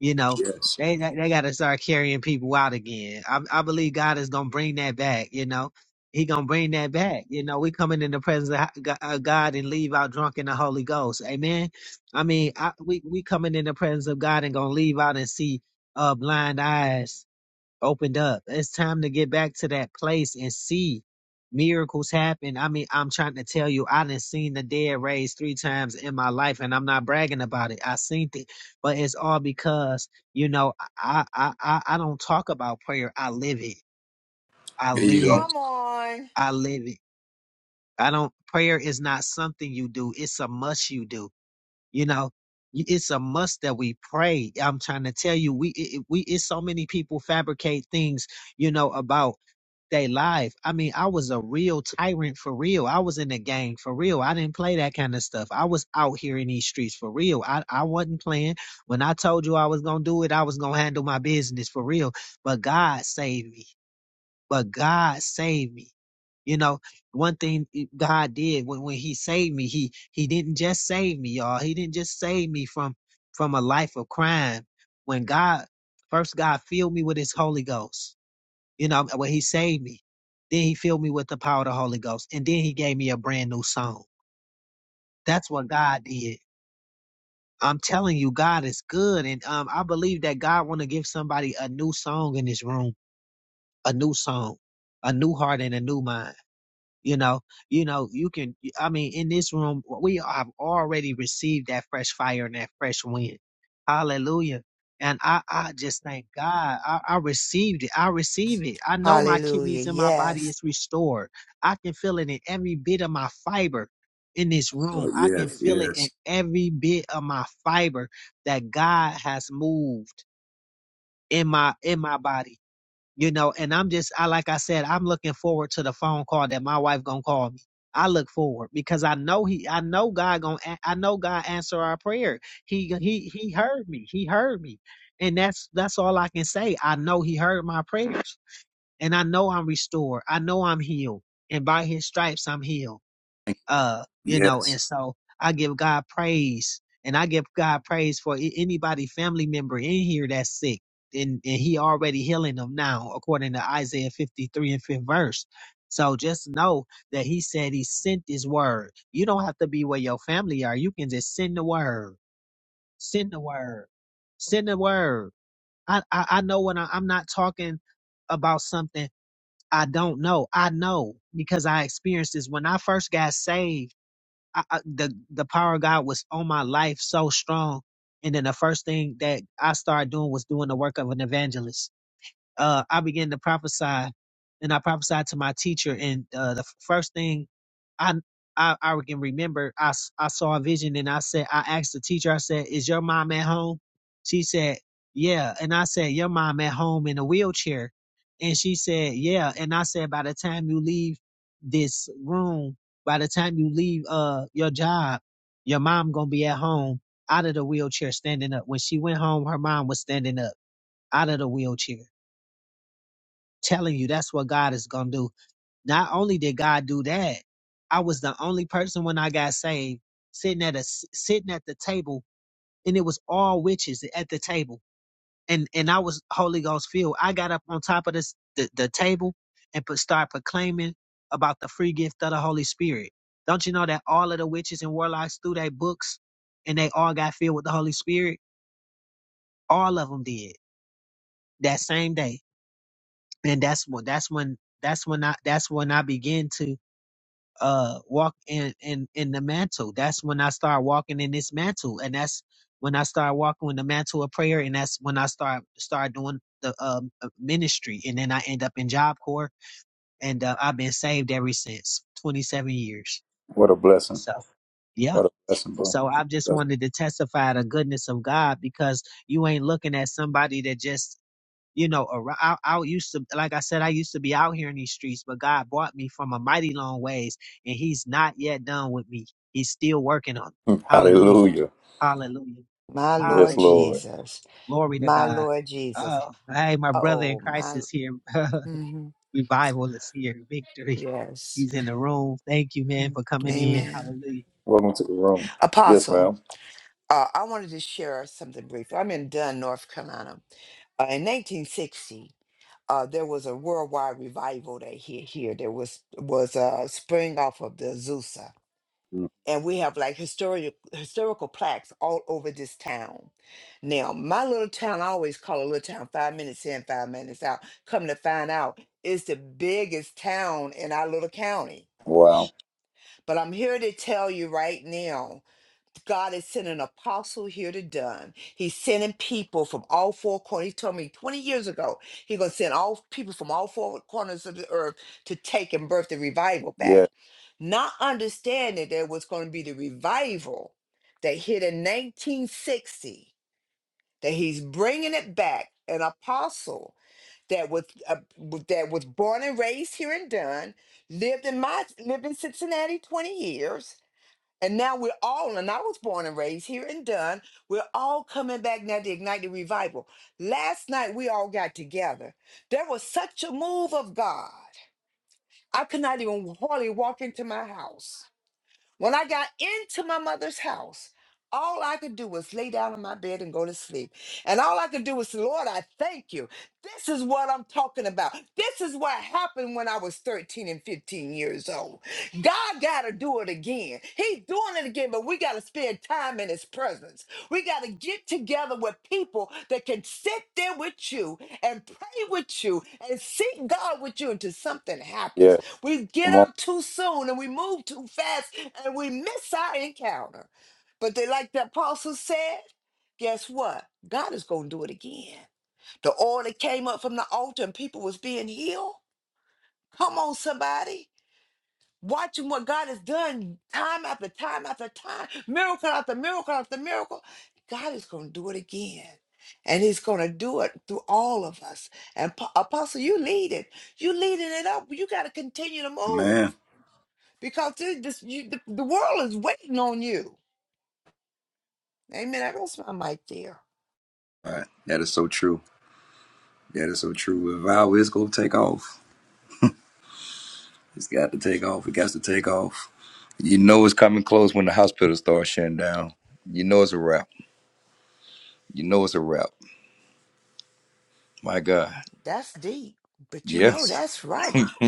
[SPEAKER 7] you know
[SPEAKER 1] Yes.
[SPEAKER 7] they they, they got to start carrying people out again I, I believe god is gonna bring that back you know he gonna bring that back you know we coming in the presence of ho- Go- uh, god and leave out drunk in the holy ghost amen i mean I, we we coming in the presence of god and gonna leave out and see uh blind eyes opened up. It's time to get back to that place and see miracles happen. I mean, I'm trying to tell you, I done seen the dead raised three times in my life, and I'm not bragging about it. I seen it, but it's all because you know I I I, I don't talk about prayer. I live it. I
[SPEAKER 1] There you go.
[SPEAKER 7] live.
[SPEAKER 10] Come on.
[SPEAKER 7] I live it. I don't. Prayer is not something you do. It's a must you do. You know, y- it's a must that we pray. I'm trying to tell you, we it, it- we it's so many people fabricate things, you know, about they life. I mean, I was a real tyrant for real. I was in the gang for real. I didn't play that kind of stuff. I was out here in these streets for real. I, I wasn't playing. When I told you I was going to do it, I was going to handle my business for real. But God saved me. But God saved me. You know, one thing God did when, when He saved me, He He didn't just save me, y'all. He didn't just save me from from a life of crime. When God first God filled me with His Holy Ghost. You know, when he saved me, then he filled me with the power of the Holy Ghost, and then he gave me a brand new song. That's what God did. I'm telling you, God is good, and um, I believe that God want to give somebody a new song in this room, a new song, a new heart, and a new mind. You know, you know, you can. I mean, in this room, we have already received that fresh fire and that fresh wind. Hallelujah. And I, I just thank God. I, I received it. I receive it. I know my
[SPEAKER 10] Hallelujah.
[SPEAKER 7] kidneys and my body
[SPEAKER 10] Yes.
[SPEAKER 7] is restored. I can feel it in every bit of my fiber in this room.
[SPEAKER 1] Oh,
[SPEAKER 7] I can
[SPEAKER 1] yes,
[SPEAKER 7] feel it in
[SPEAKER 1] yes.
[SPEAKER 7] every bit of my fiber that God has moved in my in my body you know and i'm just i like i said i'm looking forward to the phone call that my wife gonna call me i look forward because i know he i know god gonna a- I know god answer our prayer he he he heard me he heard me and that's that's all i can say i know he heard my prayers and i know i'm restored i know i'm healed and by his stripes i'm healed
[SPEAKER 1] Thank
[SPEAKER 7] uh
[SPEAKER 1] you.
[SPEAKER 7] you know and
[SPEAKER 1] Yes.
[SPEAKER 7] so i give god praise and i give god praise for a- anybody family member in here that's sick and, and he already healing them now according to isaiah 53 and 5th verse so just know that he said he sent his word you don't have to be where your family are you can just send the word send the word send the word i i, I know when I, i'm not talking about something i don't know i know because i experienced this when i first got saved I, I, the the power of God was on my life so strong. And then the first thing that I started doing was doing the work of an evangelist uh, I began to prophesy, and I prophesied to my teacher. And uh, the f- first thing I, I I can remember, I s- I saw a vision, and I said, I asked the teacher, I said, "Is your mom at home?" She said, "Yeah," and I said, "Your mom at home in a wheelchair," and she said, "Yeah," and I said, "By the time you leave this room, by the time you leave uh your job, your mom gonna be at home." Out of the wheelchair, standing up. When she went home, her mom was standing up out of the wheelchair telling you that's what God is going to do. Not only did God do that, I was the only person when I got saved sitting at a sitting at the table and it was all witches at the table. And and I was Holy Ghost filled. I got up on top of this the, the table and put, start proclaiming about the free gift of the Holy Spirit. Don't you know that all of the witches and warlocks threw their books and they all got filled with the Holy Spirit? All of them did that same day. And that's when that's when that's when I that's when I began to uh walk in in in the mantle that's when i start walking in this mantle and that's when i start walking in the mantle of prayer and that's when i start start doing the um uh, ministry and then i end up in job corps and uh, i've been saved ever since 27 years
[SPEAKER 1] What a blessing.
[SPEAKER 7] so yeah
[SPEAKER 1] What a blessing, bro.
[SPEAKER 7] so i've just wanted to testify the goodness of god because you ain't looking at somebody that just you know, ar- I, I used to, like I said, I used to be out here in these streets, but God brought me from a mighty long ways, and He's not yet done with me. He's still working on me.
[SPEAKER 1] Blessing.
[SPEAKER 7] Hallelujah.
[SPEAKER 1] Hallelujah.
[SPEAKER 7] Hallelujah.
[SPEAKER 10] My
[SPEAKER 1] Yes,
[SPEAKER 10] Lord
[SPEAKER 7] Hallelujah.
[SPEAKER 1] Lord.
[SPEAKER 10] Jesus.
[SPEAKER 7] Glory to
[SPEAKER 10] My
[SPEAKER 7] God.
[SPEAKER 10] Lord Jesus.
[SPEAKER 7] Oh, hey, my brother in
[SPEAKER 10] Oh,
[SPEAKER 7] Christ
[SPEAKER 10] my.
[SPEAKER 7] is here.
[SPEAKER 10] mhm.
[SPEAKER 7] Revival is here. Victory.
[SPEAKER 10] Yes.
[SPEAKER 7] He's in the room. Thank you, man,
[SPEAKER 10] Mm.
[SPEAKER 7] for coming in.
[SPEAKER 10] Amen.
[SPEAKER 7] Hallelujah.
[SPEAKER 1] Welcome to the room. Yes,
[SPEAKER 10] Apostle,
[SPEAKER 1] ma'am.
[SPEAKER 10] uh, I wanted to share something brief. I'm in Dunn, North Carolina. Uh, in 1960, uh, there was a worldwide revival that hit here. There was was a spring off of the Azusa,
[SPEAKER 1] Mm.
[SPEAKER 10] and we have like historical historical plaques all over this town. Now, my little town, I always call a little town five minutes in, five minutes out. Come to find out, it's the biggest town in our little county.
[SPEAKER 1] Wow.
[SPEAKER 10] But I'm here to tell you right now God is sending an apostle here to done. He's sending people from all four corners. He told me 20 years ago, he's going to send all people from all four corners of the earth to take and birth the revival
[SPEAKER 1] Yeah,
[SPEAKER 10] back. Not understanding that was going to be the revival that hit in 1960, that he's bringing it back, an apostle that was uh, w- that was born and raised here in Dunn, lived in my lived in Cincinnati 20 years and now we're all, and I was born and raised here in Dunn. We're all coming back now to ignite the revival. Last night we all got together. There was such a move of God. I could not even hardly walk into my house. When I got into my mother's house, all I could do was lay down in my bed and go to sleep. And all I could do was, Lord, I thank you. This is what I'm talking about. This is what happened when I was 13 and 15 years old. God got to do it again. He's doing it again, but we got to spend time in His presence. We got to get together with people that can sit there with you and pray with you and seek God with you until something happens.
[SPEAKER 1] yeah.
[SPEAKER 10] We get
[SPEAKER 1] Come on.
[SPEAKER 10] up too soon and we move too fast and we miss our encounter. But they, like the apostle said, guess what? God is going to do it again. The oil that came up from the altar and people was being healed. Come on, somebody. Watching what God has done time after time after time, miracle after miracle after miracle. God is going to do it again. And he's going to do it through all of us. And Po- Apostle, you lead it. You leading it up. You got to continue to move
[SPEAKER 1] Man.
[SPEAKER 10] because they just, you, the, the world is waiting on you. Amen. I rest my mic there.
[SPEAKER 1] All right. That is so true. That is so true. The vow is going to take off, it's got to take off. It got to take off. You know it's coming close when the hospital starts shutting down. You know it's a wrap. You know it's a wrap. My God.
[SPEAKER 10] That's deep, but you know
[SPEAKER 1] Yes.
[SPEAKER 10] that's right.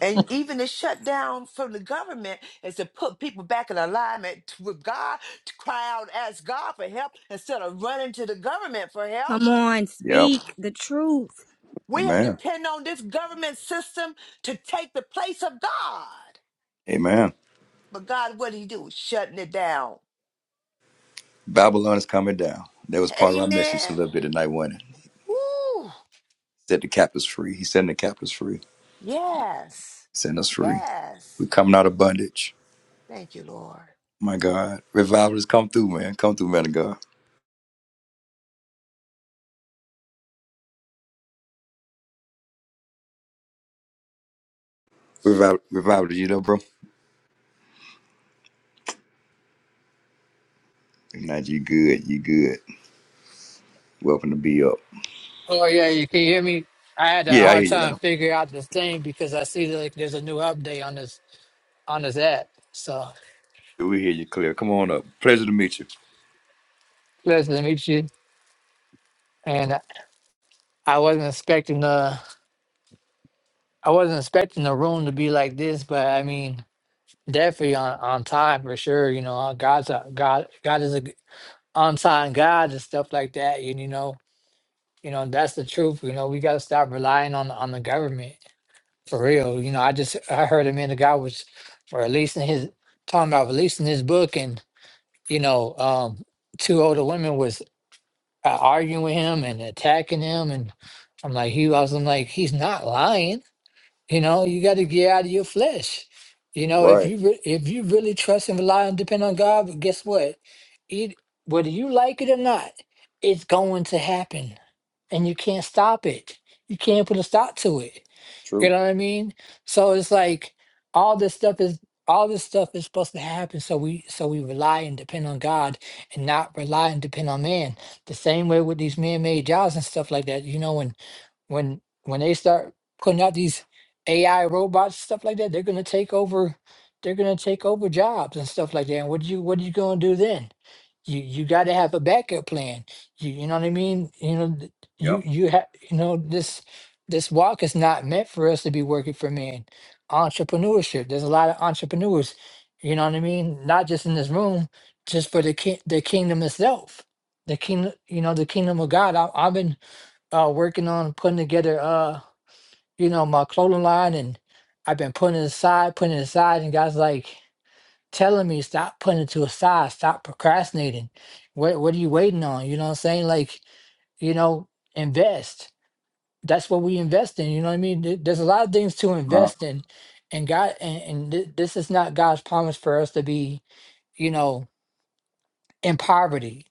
[SPEAKER 10] And even the shutdown from the government is to put people back in alignment t- with God, to cry out, ask God for help instead of running to the government for help.
[SPEAKER 6] Come on.
[SPEAKER 1] yep.
[SPEAKER 6] Speak the truth.
[SPEAKER 10] We have
[SPEAKER 1] Amen.
[SPEAKER 10] depend on this government system to take the place of God.
[SPEAKER 1] Amen.
[SPEAKER 10] But God, what did he do? Shutting it down.
[SPEAKER 1] Babylon is coming down. That was part of our message a
[SPEAKER 10] Amen.
[SPEAKER 1] little bit tonight, wasn't it?
[SPEAKER 10] Woo.
[SPEAKER 1] Set the captives free. He's setting the captives free.
[SPEAKER 10] Yes.
[SPEAKER 1] Setting us free.
[SPEAKER 10] Yes.
[SPEAKER 1] We're coming out of bondage.
[SPEAKER 10] Thank you, Lord.
[SPEAKER 1] My God. Revival has come through, man. Come through, man of God. Revival, revival you know, bro? Now you good. You good. Welcome to be up.
[SPEAKER 11] Oh yeah, you can hear me. I had a
[SPEAKER 1] Yeah, I hear
[SPEAKER 11] hard
[SPEAKER 1] you
[SPEAKER 11] time
[SPEAKER 1] now.
[SPEAKER 11] figuring out this thing because I see that like, there's a new update on this on this app. So
[SPEAKER 1] Yeah, We hear you clear. Come on up. Pleasure to meet you.
[SPEAKER 11] pleasure to meet you. And I wasn't expecting the I wasn't expecting the room to be like this, but I mean definitely on on time for sure. You know, God's a, God God is a g- on time God and stuff like that. And you know, you know that's the truth. You know, we got to stop relying on on the government. for real. You know, I just I heard him and the guy was releasing his talking about releasing his book, and you know, um, two older women was uh, arguing with him and attacking him, and I'm like, he I was I'm like, he's not lying. You know, you got to get out of your flesh. You know, if
[SPEAKER 1] Right.
[SPEAKER 11] you re- if you really trust and rely and depend on God, but guess what? It whether you like it or not, it's going to happen, and you can't stop it. You can't put a stop to it you
[SPEAKER 1] True.
[SPEAKER 11] know what I mean? So it's like all this stuff is all this stuff is supposed to happen. So we so we rely and depend on God and not rely and depend on man. The same way with these man-made jobs and stuff like that. You know, when when when they start putting out these AI robots stuff like that, they're gonna take over. They're gonna take over jobs and stuff like that. And what you what are you gonna do then? You you got to have a backup plan. You you know what I mean? You know th- you
[SPEAKER 1] Yep.
[SPEAKER 11] you have you know this this walk is not meant for us to be working for men. Entrepreneurship. There's a lot of entrepreneurs. You know what I mean? Not just in this room, just for the ki- the kingdom itself. The kingdom, you know, the kingdom of God. I, I've been uh working on putting together uh you know my clothing line and I've been putting it aside, putting it aside and guys like telling me stop putting it to aside, stop procrastinating. What what are you waiting on? You know what I'm saying? Like, you know, invest. That's what we invest in, you know what I mean? There- There's a lot of things to
[SPEAKER 1] No,
[SPEAKER 11] invest in and God and, and th- this is not God's promise for us to be, you know, in poverty.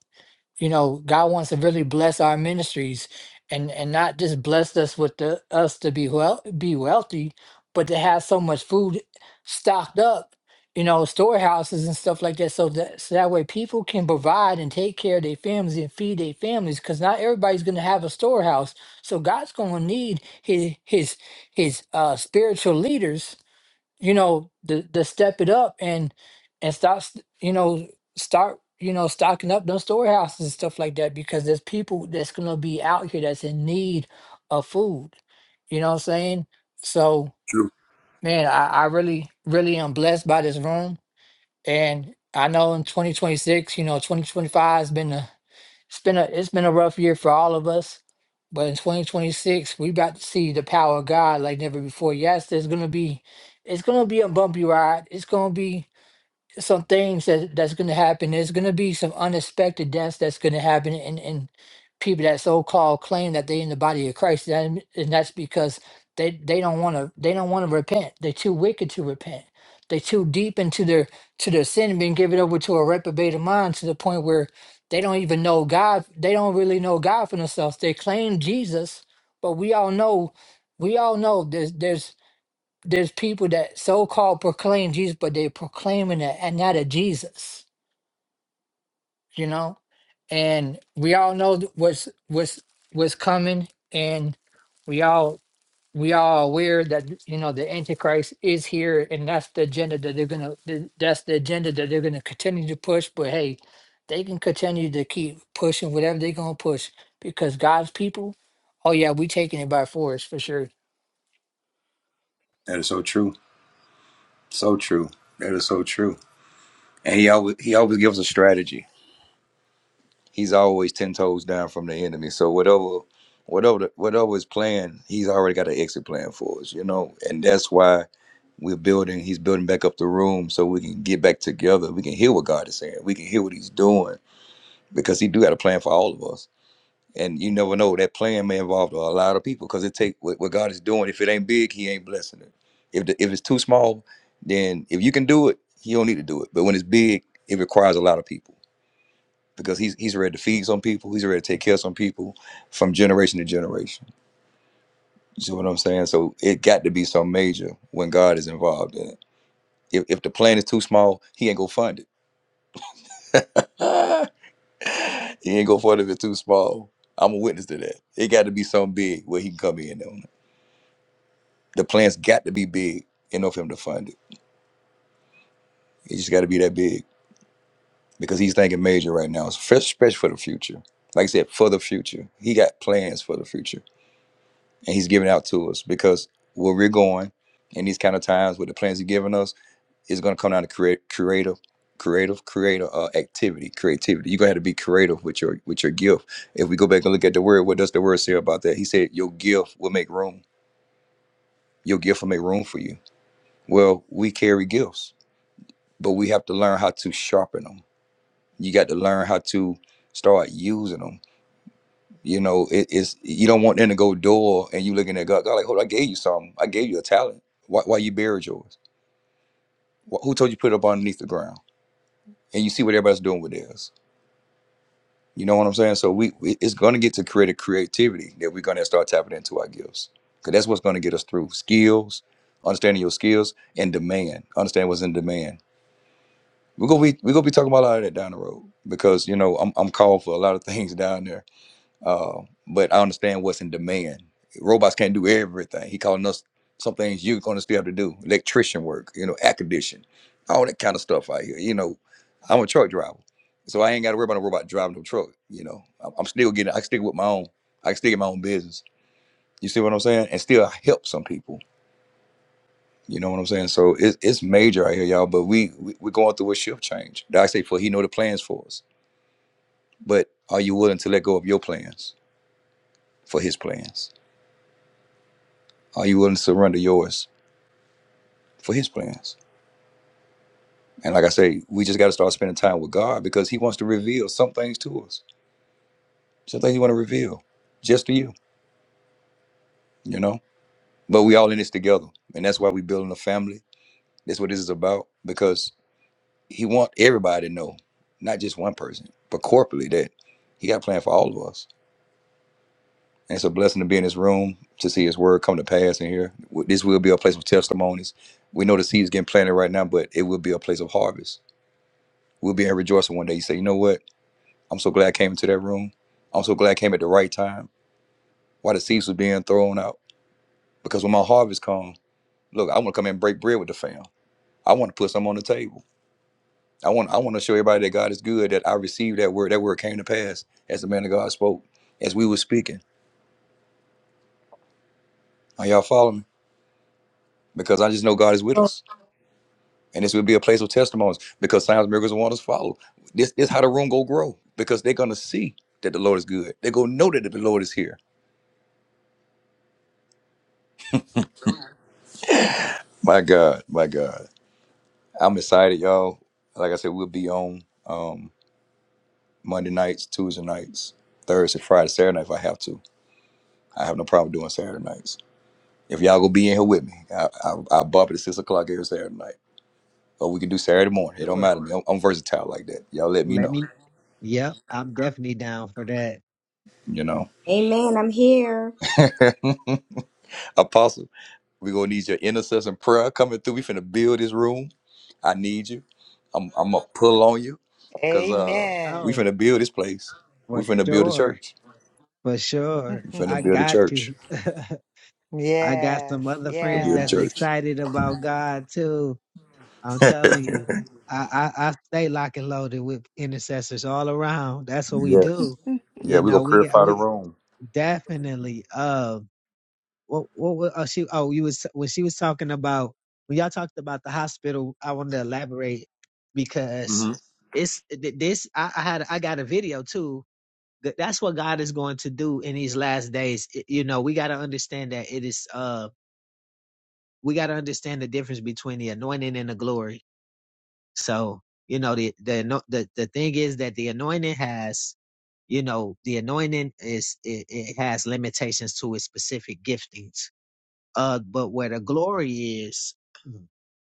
[SPEAKER 11] you know god wants to really bless our ministries and and not just bless us with the us to be well be wealthy but to have so much food stocked up you know storehouses and stuff like that so that so that way people can provide and take care of their families and feed their families because not everybody's going to have a storehouse so god's going to need his his his uh spiritual leaders you know to, to step it up and and stop s- you know start you know stocking up those storehouses and stuff like that because there's people that's gonna be out here that's in need of food you know what i'm saying so
[SPEAKER 1] true.
[SPEAKER 11] man i, I really really am blessed by this room and i know in 2026 you know 2025 has been a it's been a it's been a rough year for all of us, but in 2026 we about to see the power of God like never before. Yes, there's gonna be it's gonna be a bumpy ride. It's gonna be some things that that's going to happen. There's going to be some unexpected deaths that's going to happen, and and people that so called claim that they in the body of Christ, and, and that's because they they don't want to they don't want to repent. They're too wicked to repent. They're too deep into their to their sin, and being given over to a reprobated mind to the point where they don't even know God. They don't really know God for themselves. They claim Jesus, but we all know we all know there's there's there's people that so-called proclaim Jesus, but they are proclaiming it and not a Jesus, you know. And we all know th- what's what's what's coming, and we all we all aware that you know the Antichrist is here, and that's the agenda that they're gonna th- that's the agenda that they're gonna continue to push. But hey, they can continue to keep pushing whatever they're gonna push because God's people, oh yeah, we taking it by force for sure.
[SPEAKER 1] That is so true. So true. That is so true. And he always he always gives a strategy. he's always ten toes down from the enemy. So whatever, whatever, whatever his plan, he's already got an exit plan for us, you know. And that's why we're building. He's building back up the room so we can get back together. We can hear what God is saying. We can hear what He's doing because He do got a plan for all of us. And you never know that plan may involve a lot of people because it take what, what God is doing. If it ain't big, He ain't blessing it. If the, if it's too small, then if you can do it, you don't need to do it. But when it's big, it requires a lot of people because he's he's ready to feed some people, he's ready to take care of some people from generation to generation. You see what I'm saying? So it got to be some major when God is involved in it. If, if the plan is too small, he ain't gonna fund it. Ah, he ain't gonna fund it if it's too small. I'm a witness to that. It got to be something big where he can come in on it. The plan's got to be big in order for him to fund it. It just got to be that big because he's thinking major right now, especially for the future. Like I said, for the future, he got plans for the future and he's giving out to us because where we're going in these kind of times with the plans he's giving us is going to come down to create creative creative creative uh, activity creativity you're going to have to be creative with your with your gift if we go back and look at the word what does the word say about that he said your gift will make room your gift will make room for you well we carry gifts but we have to learn how to sharpen them you got to learn how to start using them You know, it, it's you don't want them to go door and you looking at God. God, like, hold, on, I gave you something. I gave you a talent. Why, why you buried yours? Wh- Who told you to put it up underneath the ground? And you see what everybody's doing with theirs. You know what I'm saying? So we, we it's going to get to creative creativity that we're going to start tapping into our gifts because that's what's going to get us through skills, understanding your skills and demand. Understand what's in demand. We're gonna be we're gonna be talking about a lot of that down the road because you know I'm I'm called for a lot of things down there Uh, but I understand what's in demand. Robots can't do everything. He calling us some things you're gonna still have to do. Electrician work, you know, air condition, all that kind of stuff out here. You know, I'm a truck driver. So I ain't gotta worry about a robot driving no truck, you know. I'm I'm still getting I can stick with my own I can stick in my own business. You see what I'm saying? And still help some people. You know what I'm saying? So it's it's major out here, y'all. But we, we we're going through a shift change. Like I say for he know the plans for us. But are you willing to let go of your plans for his plans? Are you willing to surrender yours for His plans? And like I say, we just got to start spending time with God because He wants to reveal some things to us. Some things He want to reveal just to you, you know. But we all in this together, and that's why we building a family. That's what this is about because He want everybody to know, not just one person, but corporately that He got a plan for all of us. And it's a blessing to be in this room to see His word come to pass in here. This will be a place of testimonies. We know the seed is getting planted right now, but it will be a place of harvest. We'll be in rejoicing one day. You say, you know what? I'm so glad I came into that room. I'm so glad I came at the right time while the seeds was being thrown out. Because when my harvest comes, look, I want to come in and break bread with the fam. I want to put some on the table. I want I want to show everybody that God is good, that I received that word. That word came to pass as the man of God spoke, as we were speaking. Are y'all following me? Because I just know God is with
[SPEAKER 6] Oh,
[SPEAKER 1] us. And this will be a place of testimonies because signs, miracles, and wonders follow. This is how the room go grow because they're going to see that the Lord is good. They're going to know that the Lord is here. My God, my God. I'm excited, y'all. Like I said, we'll be on um, Monday nights, Tuesday nights, Thursday, Friday, Saturday night if I have to. I have no problem doing Saturday nights. If y'all gonna be in here with me, I, I, I bump it at six o'clock every Saturday night, or we can do Saturday morning. It don't
[SPEAKER 7] Sure.
[SPEAKER 1] matter. to me. I'm, I'm versatile like that. Y'all let me
[SPEAKER 7] Let
[SPEAKER 1] know.
[SPEAKER 7] me. Yep, I'm definitely down for that.
[SPEAKER 1] You know,
[SPEAKER 6] amen. I'm here.
[SPEAKER 1] Apostle, we gonna need your intercession prayer coming through. We finna build this room. I need you. I'm I'm gonna pull on you, cause uh, we
[SPEAKER 10] Amen.
[SPEAKER 7] Oh,
[SPEAKER 1] finna build this place. We
[SPEAKER 7] for
[SPEAKER 1] finna build a
[SPEAKER 7] sure.
[SPEAKER 1] church.
[SPEAKER 7] For sure.
[SPEAKER 1] We finna
[SPEAKER 7] I
[SPEAKER 1] build a
[SPEAKER 7] got
[SPEAKER 1] church.
[SPEAKER 7] you. I got some
[SPEAKER 10] yes,
[SPEAKER 7] other
[SPEAKER 1] to
[SPEAKER 7] friends
[SPEAKER 1] build a
[SPEAKER 7] that's
[SPEAKER 10] yes.
[SPEAKER 1] church.
[SPEAKER 7] excited about God too. I'm
[SPEAKER 1] yes.
[SPEAKER 7] telling you, I, I, I stay lock and loaded with intercessors all around. That's what we do.
[SPEAKER 1] Yeah,
[SPEAKER 7] You
[SPEAKER 1] we're
[SPEAKER 7] know,
[SPEAKER 1] gonna
[SPEAKER 7] we got
[SPEAKER 1] purify the
[SPEAKER 7] we
[SPEAKER 1] room.
[SPEAKER 7] definitely. Um, what what, what oh, she oh you was when she was talking about when y'all talked about the hospital. I wanted to elaborate because
[SPEAKER 1] hmm
[SPEAKER 7] it's th- this. I, I had I got a video too. That- That's what God is going to do in these last days. It- You know, we got to understand that it is. Um, we got to understand the difference between the anointing and the glory. So, you know, the, the, ano- the, the thing is that the anointing has, you know, the anointing is, it, it has limitations to its specific giftings uh, but where the glory is,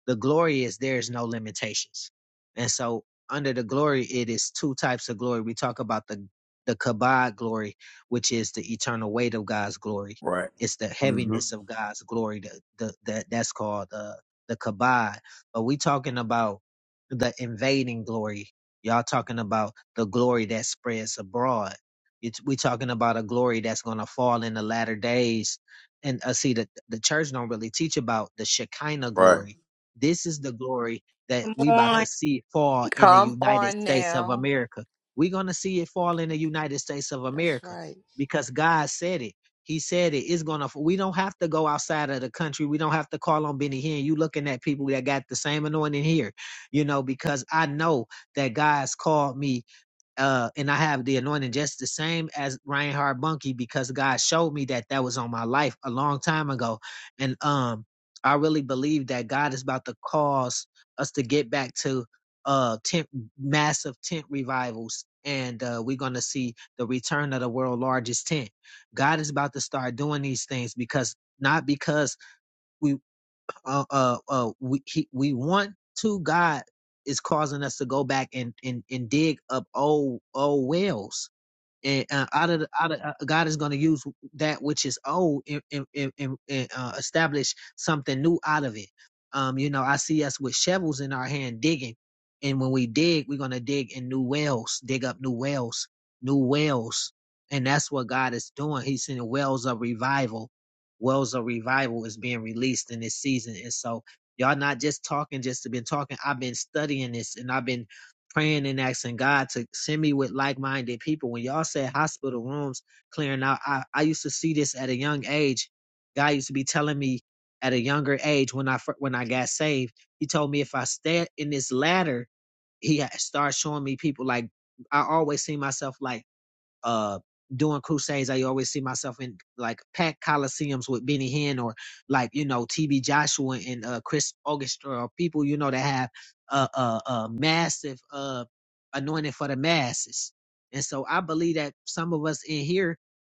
[SPEAKER 7] the glory is there is no limitations. And so under the glory, it is two types of glory. We talk about the the kabod glory, which is the eternal weight of God's glory.
[SPEAKER 1] Right.
[SPEAKER 7] It's the
[SPEAKER 1] hmm
[SPEAKER 7] heaviness of God's glory. The, the, the that's called uh, the kabod. But we talking about the invading glory. Y'all talking about the glory that spreads abroad. It's, we talking about a glory that's gonna fall in the latter days and uh, see the the church don't really teach about the Shekinah
[SPEAKER 1] Right.
[SPEAKER 7] glory. This is the glory that
[SPEAKER 6] Come
[SPEAKER 7] we about
[SPEAKER 6] on.
[SPEAKER 7] to see fall in the
[SPEAKER 10] Come
[SPEAKER 7] United
[SPEAKER 10] on
[SPEAKER 7] States of
[SPEAKER 10] now.
[SPEAKER 7] America. We're gonna see it fall in the United States of
[SPEAKER 10] That's
[SPEAKER 7] America
[SPEAKER 10] right.
[SPEAKER 7] because God said it. He said it. It's gonna. We don't have to go outside of the country. We don't have to call on Benny Hinn. You looking at people that got the same anointing here, you know? Because I know that God's called me uh, and I have the anointing just the same as Ryan Harbunky because God showed me that that was on my life a long time ago, and um, I really believe that God is about to cause us to get back to uh tent massive tent revivals, and uh, we're gonna see the return of the world's largest tent. God is about to start doing these things because not because we uh, uh, uh, we he, we want to. God is causing us to go back and and and dig up old old wells and uh, out of, the, out of uh, God is going to use that which is old and, and, and, and uh, establish something new out of it. Um, you know, I see us with shovels in our hand digging, and when we dig, we're going to dig in new wells, dig up new wells, new wells, and that's what God is doing. He's sending wells of revival. Wells of revival is being released in this season, and so y'all not just talking, just been talking. I've been studying this, and I've been praying and asking God to send me with like-minded people. When y'all said hospital rooms clearing out, I, I used to see this at a young age. God used to be telling me at a younger age when I fir- when I got saved, He told me if I stay in this ladder, He had- started showing me people like I always see myself like uh doing crusades i always see myself in like packed coliseums with benny hinn or like you know tb joshua and uh chris orchestra or people you know that have a a uh, uh, massive uh anointing for the masses and so i believe that some of us in here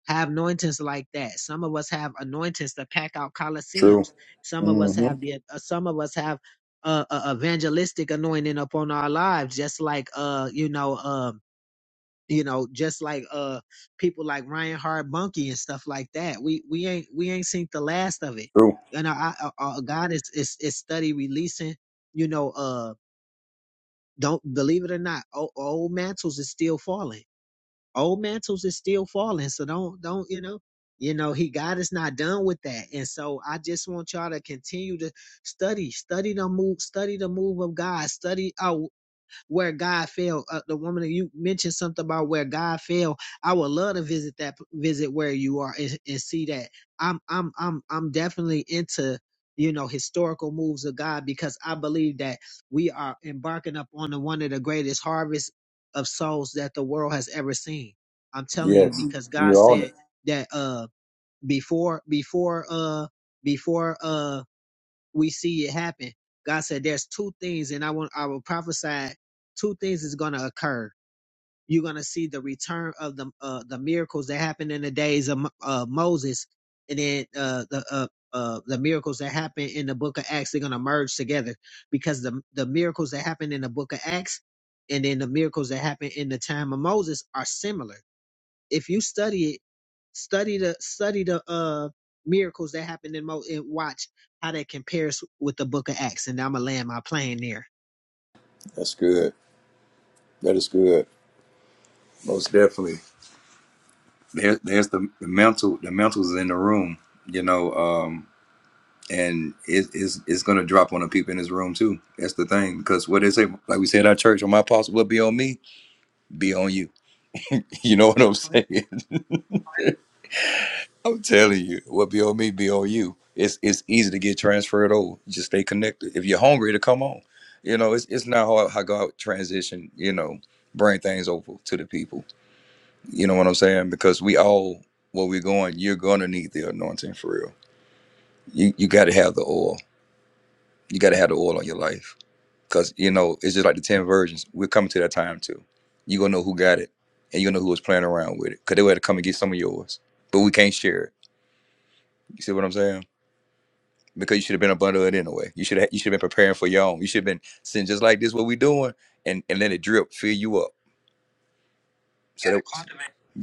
[SPEAKER 7] have anointings like that some of us have anointings to pack out
[SPEAKER 1] True.
[SPEAKER 7] coliseums some of us
[SPEAKER 1] hmm
[SPEAKER 7] have the uh, some of us have uh, uh, evangelistic anointing upon our lives just like uh you know um you know just like uh people like ryan hard bunky and stuff like that we we ain't we ain't seen the last of it
[SPEAKER 1] True.
[SPEAKER 7] you know i, I I- god is, is is study releasing you know uh don't believe it or not old, old mantles is still falling old mantles is still falling so don't don't you know you know he god is not done with that and so i just want y'all to continue to study study the move study the move of god study out where God fell. Uh, the woman you mentioned something about where God fell. I would love to visit that visit where you are and, and see that. I'm I'm I'm I'm definitely into you know historical moves of God because I believe that we are embarking up on the, one of the greatest harvests of souls that the world has ever seen. I'm telling you
[SPEAKER 1] Yes.
[SPEAKER 7] because God
[SPEAKER 1] You on it.
[SPEAKER 7] said that uh before before uh before uh we see it happen. God said, "There's two things, and I want I will prophesy two things is going to occur. You're going to see the return of the uh, the miracles that happened in the days of uh, Moses, and then uh, the uh, uh, the miracles that happened in the Book of Acts. They're going to merge together because the the miracles that happened in the Book of Acts and then the miracles that happened in the time of Moses are similar." If you study it, study the study the uh miracles that happened in Mo and watch how that compares with the book of Acts. And I'm gonna land my plane there.
[SPEAKER 1] That's good. That is good. Most definitely. There, there's the, the mental the mental's in the room, you know, um, and it, it's it's gonna drop on the people in this room too. That's the thing. Because what they say, like we said our church, on my apostle will be on me, be on you. You know what I'm saying? I'm telling you, what be on me be on you. It's it's easy to get transferred over. Just stay connected. If you're hungry to come on, you know it's it's not hard how God transition. You know, bring things over to the people. You know what I'm saying? Because we all where we're going, you're gonna need the anointing for real. You you got to have the oil. You got to have the oil on your life. Cause you know it's just like the ten virgins. We're coming to that time too. You gonna know who got it, and you gonna know who was playing around with it. Cause they were to come and get some of yours, but we can't share it. You see what I'm saying? because you should have been a bundle it anyway. You should have you should have been preparing for your own. You should have been sitting just like this, what we doing, and and let it drip, fill you up. So that,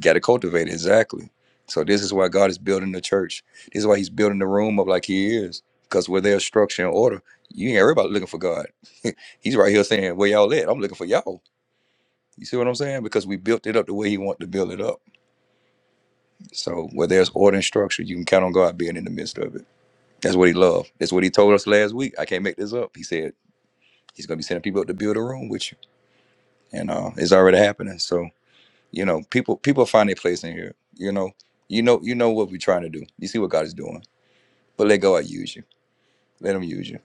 [SPEAKER 1] got to cultivate it, exactly. So this is why God is building the church. This is why He's building the room up like He is, because where there's structure and order, you ain't everybody looking for God. he's right here saying, "Where y'all at? I'm looking for y'all." You see what I'm saying? Because we built it up the way He wanted to build it up. So where there's order and structure, you can count on God being in the midst of it. That's what He loved. That's what He told us last week. I can't make this up. He said. He's going to be sending people up to build a room with you, and uh, it's already happening. So you know, people people find their place in here. You know, you know, you know what we're trying to do. You see what God is doing, but let God use you. Let Him use you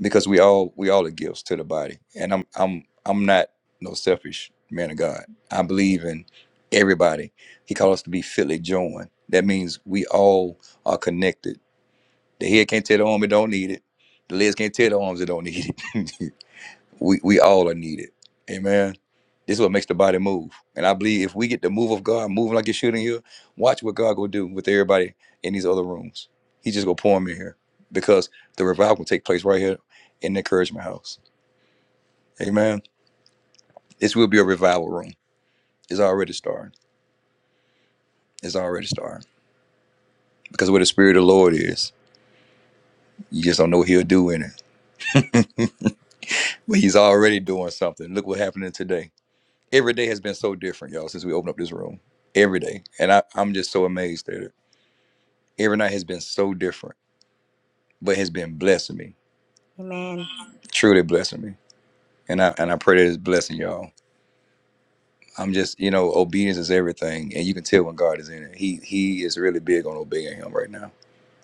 [SPEAKER 1] because we all we all are gifts to the body. And I'm I'm I'm not no selfish man of God. I believe in everybody. He called us to be fitly joined. That means we all are connected. The head can't tell the arm it don't need it. The legs can't tell the arms it don't need it. we we all are needed. Amen. This is what makes the body move. And I believe if we get the move of God moving like it should in here, watch what God gonna do with everybody in these other rooms. He just gonna pour them in here because the revival can take place right here in the encouragement house. Amen. This will be a revival room. It's already starting. It's already starting. Because where the spirit of the Lord is, you just don't know what he'll do in it. But he's already doing something. Look what happened today every day has been so different, y'all, since we opened up this room. Every day. And I, I'm just so amazed at it. Every night has been so different, but has been blessing me.
[SPEAKER 6] Amen.
[SPEAKER 1] Truly blessing me. And I and I pray that it's blessing y'all. I'm just, you know, obedience is everything. And you can tell when God is in it. He he is really big on obeying him right now.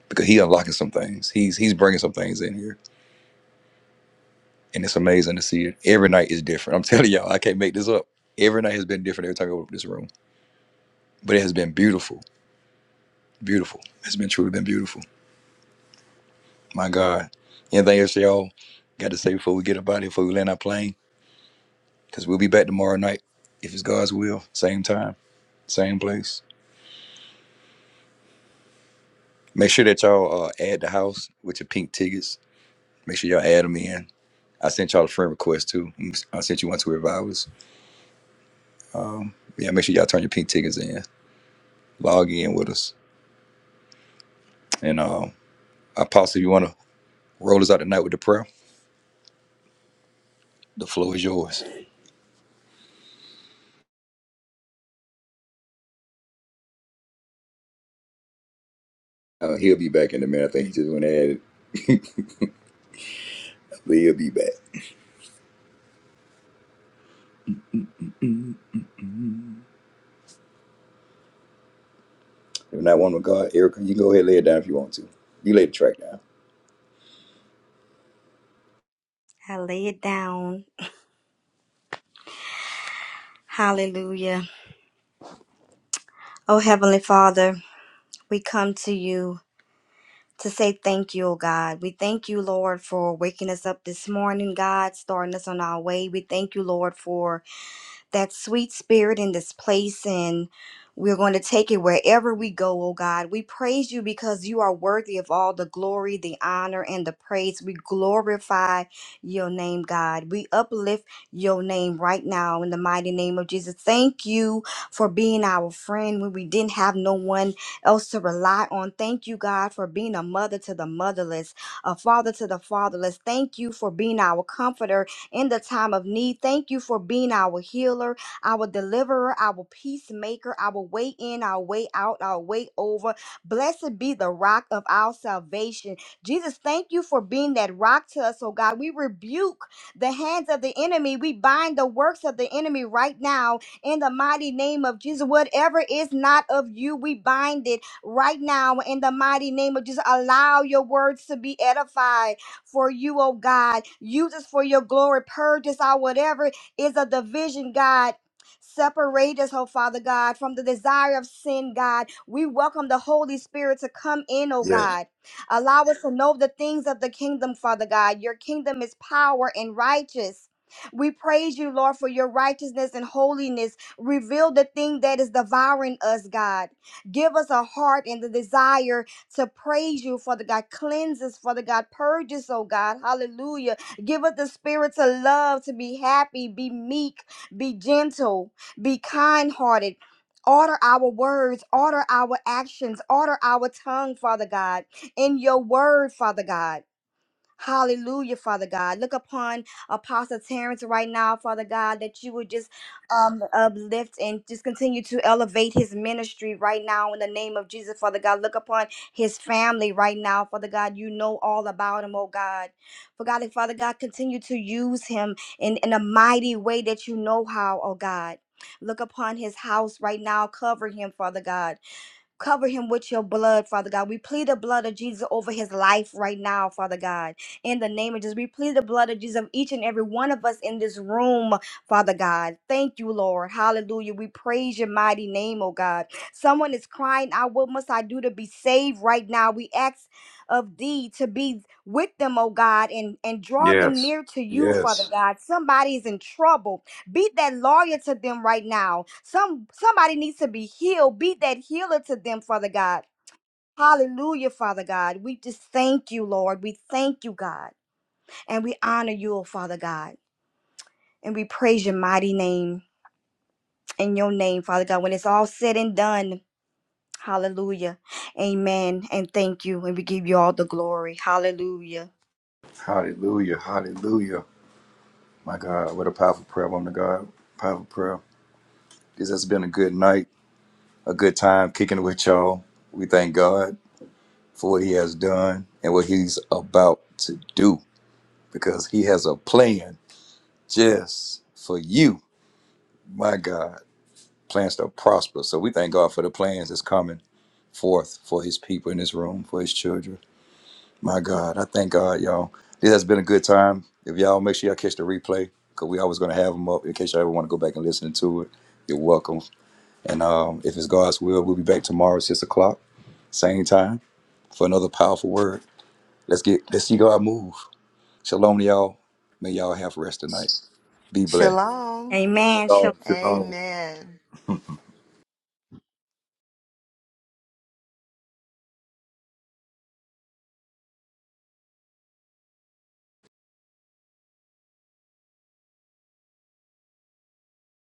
[SPEAKER 1] Because he unlocking some things. He's he's bringing some things in here. And it's amazing to see it. Every night is different. I'm telling y'all, I can't make this up. Every night has been different every time I open up this room. But it has been beautiful. Beautiful. It's been truly been beautiful. My God. Anything else y'all got to say before we get up out of here, before we land our plane? Because we'll be back tomorrow night, if it's God's will. Same time, same place. Make sure that y'all uh, add the house with your pink tickets. Make sure y'all add them in. I sent y'all a friend request too. Mm, I sent you one to Revivers. Yeah, make sure y'all turn your pink tickets in. Log in with us. And uh, Apostle, if you want to roll us out tonight with the prayer, the floor is yours. Uh, he'll be back in a minute. I think he just went to add it. He'll be back. If not one with God, Erica, you go ahead and lay it down if you want to. You lay the track down.
[SPEAKER 6] I lay it down. Hallelujah. Oh, Heavenly Father, we come to you to say thank you, oh God. We thank you, Lord, for waking us up this morning, God, starting us on our way. We thank you, Lord, for that sweet spirit in this place, and we're going to take it wherever we go, oh God. We praise you because you are worthy of all the glory, the honor, and the praise. We glorify your name, God. We uplift your name right now in the mighty name of Jesus. Thank you for being our friend when we didn't have no one else to rely on. Thank you, God, for being a mother to the motherless, a father to the fatherless. Thank you for being our comforter in the time of need. Thank you for being our healer, our deliverer, our peacemaker, our way in, our way out, our way over. Blessed be the rock of our salvation. Jesus, thank you for being that rock to us, oh God. We rebuke the hands of the enemy. We bind the works of the enemy right now in the mighty name of Jesus. Whatever is not of you, we bind it right now in the mighty name of Jesus. Allow your words to be edified for you, oh God. Use us for your glory. Purge us out, whatever is a division, God. Separate us, oh Father God, from the desire of sin, God. We welcome the Holy Spirit to come in, oh
[SPEAKER 1] Yes,
[SPEAKER 6] God. Allow us to know the things of the kingdom, Father God. Your kingdom is power and righteous. We praise you, Lord, for your righteousness and holiness. Reveal the thing that is devouring us, God. Give us a heart and the desire to praise you, Father God. Cleanse us, Father God. Purge us, oh God. Hallelujah. Give us the spirit to love, to be happy, be meek, be gentle, be kind hearted. Order our words, order our actions, order our tongue, Father God, in your word, Father God. Hallelujah, Father God. Look upon Apostle Terrence right now, Father God, that you would just um, uplift and just continue to elevate his ministry right now in the name of Jesus, Father God. Look upon his family right now, Father God. You know all about him, oh God. For God, and Father God, continue to use him in, in a mighty way that you know how, oh God. Look upon his house right now. Cover him, Father God. Cover him with your blood, Father God. We plead the blood of Jesus over his life right now, Father God. In the name of Jesus, we plead the blood of Jesus of each and every one of us in this room, Father God. Thank you, Lord. Hallelujah. We praise your mighty name, oh God. Someone is crying out, What must I do to be saved right now? We ask of thee to be with them, oh God, and, and draw them
[SPEAKER 1] yes,
[SPEAKER 6] near to you, Father
[SPEAKER 1] yes.
[SPEAKER 6] God. Somebody is in trouble. Beat that lawyer to them right now. Some somebody needs to be healed. Beat that healer to them, Father God. Hallelujah, Father God. We just thank you, Lord. We thank you, God. And we honor you, oh, Father God. And we praise your mighty name in your name, Father God. When it's all said and done, hallelujah. Amen. And thank you. And we give you all the glory. Hallelujah.
[SPEAKER 1] Hallelujah, hallelujah. My God, what a powerful prayer, woman of God. Powerful prayer. This has been a good night, a good time kicking it with y'all. We thank God for what He has done and what He's about to do because He has a plan just for you. My God, plans to prosper. So we thank God for the plans that's coming forth for His people in this room, for His children. My God, I thank God, y'all. This has been a good time. If y'all make sure y'all catch the replay, because we always going to have them up in case y'all ever want to go back and listen to it. You're welcome. And um, if it's God's will, we'll be back tomorrow at six o'clock, same time, for another powerful word. Let's get let's see God move. Shalom to y'all. May y'all have rest tonight. Be blessed.
[SPEAKER 10] Shalom.
[SPEAKER 6] Amen. Shalom.
[SPEAKER 1] Shalom. Shalom.
[SPEAKER 10] Amen.